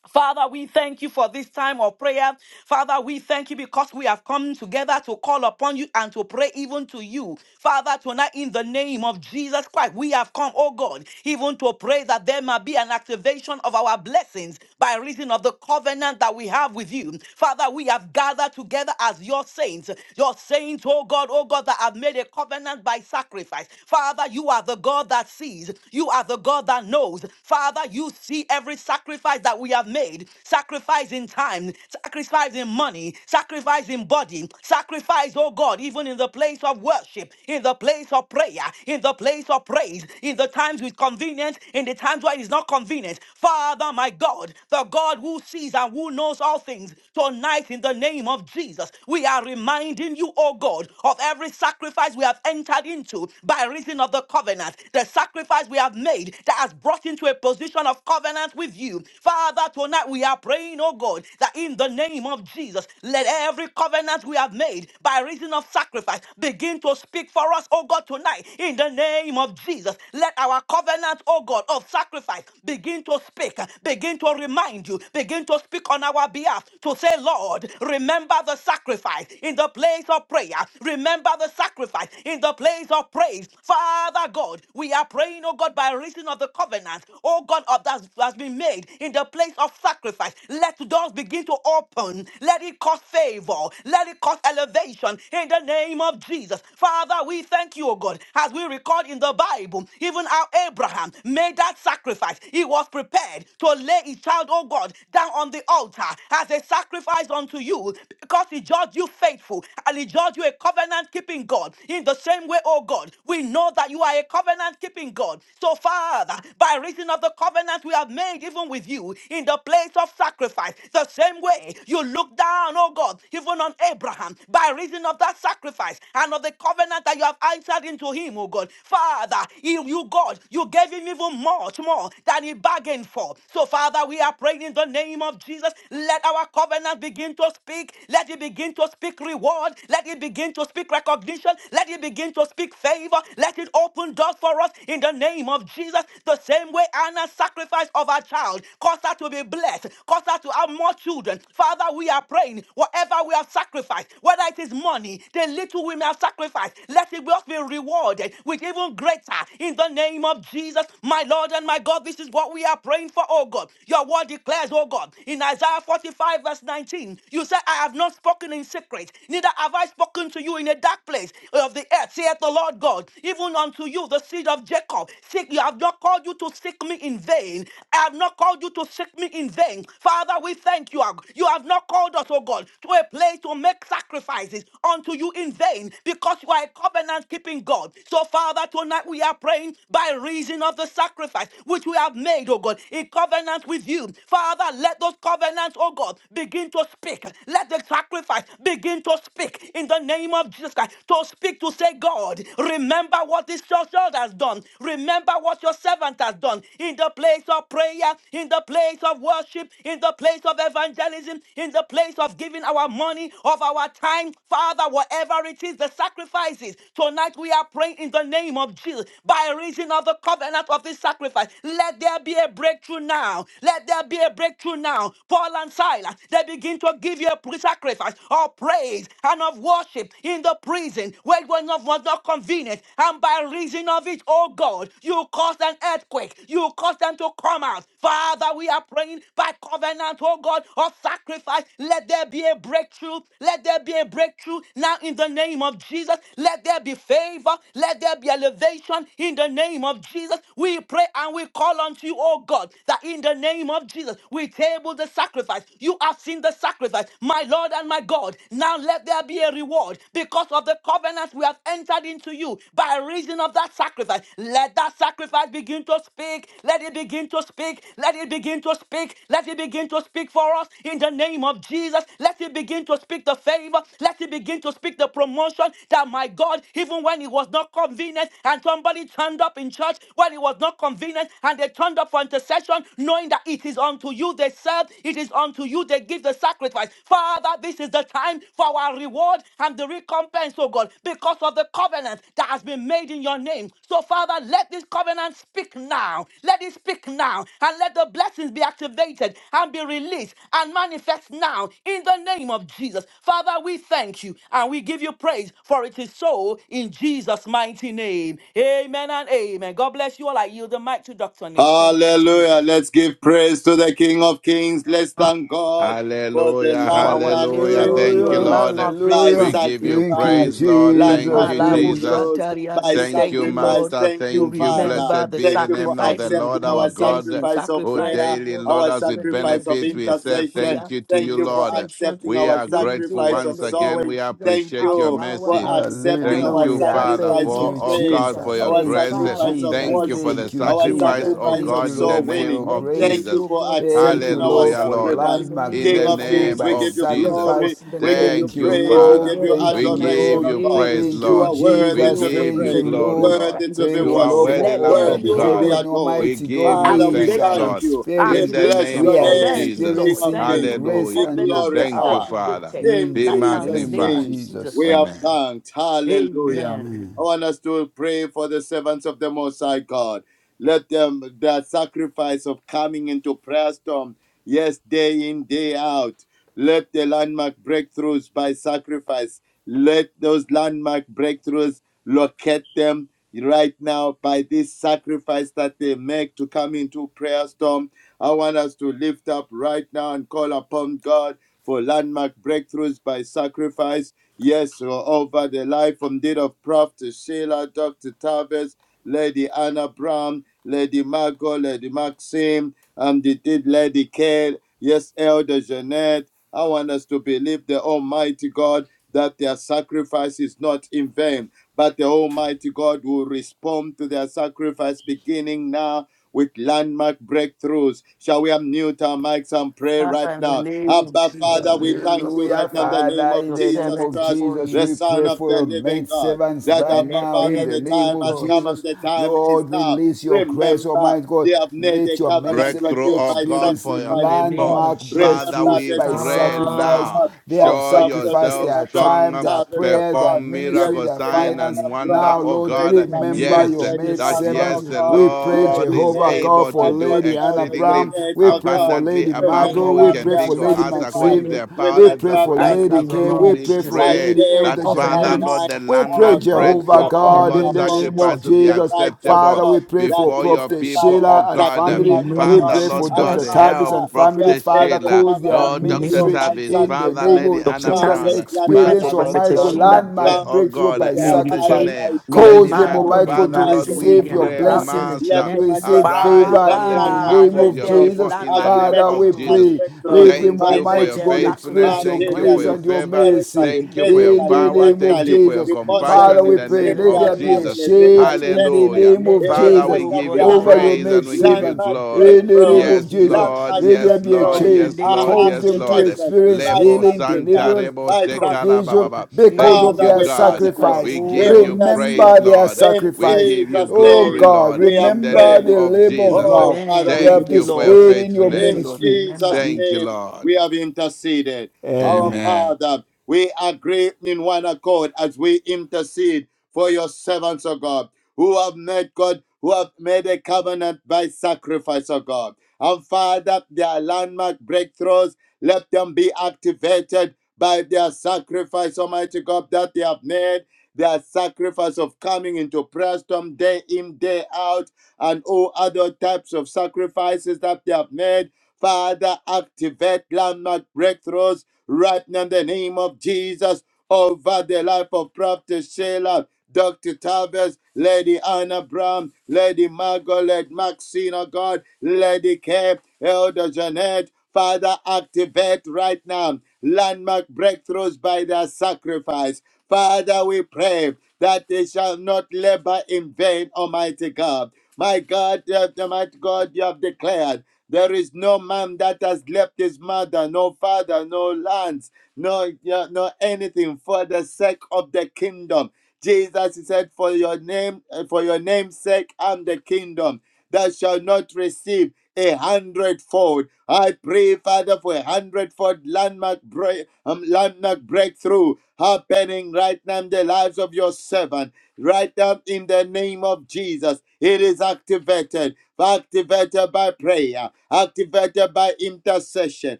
Speaker 6: Father, we thank you for this time of prayer. Father, we thank you because we have come together to call upon you and to pray even to you. Father, tonight in the name of Jesus Christ, we have come, oh God, even to pray that there might be an activation of our blessings by reason of the covenant that we have with you. Father, we have gathered together as your saints, your saints, oh God, oh God, that have made a covenant by sacrifice. Father, you are the God that sees, you are the God that knows. Father, you see see every sacrifice that we have made sacrifice in time, sacrifice in money, sacrifice in body, sacrifice, oh God, even in the place of worship, in the place of prayer, in the place of praise, in the times with convenience, in the times where it is not convenient. Father, my God, the God who sees and who knows all things, tonight in the name of Jesus, we are reminding you, oh God, of every sacrifice we have entered into by reason of the covenant, the sacrifice we have made that has brought brought into a position of covenant with you. Father, tonight we are praying, oh God, that in the name of Jesus, let every covenant we have made by reason of sacrifice begin to speak for us, oh God, tonight. In the name of Jesus, let our covenant, oh God, of sacrifice begin to speak, begin to remind you, begin to speak on our behalf to say, Lord, remember the sacrifice in the place of prayer, remember the sacrifice in the place of praise. Father God, we are praying praying, oh God, by reason of the covenant, oh God, of that has been made in the place of sacrifice. Let doors begin to open. Let it cause favor. Let it cause elevation in the name of Jesus. Father, we thank you, oh God, as we record in the Bible, even how Abraham made that sacrifice. He was prepared to lay his child, oh God, down on the altar as a sacrifice unto you because he judged you faithful and he judged you a covenant keeping God. In the same way, oh God, we know know that you are a covenant keeping God. So, Father, by reason of the covenant we have made even with you in the place of sacrifice, the same way you look down, oh God, even on Abraham, by reason of that sacrifice and of the covenant that you have entered into him, oh God. Father, you, you, God, you gave him even much more than he bargained for. So, Father, we are praying in the name of Jesus. Let our covenant begin to speak. Let it begin to speak reward. Let it begin to speak recognition. Let it begin begin to speak favor. Let it open doors for us in the name of Jesus. The same way Anna sacrificed of her child, cause her to be blessed, cause her to have more children. Father, we are praying whatever we have sacrificed, whether it is money, the little we may have sacrificed, let it just be rewarded with even greater in the name of Jesus. My Lord and my God, this is what we are praying for, oh God. Your word declares, oh God, in Isaiah 45, verse 19, you said, I have not spoken in secret, neither have I spoken to you you in a dark place of the earth, saith the Lord God, even unto you, the seed of Jacob. Seek, you have not called you to seek me in vain. I have not called you to seek me in vain. Father, we thank you. You have not called us, oh God, to a place to make sacrifices unto you in vain because you are a covenant keeping God. So, Father, tonight we are praying by reason of the sacrifice which we have made, oh God, in covenant with you. Father, let those covenants, oh God, begin to speak. Let the sacrifice begin begin to speak in the name of Jesus Christ. To speak to say, God, remember what this church has done. Remember what your servant has done in the place of prayer, in the place of worship, in the place of evangelism, in the place of giving our money, of our time. Father, whatever it is, the sacrifices. Tonight we are praying in the name of Jesus by reason of the covenant of this sacrifice. Let there be a breakthrough now. Let there be a breakthrough now. Paul and Silas, they begin to give you a the sacrifice of praise and of worship in the prison where it was not, was not convenient. And by reason of it, oh God, you caused an earthquake. You caused them to come out. Father, we are praying by covenant, oh God, of sacrifice. Let there be a breakthrough. Let there be a breakthrough now in the name of Jesus. Let there be favor. Let there be elevation in the name of Jesus. We pray and we call unto you, oh God, that in the name of Jesus, we table the sacrifice. You have seen the sacrifice, my Lord and my God. Now let there be a reward because of the covenant we have entered into you by reason of that sacrifice. Let that sacrifice begin to speak. Let it begin to speak. Let it begin to speak. Let it begin to speak for us in the name of Jesus. Let it begin to speak the favor. Let it begin to speak the promotion that my God, even when it was not convenient and somebody turned up in church when it was not convenient and they turned up for intercession, knowing that it is unto you you they serve, it is unto you they give the sacrifice. Father, this is the time for our reward and the recompense, oh God, because of the covenant that has been made in your name. So, Father, let this covenant speak now. Let it speak now. And let the blessings be activated and be released and manifest now in the name of Jesus. Father, we thank you and we give you praise, for it is so in Jesus' mighty name. Amen and amen. God bless you all. I yield the mic to Dr. Nick. Thank you,
Speaker 5: Hallelujah.
Speaker 6: Jesus.
Speaker 5: Let's give praise to the King of Kings. Let's thank God for the
Speaker 4: Hallelujah,
Speaker 6: for our
Speaker 5: landmark
Speaker 6: yes,
Speaker 4: hallelujah.
Speaker 6: Lord,
Speaker 4: Thank
Speaker 6: for
Speaker 4: you,
Speaker 3: Hallelujah.
Speaker 5: breakthroughs
Speaker 4: Lord.
Speaker 6: landmark
Speaker 5: by
Speaker 4: We
Speaker 3: Hallelujah.
Speaker 6: breakthrough.
Speaker 4: give you
Speaker 3: Thank you,
Speaker 4: praise,
Speaker 5: sacrifice.
Speaker 4: Lord. Thank
Speaker 3: Jesus.
Speaker 5: Landmark
Speaker 4: you,
Speaker 6: Malabo
Speaker 3: Thank
Speaker 4: Jesus.
Speaker 5: breakthroughs by
Speaker 6: Shantariande,
Speaker 4: Thank
Speaker 6: thank
Speaker 4: you,
Speaker 6: you,
Speaker 5: sacrifice.
Speaker 6: Lord.
Speaker 4: Master.
Speaker 5: Thank
Speaker 6: You
Speaker 5: you,
Speaker 4: Thank you.
Speaker 5: Father.
Speaker 6: remember
Speaker 4: Blessed
Speaker 6: the
Speaker 4: be
Speaker 5: Thank
Speaker 4: the
Speaker 5: you for
Speaker 4: name of
Speaker 6: sacrifice
Speaker 4: the
Speaker 6: in
Speaker 4: Lord
Speaker 5: accepting
Speaker 4: our
Speaker 5: our
Speaker 6: obedience,
Speaker 4: God,
Speaker 6: in
Speaker 5: sacrifice of
Speaker 4: who
Speaker 6: sacrifice, oh
Speaker 5: prayer,
Speaker 4: daily
Speaker 6: God,
Speaker 4: load
Speaker 5: our
Speaker 4: us
Speaker 6: in the
Speaker 4: with
Speaker 6: name
Speaker 5: sacrifice
Speaker 6: of
Speaker 5: of
Speaker 4: benefits. We
Speaker 6: Jesus, in
Speaker 4: say
Speaker 5: intercession.
Speaker 4: thank
Speaker 6: prayer,
Speaker 4: you to
Speaker 6: in
Speaker 4: you,
Speaker 5: Thank you for
Speaker 4: Lord.
Speaker 6: intercession,
Speaker 5: accepting
Speaker 4: We
Speaker 6: in
Speaker 5: our
Speaker 4: are
Speaker 6: praise, oh
Speaker 4: grateful
Speaker 6: God,
Speaker 5: sacrifice
Speaker 6: in
Speaker 5: of
Speaker 4: once
Speaker 6: the name
Speaker 4: again.
Speaker 6: of
Speaker 5: sowing.
Speaker 4: We
Speaker 6: Jesus,
Speaker 5: Thank
Speaker 4: appreciate
Speaker 6: out
Speaker 4: your
Speaker 6: of
Speaker 5: you
Speaker 6: hour,
Speaker 5: for
Speaker 4: mercy.
Speaker 6: out of this
Speaker 5: accepting
Speaker 6: hour,
Speaker 4: Thank
Speaker 5: our
Speaker 4: you,
Speaker 6: when
Speaker 3: Hallelujah.
Speaker 6: it's
Speaker 4: Father,
Speaker 5: sacrifice
Speaker 3: Thank
Speaker 5: of
Speaker 4: for,
Speaker 6: convenient,
Speaker 3: you,
Speaker 4: oh
Speaker 6: when it's not
Speaker 5: praise,
Speaker 4: God, for
Speaker 3: Jesus.
Speaker 4: your
Speaker 6: convenient.
Speaker 5: our
Speaker 3: Thank you,
Speaker 4: grace.
Speaker 6: Father,
Speaker 5: sacrifice
Speaker 6: in the
Speaker 5: of
Speaker 3: Jesus.
Speaker 4: Thank
Speaker 6: name
Speaker 4: you
Speaker 6: of
Speaker 4: for
Speaker 5: worship
Speaker 4: the
Speaker 3: Thank
Speaker 6: Jesus,
Speaker 3: you,
Speaker 6: we
Speaker 5: our
Speaker 6: pray right
Speaker 4: sacrifice,
Speaker 6: now
Speaker 3: Jesus.
Speaker 6: in the
Speaker 4: oh
Speaker 5: sacrifice
Speaker 6: name
Speaker 3: Thank
Speaker 5: of
Speaker 6: of
Speaker 3: you,
Speaker 4: God, in the
Speaker 3: Lord,
Speaker 5: soul
Speaker 6: Jesus.
Speaker 3: for
Speaker 4: name
Speaker 3: your
Speaker 5: winning.
Speaker 6: Let
Speaker 4: of
Speaker 6: there
Speaker 3: grace.
Speaker 5: Thank
Speaker 6: be,
Speaker 5: you
Speaker 4: Jesus.
Speaker 6: oh
Speaker 5: for
Speaker 6: God, in the
Speaker 3: Thank
Speaker 6: name
Speaker 3: you,
Speaker 5: accepting
Speaker 6: of
Speaker 5: our
Speaker 3: Lord,
Speaker 4: Hallelujah,
Speaker 6: Jesus
Speaker 3: for
Speaker 6: Christ,
Speaker 4: Lord
Speaker 6: in
Speaker 5: sacrifice.
Speaker 6: the name
Speaker 3: landmark
Speaker 4: in
Speaker 6: of
Speaker 5: King
Speaker 4: the
Speaker 6: Jesus
Speaker 5: of
Speaker 3: breakthrough
Speaker 6: Christ,
Speaker 5: kings,
Speaker 4: name
Speaker 5: we
Speaker 3: by
Speaker 5: give
Speaker 4: of
Speaker 5: you
Speaker 6: do
Speaker 4: Jesus.
Speaker 6: for
Speaker 3: sacrifice.
Speaker 5: glory,
Speaker 6: us in the
Speaker 5: we
Speaker 6: name
Speaker 5: give
Speaker 6: of
Speaker 5: you
Speaker 3: Thank
Speaker 4: Thank
Speaker 3: you,
Speaker 6: Jesus
Speaker 4: you,
Speaker 6: Christ.
Speaker 5: praise, we
Speaker 6: Let
Speaker 4: Father.
Speaker 5: give
Speaker 3: Lord.
Speaker 6: there
Speaker 5: you
Speaker 6: be
Speaker 3: Thank
Speaker 6: right
Speaker 3: you,
Speaker 4: We
Speaker 6: now in the
Speaker 4: give
Speaker 5: adoration,
Speaker 3: Lord.
Speaker 5: O
Speaker 4: you
Speaker 5: God.
Speaker 6: name of
Speaker 4: praise,
Speaker 3: Thank
Speaker 6: Jesus.
Speaker 5: You
Speaker 3: you,
Speaker 5: are
Speaker 4: Lord.
Speaker 6: We
Speaker 4: We
Speaker 6: pray,
Speaker 5: worthy
Speaker 3: Jesus.
Speaker 6: oh
Speaker 5: to be
Speaker 6: God,
Speaker 4: give
Speaker 6: in
Speaker 3: Thank
Speaker 4: you
Speaker 6: the
Speaker 3: you,
Speaker 5: praised,
Speaker 6: name of
Speaker 4: glory,
Speaker 3: Lord.
Speaker 6: Jesus
Speaker 4: Lord.
Speaker 6: Christ,
Speaker 5: worthy
Speaker 6: even
Speaker 5: to be
Speaker 6: for
Speaker 3: Thank
Speaker 4: You
Speaker 6: this.
Speaker 3: you,
Speaker 4: are
Speaker 3: Lord,
Speaker 5: worshipped,
Speaker 3: for
Speaker 4: worthy,
Speaker 6: Let
Speaker 4: Lamb
Speaker 6: there
Speaker 3: open
Speaker 6: be,
Speaker 4: of
Speaker 5: worthy
Speaker 6: oh
Speaker 5: to be
Speaker 4: God.
Speaker 6: God,
Speaker 3: heaven.
Speaker 5: adored.
Speaker 4: We
Speaker 3: Almighty God,
Speaker 4: give you
Speaker 5: Father,
Speaker 3: we
Speaker 5: we
Speaker 4: thanks,
Speaker 3: shall
Speaker 5: thank
Speaker 6: activation.
Speaker 4: Lord,
Speaker 5: you. We
Speaker 4: in
Speaker 3: experience,
Speaker 4: the
Speaker 5: bless
Speaker 6: Activation.
Speaker 4: name
Speaker 3: we
Speaker 5: your
Speaker 3: are
Speaker 4: of
Speaker 5: name,
Speaker 6: Thank you,
Speaker 4: Jesus.
Speaker 5: King
Speaker 6: Lord.
Speaker 5: of
Speaker 3: experiencing
Speaker 6: Thank
Speaker 3: your
Speaker 6: you,
Speaker 5: kings.
Speaker 6: Lord.
Speaker 3: grace
Speaker 5: Be
Speaker 4: Hallelujah.
Speaker 3: and your
Speaker 6: Covenant blessing
Speaker 4: Thank you,
Speaker 3: power
Speaker 5: glorified.
Speaker 4: Father.
Speaker 6: activated
Speaker 5: In
Speaker 3: in
Speaker 4: Be
Speaker 6: right
Speaker 3: the
Speaker 6: now in the
Speaker 5: Jesus'
Speaker 3: name
Speaker 6: name
Speaker 3: of
Speaker 6: of
Speaker 4: magnified.
Speaker 5: name,
Speaker 6: Jesus
Speaker 3: Jesus.
Speaker 5: we are
Speaker 6: Christ.
Speaker 4: Amen.
Speaker 5: thanked. Hallelujah.
Speaker 6: Amen.
Speaker 5: I
Speaker 3: Amen.
Speaker 5: want us to pray for the servants of the Most High God. Let them the sacrifice of coming into prayer storm, yes, day in, day out. Let the landmark breakthroughs by sacrifice. Let those landmark breakthroughs locate them right now by this sacrifice that they make to come into prayer storm. I want us to lift up right now and call upon God for landmark breakthroughs by sacrifice. Yes, over the life indeed of Prophet Sheila, Dr. Tavis, Lady Anna Brown, Lady Margot, Lady Maxim, um, the, the Lady Kay, yes, Elder Jeanette. I want us to believe the Almighty God that their sacrifice is not in vain, but the Almighty God will respond to their sacrifice beginning now with landmark breakthroughs. Shall we unmute our mics and pray
Speaker 6: Father,
Speaker 5: right
Speaker 6: in the
Speaker 5: now?
Speaker 6: name of
Speaker 5: Abba,
Speaker 6: Jesus,
Speaker 5: Father,
Speaker 6: we
Speaker 5: we
Speaker 6: lift
Speaker 5: thank
Speaker 6: up,
Speaker 5: you
Speaker 6: oh
Speaker 5: right
Speaker 3: Hallelujah,
Speaker 5: now in
Speaker 6: God,
Speaker 5: the name
Speaker 3: Father,
Speaker 5: of
Speaker 3: in
Speaker 6: your
Speaker 3: the name
Speaker 5: Jesus
Speaker 6: servants
Speaker 3: of
Speaker 5: Christ,
Speaker 6: before
Speaker 3: Jesus,
Speaker 5: the
Speaker 6: you.
Speaker 3: we
Speaker 5: Son
Speaker 3: pray
Speaker 5: of
Speaker 3: for
Speaker 5: the
Speaker 3: your
Speaker 5: living
Speaker 3: maid
Speaker 5: God.
Speaker 3: servants
Speaker 5: That
Speaker 3: right
Speaker 5: Abba
Speaker 6: Let
Speaker 3: now. In
Speaker 5: Father,
Speaker 6: there
Speaker 3: the
Speaker 5: the
Speaker 6: be,
Speaker 3: name
Speaker 6: oh
Speaker 5: time
Speaker 3: of
Speaker 5: has
Speaker 6: God,
Speaker 5: come and
Speaker 3: Jesus,
Speaker 5: the time is
Speaker 3: Lord,
Speaker 5: now
Speaker 3: release your grace,
Speaker 5: Remember,
Speaker 3: Almighty God.
Speaker 5: they have made
Speaker 3: Let
Speaker 5: a
Speaker 3: your maid
Speaker 5: covenant with
Speaker 3: servant
Speaker 4: breakthrough,
Speaker 5: you
Speaker 4: oh
Speaker 5: by
Speaker 4: God,
Speaker 3: experience
Speaker 4: for your
Speaker 6: in
Speaker 5: sacrifice
Speaker 6: the
Speaker 5: of
Speaker 6: name
Speaker 4: people.
Speaker 5: God.
Speaker 6: of
Speaker 3: landmark
Speaker 6: Jesus.
Speaker 4: Father,
Speaker 3: breakthrough
Speaker 5: Remember
Speaker 4: we
Speaker 5: the
Speaker 3: by
Speaker 4: pray
Speaker 5: sacrifice of
Speaker 6: Ah.
Speaker 3: sacrifice.
Speaker 4: now.
Speaker 5: God
Speaker 3: They
Speaker 5: of
Speaker 3: have
Speaker 4: Show
Speaker 5: Prophet
Speaker 3: sacrificed
Speaker 4: yourself
Speaker 3: their
Speaker 5: Sheila, Dr.
Speaker 3: time,
Speaker 4: strong.
Speaker 3: their
Speaker 5: Tavis of
Speaker 3: prayer, their
Speaker 5: God.
Speaker 4: Perform
Speaker 5: Yes,
Speaker 3: ministry,
Speaker 4: miracle,
Speaker 3: their
Speaker 5: Lady
Speaker 4: sign,
Speaker 3: finance.
Speaker 4: and
Speaker 5: Anna
Speaker 4: wonder,
Speaker 3: Now,
Speaker 5: Brown,
Speaker 4: oh
Speaker 3: Lord,
Speaker 5: Lady
Speaker 4: God.
Speaker 6: In the name
Speaker 3: remember
Speaker 5: Maxine,
Speaker 6: of
Speaker 4: Yes,
Speaker 3: your
Speaker 5: Lady
Speaker 3: maid
Speaker 6: Jesus,
Speaker 4: that
Speaker 6: let
Speaker 5: Margot
Speaker 6: there be
Speaker 3: servants.
Speaker 4: yes,
Speaker 5: of
Speaker 6: a
Speaker 4: the
Speaker 5: God,
Speaker 3: We pray,
Speaker 4: Lord
Speaker 5: Lady
Speaker 4: is
Speaker 3: Jehovah
Speaker 5: Kay,
Speaker 3: God,
Speaker 4: able
Speaker 3: for
Speaker 4: to
Speaker 5: my
Speaker 4: do
Speaker 5: God,
Speaker 3: Lady Anna
Speaker 5: Elder
Speaker 3: Brown.
Speaker 4: exceedingly
Speaker 5: Jeanette
Speaker 3: We
Speaker 5: of
Speaker 3: pray
Speaker 5: God.
Speaker 3: for
Speaker 4: abundantly
Speaker 3: Lady
Speaker 4: above
Speaker 6: In the
Speaker 3: Margot.
Speaker 4: all we
Speaker 3: We
Speaker 5: Remember
Speaker 6: name
Speaker 4: can
Speaker 3: pray
Speaker 6: of
Speaker 5: their
Speaker 3: for
Speaker 4: think or
Speaker 6: Jesus,
Speaker 3: Lady.
Speaker 4: ask
Speaker 6: we pray,
Speaker 5: sacrifice.
Speaker 4: according to
Speaker 6: Lord.
Speaker 3: Maxim.
Speaker 4: the power
Speaker 3: We
Speaker 4: that's
Speaker 3: pray
Speaker 4: at
Speaker 5: Remember
Speaker 3: for
Speaker 4: work
Speaker 6: I
Speaker 5: their
Speaker 4: within
Speaker 6: pray
Speaker 3: Lady
Speaker 4: us,
Speaker 6: in
Speaker 4: oh
Speaker 6: the
Speaker 3: K.
Speaker 4: Lord.
Speaker 6: name
Speaker 3: We
Speaker 5: sacrifice
Speaker 6: of
Speaker 4: We
Speaker 3: pray
Speaker 6: Jesus.
Speaker 3: for
Speaker 5: by
Speaker 4: pray
Speaker 3: Lady
Speaker 5: day
Speaker 4: that,
Speaker 3: Elder
Speaker 5: and by
Speaker 4: Father,
Speaker 3: Jeanette.
Speaker 4: Lord,
Speaker 6: Covenants,
Speaker 5: night.
Speaker 4: the
Speaker 3: We pray,
Speaker 4: landmark
Speaker 5: Our God, we
Speaker 3: Jehovah
Speaker 4: breakthrough,
Speaker 5: are
Speaker 6: in
Speaker 4: oh
Speaker 6: the
Speaker 5: calling
Speaker 3: God,
Speaker 4: God,
Speaker 3: in
Speaker 6: name of
Speaker 3: the
Speaker 5: upon
Speaker 3: name
Speaker 6: Jesus.
Speaker 5: you,
Speaker 3: of
Speaker 4: sacrifice will be
Speaker 5: the
Speaker 3: Jesus.
Speaker 5: righteous
Speaker 4: acceptable
Speaker 3: Father, we
Speaker 5: God
Speaker 3: pray
Speaker 5: that
Speaker 3: for
Speaker 4: before your
Speaker 3: Prophet
Speaker 5: remember
Speaker 4: people, oh
Speaker 5: their
Speaker 3: Sheila and
Speaker 6: In
Speaker 4: God.
Speaker 6: the
Speaker 3: family.
Speaker 5: sacrifice, oh
Speaker 6: name
Speaker 3: We
Speaker 6: of
Speaker 4: Father,
Speaker 5: God.
Speaker 3: pray for
Speaker 6: Jesus
Speaker 4: Lord
Speaker 5: And
Speaker 4: God,
Speaker 3: Dr.
Speaker 6: Christ.
Speaker 3: Tavis
Speaker 4: help
Speaker 5: Father,
Speaker 3: and
Speaker 5: they
Speaker 3: family.
Speaker 5: have
Speaker 4: Prophet
Speaker 5: made
Speaker 3: Father,
Speaker 5: a
Speaker 4: Sheila,
Speaker 3: cause their
Speaker 5: covenant
Speaker 4: oh,
Speaker 6: In
Speaker 5: with
Speaker 6: the
Speaker 4: Dr.
Speaker 6: name
Speaker 5: you
Speaker 6: of
Speaker 3: ministry
Speaker 6: Je-
Speaker 5: by
Speaker 4: Tavis,
Speaker 3: in the
Speaker 4: Father,
Speaker 3: name
Speaker 5: sacrifice.
Speaker 4: Lady
Speaker 3: of
Speaker 6: Dr.
Speaker 4: Anna
Speaker 5: Now
Speaker 3: Jesus.
Speaker 5: let
Speaker 6: Tavis,
Speaker 4: Brown,
Speaker 5: that
Speaker 6: we pray for
Speaker 3: Experience,
Speaker 4: Father, Lord
Speaker 3: Almighty
Speaker 6: Prophetess
Speaker 3: God,
Speaker 4: God,
Speaker 5: breakthrough
Speaker 4: we
Speaker 6: Sheila,
Speaker 4: pray,
Speaker 3: landmark
Speaker 5: come
Speaker 4: oh
Speaker 5: to
Speaker 3: breakthrough
Speaker 5: into
Speaker 4: God,
Speaker 3: by
Speaker 5: their
Speaker 6: Lady
Speaker 4: Elder
Speaker 5: lives
Speaker 3: sacrifice.
Speaker 6: Kay,
Speaker 5: by
Speaker 4: Janet,
Speaker 6: Lady
Speaker 4: Lady
Speaker 3: Cause them,
Speaker 5: sacrifice.
Speaker 6: Margot,
Speaker 4: Marco,
Speaker 3: Almighty
Speaker 6: Lady
Speaker 3: God,
Speaker 4: Father,
Speaker 3: to
Speaker 5: By
Speaker 4: Lord,
Speaker 6: Maxine,
Speaker 5: the
Speaker 4: we
Speaker 6: Lady
Speaker 3: receive your
Speaker 6: Anna
Speaker 4: pray,
Speaker 6: Brown,
Speaker 5: sacrifice,
Speaker 6: Elder
Speaker 3: blessings
Speaker 5: let
Speaker 4: Master,
Speaker 5: the
Speaker 6: Jeanette.
Speaker 5: might God
Speaker 3: receive
Speaker 4: arise
Speaker 3: favor
Speaker 5: activate
Speaker 4: on the
Speaker 3: in the
Speaker 5: landmark
Speaker 6: Father,
Speaker 4: behalf
Speaker 3: name
Speaker 4: of
Speaker 6: let
Speaker 3: of
Speaker 4: your
Speaker 6: there
Speaker 5: breakthroughs,
Speaker 6: be
Speaker 4: people
Speaker 3: Jesus.
Speaker 4: in the
Speaker 6: landmark
Speaker 4: name
Speaker 5: activate
Speaker 3: Father,
Speaker 4: of
Speaker 3: we
Speaker 5: landmark
Speaker 4: Jesus.
Speaker 6: breakthroughs.
Speaker 3: pray.
Speaker 6: But
Speaker 5: breakthroughs
Speaker 3: Let
Speaker 6: because
Speaker 3: them,
Speaker 4: Thank
Speaker 6: there
Speaker 4: you
Speaker 6: is
Speaker 4: for
Speaker 6: not
Speaker 4: your
Speaker 3: Almighty
Speaker 6: their
Speaker 3: God,
Speaker 5: financially,
Speaker 4: faithfulness.
Speaker 3: experience
Speaker 6: sacrifice
Speaker 3: your
Speaker 6: in
Speaker 4: Thank
Speaker 6: the
Speaker 4: you for
Speaker 3: grace
Speaker 6: name
Speaker 5: materially,
Speaker 4: your
Speaker 3: and
Speaker 6: of
Speaker 3: your
Speaker 4: favor.
Speaker 6: Jesus.
Speaker 3: mercy
Speaker 5: spiritually,
Speaker 4: Thank you for your
Speaker 3: in the
Speaker 5: physically,
Speaker 4: power.
Speaker 3: name of
Speaker 4: Thank you
Speaker 5: mentally,
Speaker 4: for your
Speaker 3: Jesus.
Speaker 6: We pray
Speaker 3: Father,
Speaker 4: compassion
Speaker 6: for
Speaker 4: in
Speaker 5: emotionally,
Speaker 3: we
Speaker 4: the
Speaker 6: this in
Speaker 3: pray.
Speaker 5: in
Speaker 4: name
Speaker 6: the
Speaker 3: Let
Speaker 5: their
Speaker 4: of
Speaker 3: there be
Speaker 6: name
Speaker 3: a
Speaker 6: of
Speaker 4: Jesus.
Speaker 5: families, in their
Speaker 3: shift
Speaker 6: Jesus
Speaker 3: in
Speaker 6: Christ.
Speaker 3: the
Speaker 5: investments,
Speaker 4: Hallelujah.
Speaker 3: name
Speaker 6: Let
Speaker 3: of
Speaker 5: in
Speaker 6: there
Speaker 5: the
Speaker 4: Father,
Speaker 6: be,
Speaker 5: work
Speaker 3: Jesus
Speaker 4: we
Speaker 6: oh
Speaker 5: of
Speaker 4: give
Speaker 6: God,
Speaker 5: their
Speaker 4: you
Speaker 6: in the
Speaker 3: over your
Speaker 5: hands.
Speaker 6: name
Speaker 4: praise
Speaker 6: of
Speaker 4: and
Speaker 3: maid
Speaker 4: we
Speaker 6: Jesus,
Speaker 4: give you
Speaker 3: servants
Speaker 5: Landmark
Speaker 4: glory.
Speaker 3: in the name
Speaker 5: breakthroughs,
Speaker 3: of
Speaker 4: Yes,
Speaker 6: name
Speaker 3: Jesus.
Speaker 6: of
Speaker 4: Lord,
Speaker 5: landmark
Speaker 3: Let
Speaker 6: Jesus,
Speaker 3: there
Speaker 4: yes,
Speaker 3: be a
Speaker 4: Lord,
Speaker 5: breakthroughs
Speaker 6: in the
Speaker 3: change.
Speaker 4: yes,
Speaker 5: are
Speaker 4: Lord,
Speaker 6: name
Speaker 3: Cause
Speaker 6: of
Speaker 4: yes,
Speaker 3: them to
Speaker 6: Jesus,
Speaker 4: Lord.
Speaker 5: activated
Speaker 3: experience
Speaker 5: by
Speaker 4: Lebo
Speaker 3: healing,
Speaker 4: Santa
Speaker 5: sacrifice,
Speaker 3: deliverance
Speaker 4: Rebo
Speaker 5: by
Speaker 4: Sekala
Speaker 5: sacrifice.
Speaker 3: provision
Speaker 4: Baba.
Speaker 6: in the
Speaker 3: because
Speaker 4: Thank
Speaker 3: of
Speaker 5: Father,
Speaker 6: name
Speaker 4: you,
Speaker 6: of
Speaker 3: their
Speaker 5: we
Speaker 6: Jesus
Speaker 5: thank
Speaker 4: God.
Speaker 5: you.
Speaker 6: Christ,
Speaker 3: sacrifice.
Speaker 4: We
Speaker 6: oh
Speaker 5: We
Speaker 4: give
Speaker 6: Lord.
Speaker 4: you
Speaker 5: bless you.
Speaker 4: praise,
Speaker 3: Remember their
Speaker 4: Lord.
Speaker 5: In
Speaker 4: We
Speaker 3: sacrifice.
Speaker 4: give you
Speaker 5: Jesus'
Speaker 3: Oh
Speaker 4: glory,
Speaker 5: name,
Speaker 3: God,
Speaker 4: Lord,
Speaker 5: we are
Speaker 4: in the
Speaker 3: remember
Speaker 4: name
Speaker 3: the
Speaker 5: praying.
Speaker 4: of
Speaker 3: labor of
Speaker 4: Jesus.
Speaker 5: Oh,
Speaker 3: love
Speaker 6: Amen.
Speaker 5: Father,
Speaker 3: they
Speaker 5: we give
Speaker 3: have
Speaker 4: Thank
Speaker 6: Thank you,
Speaker 5: you
Speaker 4: you for your
Speaker 5: glory.
Speaker 6: Lord.
Speaker 3: displayed in your
Speaker 6: Thank you,
Speaker 5: In
Speaker 4: faithfulness.
Speaker 6: Lord.
Speaker 3: ministry.
Speaker 6: Remember.
Speaker 5: Jesus'
Speaker 3: E-
Speaker 4: Thank you,
Speaker 5: name,
Speaker 4: Lord.
Speaker 5: we have interceded. Our
Speaker 3: Amen.
Speaker 4: Amen.
Speaker 5: Father, we agree in one accord as we intercede for your servants, of God who have made God, who have made a covenant by sacrifice, of God. And Father, their landmark breakthroughs, let them be activated by their sacrifice, Almighty God, that they have made, their sacrifice of coming into prayer storm day in, day out, and all other types of sacrifices that they have made. Father, activate landmark breakthroughs right now in the name of Jesus over the life of Prophet Sheila, Dr. Tavis, Lady Anna Brown, Lady Margaret Maxine, Maxina God, Lady K, Elder Jeanette. Father, activate right now landmark breakthroughs by their sacrifice. Father, we pray that they shall not labor in vain, Almighty God. My God, you have- my God, you have declared there is no man that has left his mother, no father, no lands, no, yeah, no anything for the sake of the kingdom. Jesus he said, "For your name, eh, for your name's sake, I'm the kingdom." that shall not receive a hundredfold. I pray, Father, for a hundredfold landmark, break, um, landmark breakthrough happening right now in the lives of your servant. Right now, in the name of Jesus, it is activated. Activated by prayer, activated by intercession,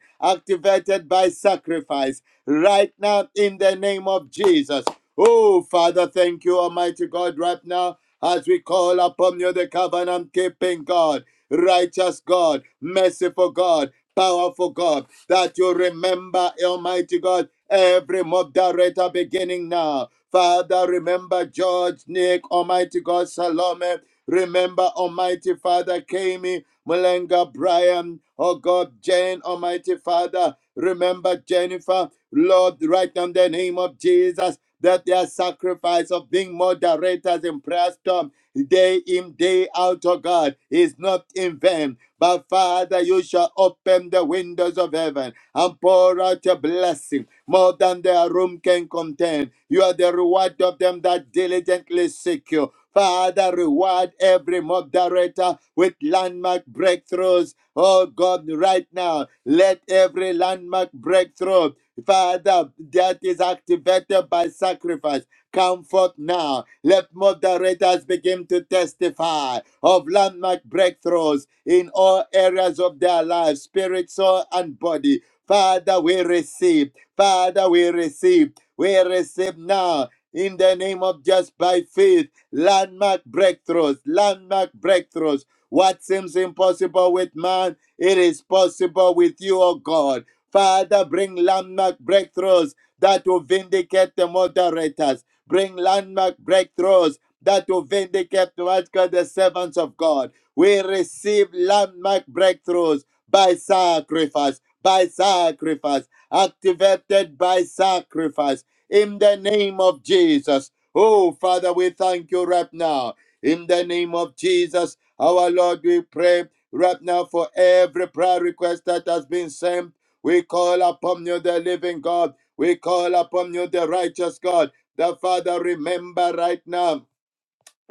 Speaker 5: activated by sacrifice. Right now, in the name of Jesus. Oh, Father, thank you, Almighty God, right now as we call upon you, the covenant keeping God, righteous God, merciful God, powerful God, that you remember, Almighty God, every moderator beginning now. Father, remember George, Nick, Almighty God, Salome. Remember, Almighty Father, Kami, Mulenga, Brian, oh God, Jane, Almighty Father. Remember Jennifer, Lord, right now in the name of Jesus that their sacrifice of being moderators in prayer storm day in, day out, oh God, is not in vain. But Father, you shall open the windows of heaven and pour out your blessing more than their room can contain. You are the reward of them that diligently seek you. Father, reward every moderator with landmark breakthroughs. Oh God, right now, let every landmark breakthrough Father, that is activated by sacrifice. Come forth now. Let moderators begin to testify of landmark breakthroughs in all areas of their lives, spirit, soul, and body. Father, we receive. Father, we receive. We receive now in the name of just by faith. Landmark breakthroughs, landmark breakthroughs. What seems impossible with man it is possible with you, oh God. Father, bring landmark breakthroughs that will vindicate the moderators. Bring landmark breakthroughs that will vindicate what God, the servants of God. We receive landmark breakthroughs by sacrifice, by sacrifice, activated by sacrifice in the name of Jesus. Oh, Father, we thank you right now. In the name of Jesus, our Lord, we pray Right now, for every prayer request that has been sent, we call upon you, the living God. We call upon you, the righteous God. The Father, remember right now.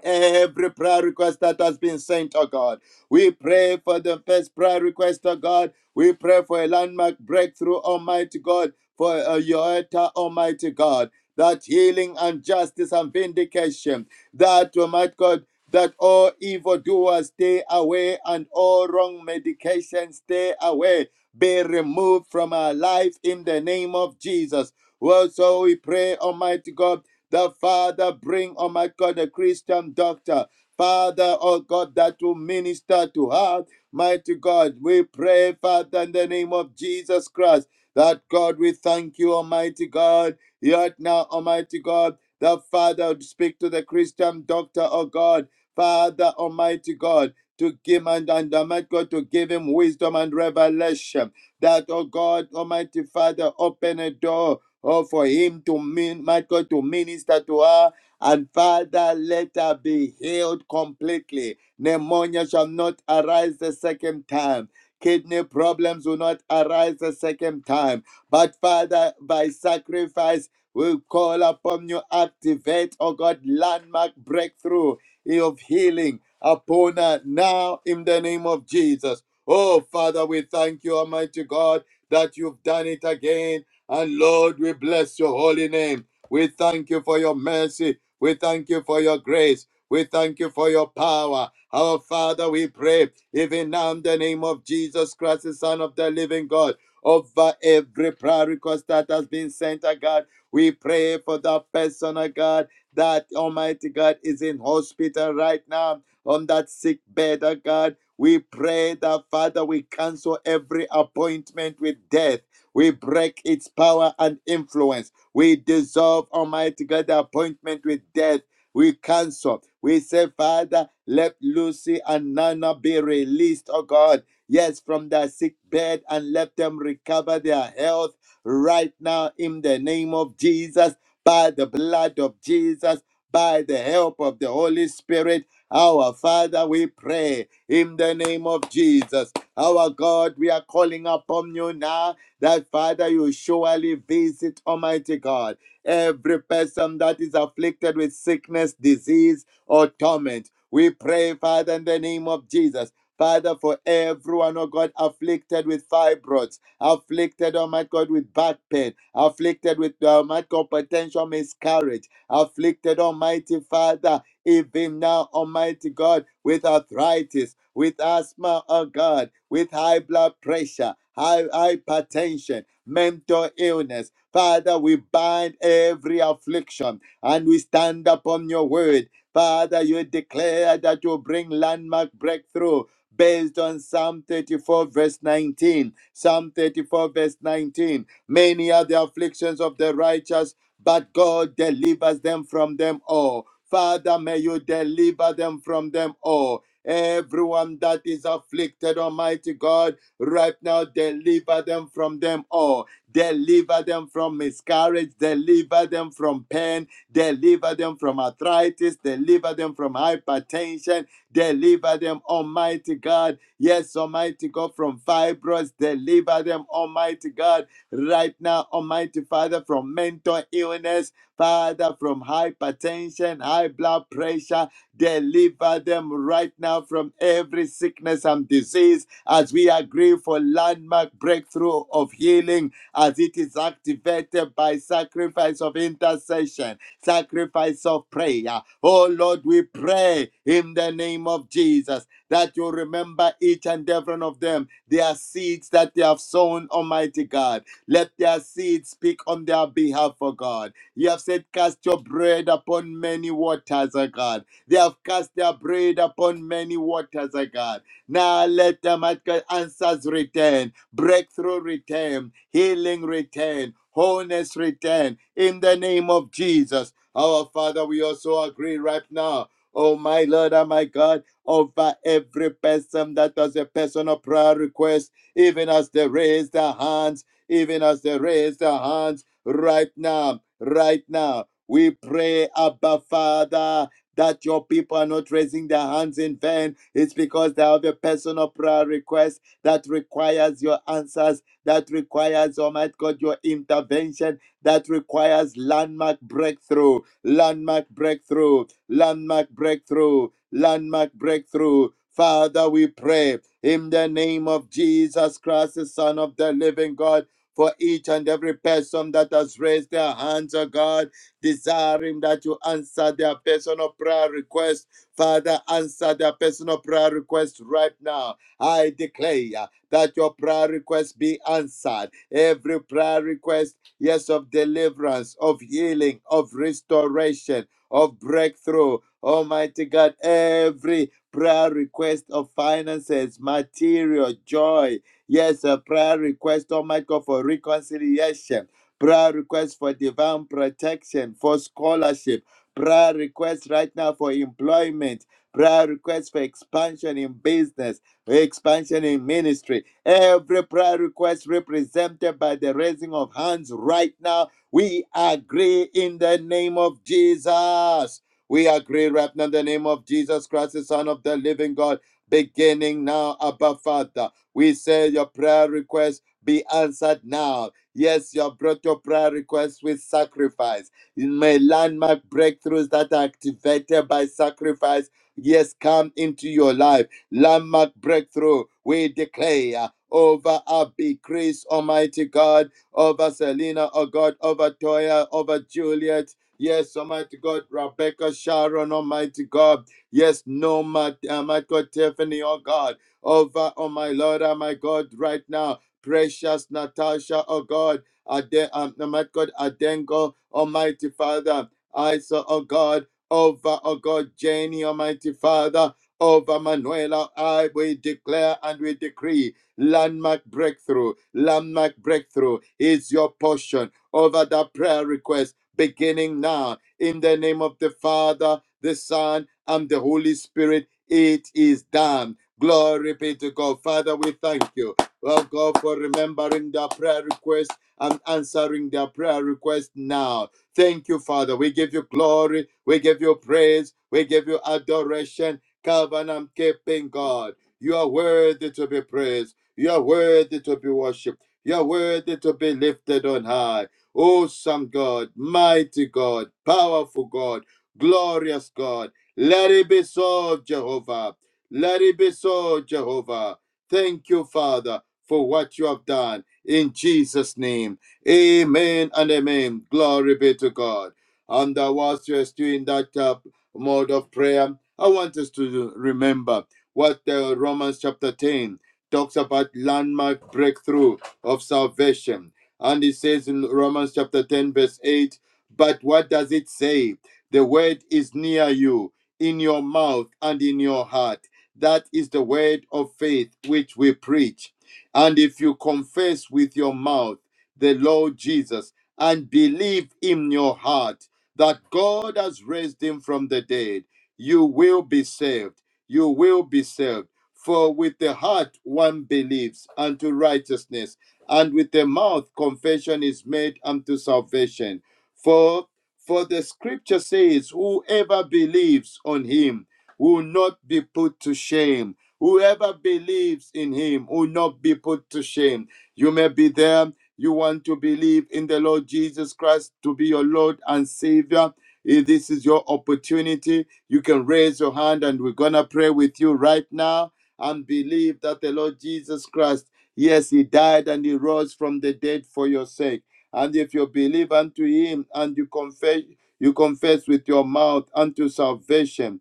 Speaker 5: Every prayer request that has been sent, oh God. We pray for the first prayer request, oh God. We pray for a landmark breakthrough, Almighty God, for a Yoeta, Almighty God, that healing and justice and vindication, that, Almighty God, that all evildoers stay away and all wrong medications stay away, be removed from our life in the name of Jesus. Well, so we pray, Almighty God the Father, bring, oh my God, a Christian doctor. Father, oh God, that will minister to her. Mighty God, we pray, Father, in the name of Jesus Christ, that God, we thank you, Almighty God. Yet now, Almighty God, the Father, speak to the Christian doctor, oh God. Father, Almighty God, to give and, and Almighty God, to give him wisdom and revelation. That, oh God, Almighty Father, open a door Oh, for him to mean, my God, to minister to her. And Father, let her be healed completely. Pneumonia shall not arise the second time. Kidney problems will not arise the second time. But Father, by sacrifice, we call upon you, activate, oh God, landmark breakthrough of healing upon her now in the name of Jesus. Oh, Father, we thank you, Almighty God, that you've done it again and Lord, we bless your holy name. We thank you for your mercy. We thank you for your grace. We thank you for your power. Our Father, we pray, even now in the name of Jesus Christ, the Son of the living God, over every prayer request that has been sent, oh God. We pray for that person, oh God, that Almighty God is in hospital right now on that sick bed, oh God. We pray that, Father, we cancel every appointment with death we break its power and influence. We dissolve, Almighty God, the appointment with death. We cancel. We say, Father, let Lucy and Nana be released, oh God. Yes, from their sick bed and let them recover their health right now in the name of Jesus, by the blood of Jesus, by the help of the Holy Spirit. Our Father, we pray in the name of Jesus. Our God, we are calling upon you now that Father, you surely visit, Almighty God, every person that is afflicted with sickness, disease, or torment. We pray, Father, in the name of Jesus. Father, for everyone, oh God, afflicted with fibroids, afflicted, oh my God, with back pain, afflicted with, oh my God, potential miscarriage, afflicted, Almighty Father, even now, Almighty God, with arthritis, with asthma, oh God, with high blood pressure, high hypertension, mental illness. Father, we bind every affliction and we stand upon your word. Father, you declare that you bring landmark breakthrough based on Psalm 34, verse 19. Psalm 34, verse 19. Many are the afflictions of the righteous, but God delivers them from them all. Father, may you deliver them from them all. Everyone that is afflicted, Almighty God, right now, deliver them from them all. Deliver them from miscarriage. Deliver them from pain. Deliver them from arthritis. Deliver them from hypertension. Deliver them, Almighty God. Yes, Almighty God, from fibroids. Deliver them, Almighty God, right now, Almighty Father, from mental illness Father, from hypertension, high blood pressure, deliver them right now from every sickness and disease as we agree for landmark breakthrough of healing as it is activated by sacrifice of intercession, sacrifice of prayer. Oh Lord, we pray in the name of Jesus that you remember each and every one of them, their seeds that they have sown, Almighty God. Let their seeds speak on their behalf, for God. You have said, Cast your bread upon many waters, O God. They have cast their bread upon many waters, O God. Now let them at God answers return, breakthrough return, healing return, wholeness return. In the name of Jesus, our Father, we also agree right now. Oh my Lord and my God, over every person that has a personal prayer request, even as they raise their hands, even as they raise their hands right now right now. We pray, Abba Father, that your people are not raising their hands in vain. It's because they have a personal prayer request that requires your answers, that requires, Almighty God, your intervention, that requires landmark breakthrough, landmark breakthrough, landmark breakthrough, landmark breakthrough. Father, we pray in the name of Jesus Christ, the Son of the living God for each and every person that has raised their hands, oh God, desiring that you answer their personal prayer request. Father, answer their personal prayer request right now. I declare that your prayer request be answered. Every prayer request, yes, of deliverance, of healing, of restoration, of breakthrough. Almighty God, every prayer request of finances, material, joy, Yes, a prayer request, oh my God, for reconciliation. Prayer request for divine protection, for scholarship. Prayer request right now for employment. Prayer request for expansion in business, expansion in ministry. Every prayer request represented by the raising of hands right now, we agree in the name of Jesus. We agree right now in the name of Jesus Christ, the Son of the living God, beginning now, Abba Father. We say your prayer request be answered now. Yes, you have brought your prayer request with sacrifice. May landmark breakthroughs that are activated by sacrifice, yes, come into your life. Landmark breakthrough, we declare over Abby, Chris, Almighty God, over Selena, oh God, over Toya, over Juliet. Yes, Almighty God, Rebecca, Sharon, Almighty God. Yes, Norma, Almighty God, Tiffany, oh God over, oh my Lord, oh my God, right now. Precious Natasha, oh God, Aden, um, oh my God, Adengo, Almighty Father, Isa, oh God, over, oh God, Jenny, Almighty Father, over Manuela, I, we declare and we decree landmark breakthrough, landmark breakthrough is your portion over that prayer request beginning now in the name of the Father, the Son, and the Holy Spirit. It is done Glory be to God. Father, we thank you. Well, God, for remembering their prayer request and answering their prayer request now. Thank you, Father. We give you glory. We give you praise. We give you adoration. Covenant keeping God. You are worthy to be praised. You are worthy to be worshipped. You are worthy to be lifted on high. Awesome God, mighty God, powerful God, glorious God. Let it be so, Jehovah. Let it be so, Jehovah. Thank you, Father, for what you have done. In Jesus' name, amen and amen. Glory be to God. And uh, whilst you're still in that uh, mode of prayer, I want us to remember what uh, Romans chapter 10 talks about landmark breakthrough of salvation. And it says in Romans chapter 10, verse 8, but what does it say? The word is near you, in your mouth and in your heart that is the word of faith which we preach. And if you confess with your mouth the Lord Jesus and believe in your heart that God has raised him from the dead, you will be saved. You will be saved. For with the heart one believes unto righteousness, and with the mouth confession is made unto salvation. For for the scripture says, Whoever believes on him will not be put to shame. Whoever believes in him will not be put to shame. You may be there. You want to believe in the Lord Jesus Christ to be your Lord and Savior. If this is your opportunity, you can raise your hand and we're going to pray with you right now and believe that the Lord Jesus Christ, yes, he died and he rose from the dead for your sake. And if you believe unto him and you confess, you confess with your mouth unto salvation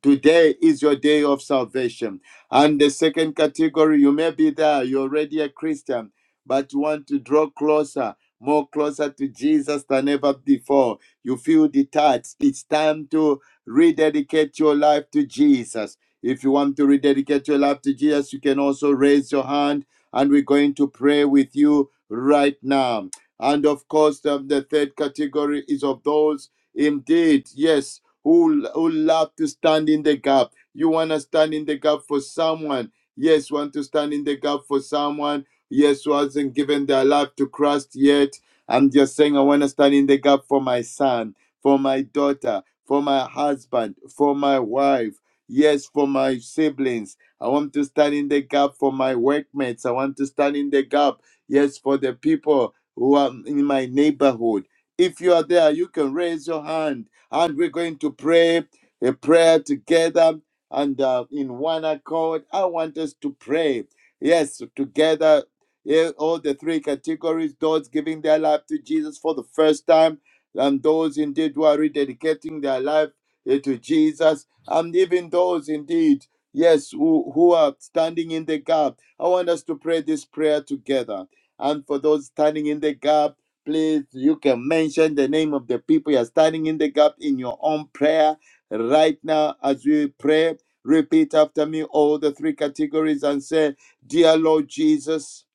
Speaker 5: Today is your day of salvation. And the second category, you may be there, you're already a Christian, but you want to draw closer, more closer to Jesus than ever before. You feel detached. It's time to rededicate your life to Jesus. If you want to rededicate your life to Jesus, you can also raise your hand and we're going to pray with you right now. And of course, um, the third category is of those indeed, yes who, who love to stand in the gap. You want to stand in the gap for someone. Yes, want to stand in the gap for someone. Yes, who hasn't given their life to Christ yet. I'm just saying, I want to stand in the gap for my son, for my daughter, for my husband, for my wife. Yes, for my siblings. I want to stand in the gap for my workmates. I want to stand in the gap. Yes, for the people who are in my neighborhood. If you are there, you can raise your hand and we're going to pray a prayer together and uh, in one accord. I want us to pray. Yes, together, yeah, all the three categories those giving their life to Jesus for the first time, and those indeed who are rededicating their life eh, to Jesus, and even those indeed, yes, who, who are standing in the gap. I want us to pray this prayer together. And for those standing in the gap, please you can mention the name of the people you're standing in the gap in your own prayer right now as we pray repeat after me all the three categories and say dear lord jesus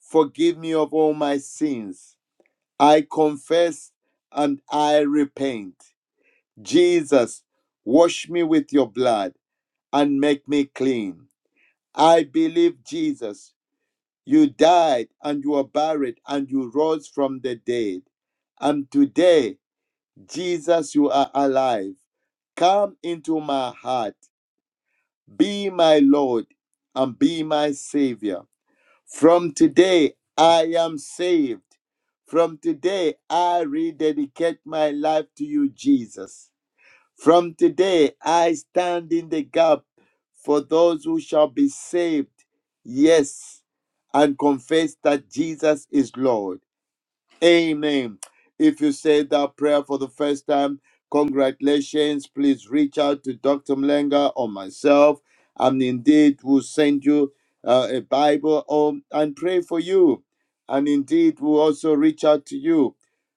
Speaker 5: forgive me of all my sins i confess and i repent jesus wash me with your blood and make me clean i believe jesus you died and you were buried and you rose from the dead and today Jesus, you are alive. Come into my heart. Be my Lord and be my Savior. From today, I am saved. From today, I rededicate my life to you, Jesus. From today, I stand in the gap for those who shall be saved. Yes, and confess that Jesus is Lord. Amen. If you said that prayer for the first time, congratulations. Please reach out to Dr. Mlenga or myself, and indeed we'll send you uh, a Bible or, and pray for you. And indeed we'll also reach out to you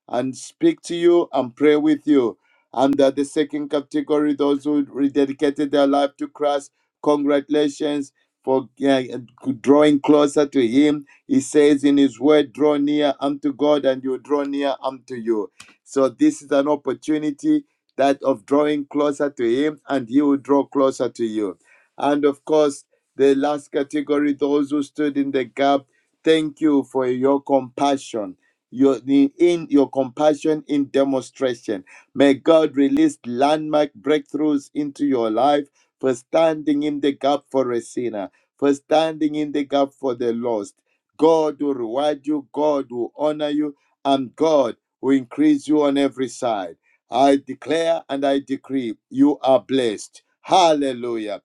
Speaker 5: and speak to you and pray with you. Under the second category, those who rededicated their life to Christ, congratulations for uh, drawing closer to Him he says in His word, draw near unto God and you draw near unto you. So this is an opportunity that of drawing closer to Him and He will draw closer to you. And of course, the last category, those who stood in the gap, thank you for your compassion. Your, in your compassion in demonstration. May God release landmark breakthroughs into your life for standing in the gap for a sinner, for standing in the gap for the lost God will reward you, God will honor you, and God will increase you on every side. I declare and I decree you are blessed. Hallelujah.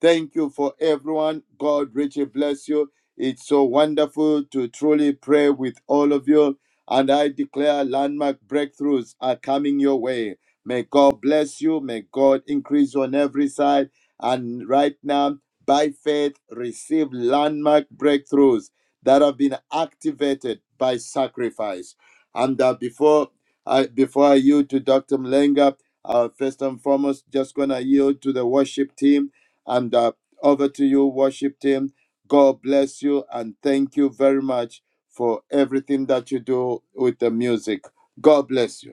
Speaker 5: Thank you for everyone. God richly bless you. It's so wonderful to truly pray with all of you. And I declare landmark breakthroughs are coming your way. May God bless you. May God increase you on every side. And right now, by faith, receive landmark breakthroughs that have been activated by sacrifice. And uh, before I before I yield to Dr. Mlenga, uh, first and foremost, just gonna yield to the worship team and uh, over to you, worship team. God bless you and thank you very much for everything that you do with the music. God bless you.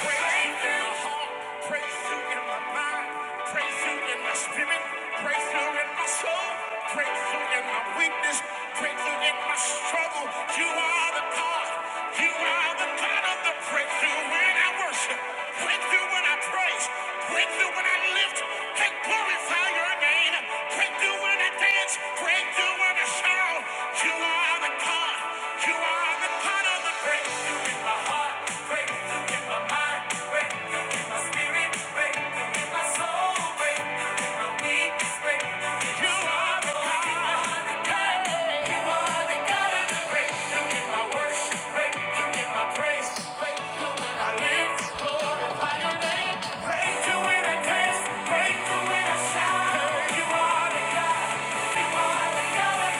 Speaker 1: Break through when I dance, break through when I shout. You are the God. You are Breakthrough in my heart, breakthrough in my mind, breakthrough in my spirit, breakthrough in my soul, breakthrough in my weakness, You are the sorrow. You the God, you are the God of the breakthrough in my worship, breakthrough in my praise, breakthrough in my lips, glorify your name, breakthrough in a dance, breakthrough in a shout. You are the God, the God of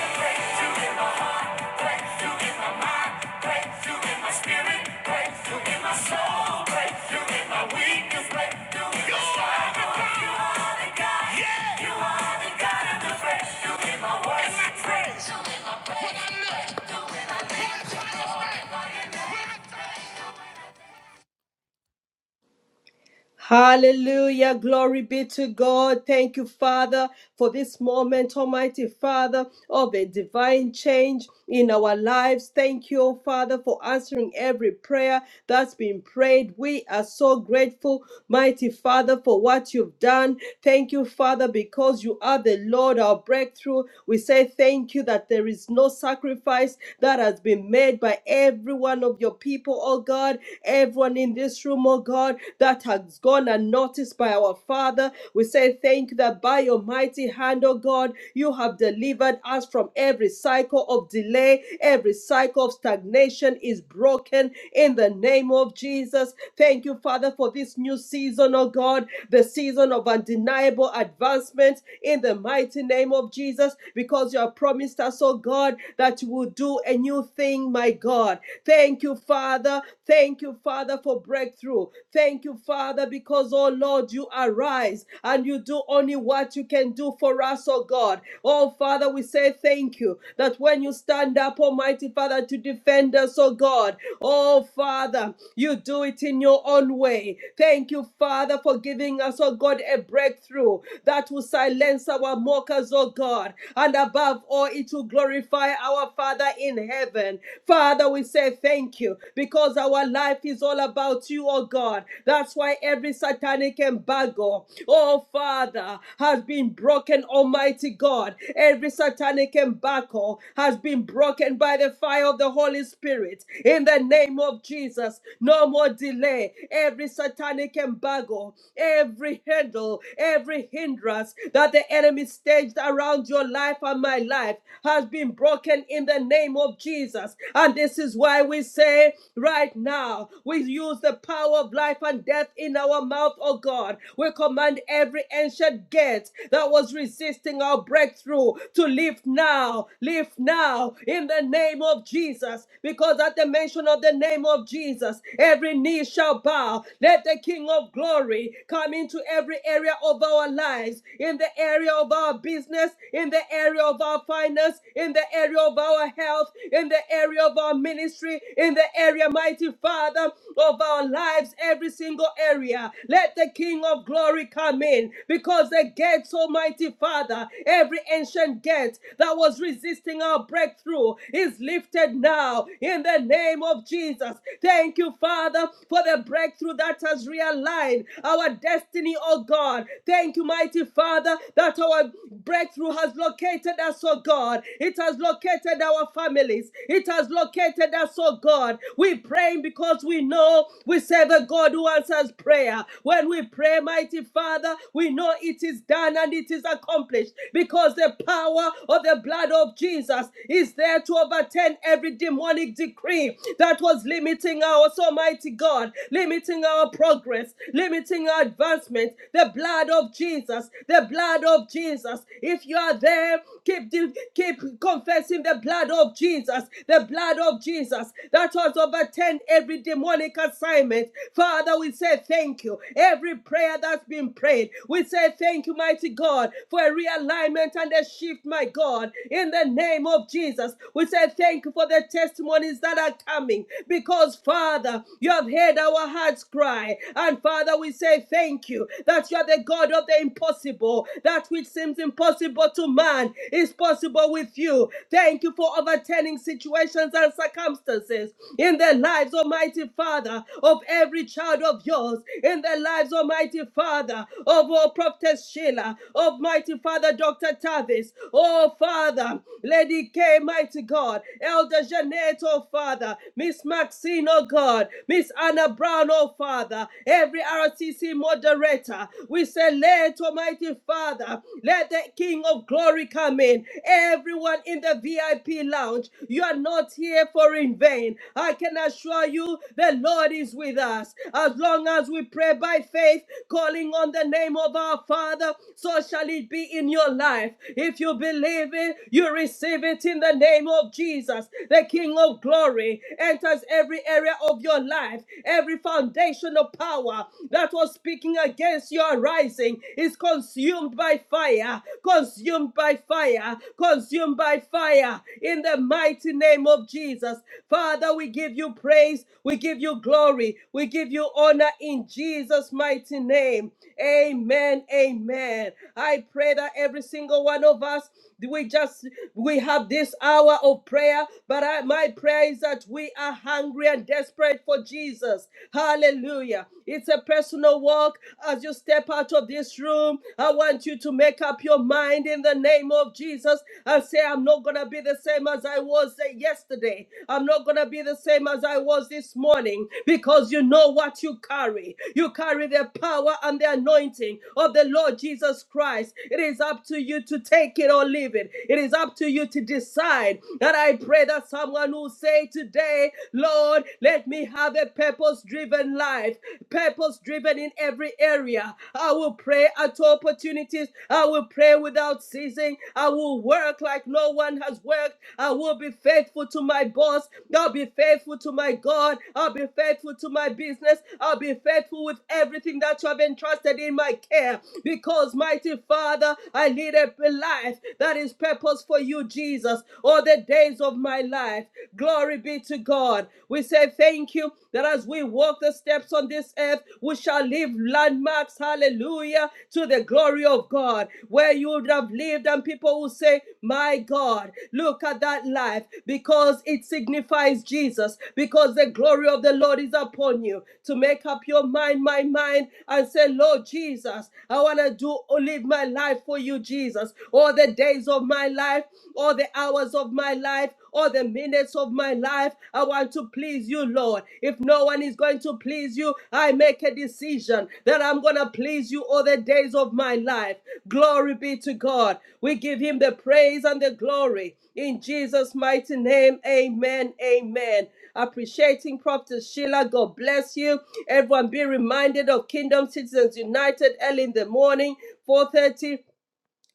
Speaker 2: Hallelujah. Glory be to God. Thank you, Father, for this moment, Almighty Father, of a divine change in our lives. Thank you, oh Father, for answering every prayer that's been prayed. We are so grateful, mighty Father, for what you've done. Thank you, Father, because you are the Lord, our breakthrough. We say thank you that there is no sacrifice that has been made by every one of your people, oh God, everyone in this room, oh God. God, that has gone unnoticed by our Father. We say thank you that by your mighty hand, oh God, you have delivered us from every cycle of delay, every cycle of stagnation is broken in the name of Jesus. Thank you, Father, for this new season, oh God, the season of undeniable advancement in the mighty name of Jesus, because you have promised us, oh God, that you will do a new thing, my God. Thank you, Father. Thank you, Father, for breakthrough breakthrough. Thank you, Father, because, oh Lord, you arise and you do only what you can do for us, oh God. Oh Father, we say thank you that when you stand up, Almighty Father, to defend us, oh God, oh Father, you do it in your own way. Thank you, Father, for giving us, oh God, a breakthrough that will silence our mockers, oh God, and above all, it will glorify our Father in heaven. Father, we say thank you because our life is is all about you, oh God. That's why every satanic embargo, oh Father, has been broken, Almighty God. Every satanic embargo has been broken by the fire of the Holy Spirit. In the name of Jesus, no more delay. Every satanic embargo, every handle, every hindrance that the enemy staged around your life and my life has been broken in the name of Jesus. And this is why we say, right right now. We use the power of life and death in our mouth, oh God. We command every ancient gate that was resisting our breakthrough to lift now, lift now in the name of Jesus. Because at the mention of the name of Jesus, every knee shall bow. Let the King of glory come into every area of our lives, in the area of our business, in the area of our finance, in the area of our health, in the area of our ministry, in the in the area, mighty Father, of our lives, every single area. Let the King of glory come in because the gates, Almighty Father, every ancient gate that was resisting our breakthrough is lifted now in the name of Jesus. Thank you, Father, for the breakthrough that has realigned our destiny, oh God. Thank you, mighty Father, that our breakthrough has located us, oh God. It has located our families, it has located visited us, oh God. We pray because we know we serve a God who answers prayer. When we pray, mighty Father, we know it is done and it is accomplished because the power of the blood of Jesus is there to overturn every demonic decree that was limiting our Almighty God, limiting our progress, limiting our advancement. The blood of Jesus, the blood of Jesus. If you are there, keep keep confessing the blood of Jesus the blood of Jesus that has overturned every demonic assignment. Father, we say thank you. Every prayer that's been prayed, we say thank you, mighty God, for a realignment and a shift, my God, in the name of Jesus. We say thank you for the testimonies that are coming because, Father, you have heard our hearts cry. And Father, we say thank you that you are the God of the impossible. That which seems impossible to man is possible with you. Thank you for overturning pertaining situations and circumstances in the lives, Almighty Father, of every child of yours, in the lives, Almighty Father, of all Prophetess Sheila, of Mighty Father, Dr. Tavis, oh Father, Lady K, Mighty God, Elder Jeanette, oh Father, Miss Maxine, oh God, Miss Anna Brown, oh Father, every RCC moderator, we say, let Almighty Father, let the King of Glory come in, everyone in the VIP. VIP lounge. You are not here for in vain. I can assure you the Lord is with us. As long as we pray by faith, calling on the name of our Father, so shall it be in your life. If you believe it, you receive it in the name of Jesus, the King of glory, enters every area of your life, every foundational power that was speaking against your rising is consumed by fire, consumed by fire, consumed consumed by fire in the mighty name of Jesus. Father, we give you praise, we give you glory, we give you honor in Jesus' mighty name. Amen. Amen. I pray that every single one of us, we just we have this hour of prayer, but I, my prayer is that we are hungry and desperate for Jesus. Hallelujah. It's a personal walk. As you step out of this room, I want you to make up your mind in the name of Jesus. Jesus and say, I'm not going to be the same as I was uh, yesterday. I'm not going to be the same as I was this morning because you know what you carry. You carry the power and the anointing of the Lord Jesus Christ. It is up to you to take it or leave it. It is up to you to decide. And I pray that someone will say today, Lord, let me have a purpose driven life, purpose driven in every area. I will pray at all opportunities. I will pray without ceasing season. I will work like no one has worked. I will be faithful to my boss. I'll be faithful to my God. I'll be faithful to my business. I'll be faithful with everything that you have entrusted in my care. Because, mighty Father, I lead a life that is purpose for you, Jesus, all the days of my life. Glory be to God. We say thank you that as we walk the steps on this earth, we shall leave landmarks, hallelujah, to the glory of God. Where where you would have lived, and people will say, My God, look at that life because it signifies Jesus, because the glory of the Lord is upon you. To make up your mind, my mind, and say, Lord Jesus, I want to do live my life for you, Jesus, all the days of my life, all the hours of my life, all the minutes of my life. I want to please you, Lord. If no one is going to please you, I make a decision that I'm going to please you all the days of my life. Glory be to God. We give him the praise and the glory. In Jesus' mighty name, amen. Amen. Appreciating Prophet Sheila. God bless you. Everyone be reminded of Kingdom Citizens United early in the morning, 4:30.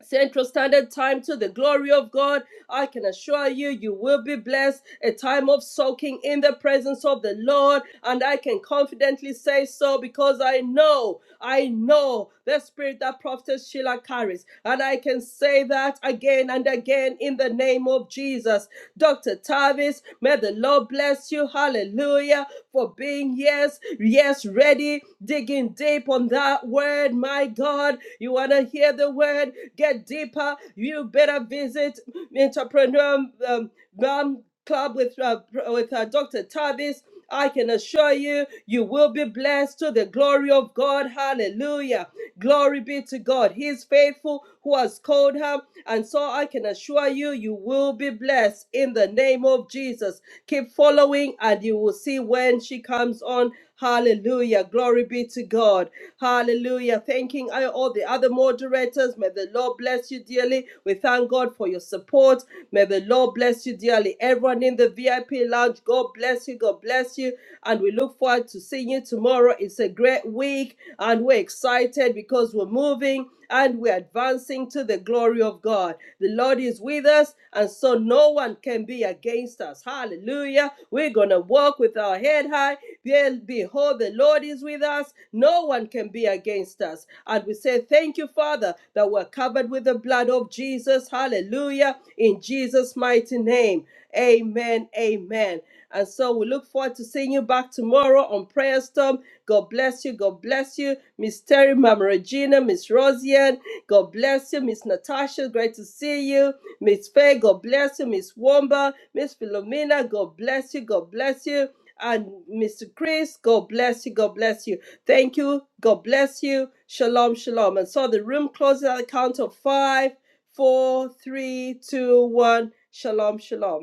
Speaker 2: Central Standard Time to the glory of God. I can assure you, you will be blessed. A time of soaking in the presence of the Lord. And I can confidently say so because I know, I know the spirit that Prophetess Sheila carries. And I can say that again and again in the name of Jesus. Dr. Tavis, may the Lord bless you. Hallelujah for being, yes, yes, ready, digging deep on that word. My God, you want to hear the word? Get deeper. You better visit entrepreneur. um, um, club with uh, with uh, Dr. Tavis. I can assure you, you will be blessed to the glory of God. Hallelujah. Glory be to God. He is faithful who has called her. And so I can assure you, you will be blessed in the name of Jesus. Keep following and you will see when she comes on. Hallelujah. Glory be to God. Hallelujah. Thanking I- all the other moderators. May the Lord bless you dearly. We thank God for your support. May the Lord bless you dearly. Everyone in the VIP lounge, God bless you. God bless you. And we look forward to seeing you tomorrow. It's a great week and we're excited because we're moving and and we're advancing to the glory of God. The Lord is with us, and so no one can be against us. Hallelujah. We're going to walk with our head high. Behold, the Lord is with us. No one can be against us. And we say, Thank you, Father, that we're covered with the blood of Jesus. Hallelujah. In Jesus' mighty name. Amen. Amen. And so we look forward to seeing you back tomorrow on Prayer Storm. God bless you. God bless you. Miss Terry, Mama Regina, Miss Rosian, God bless you, Miss Natasha. Great to see you. Miss Faye, God bless you. Miss Wamba, Miss Philomena, God bless you. God bless you. And Mr. Chris, God bless you. God bless you. Thank you. God bless you. Shalom, shalom. And so the room closes at the count of five, four, three, two, one. Shalom, shalom.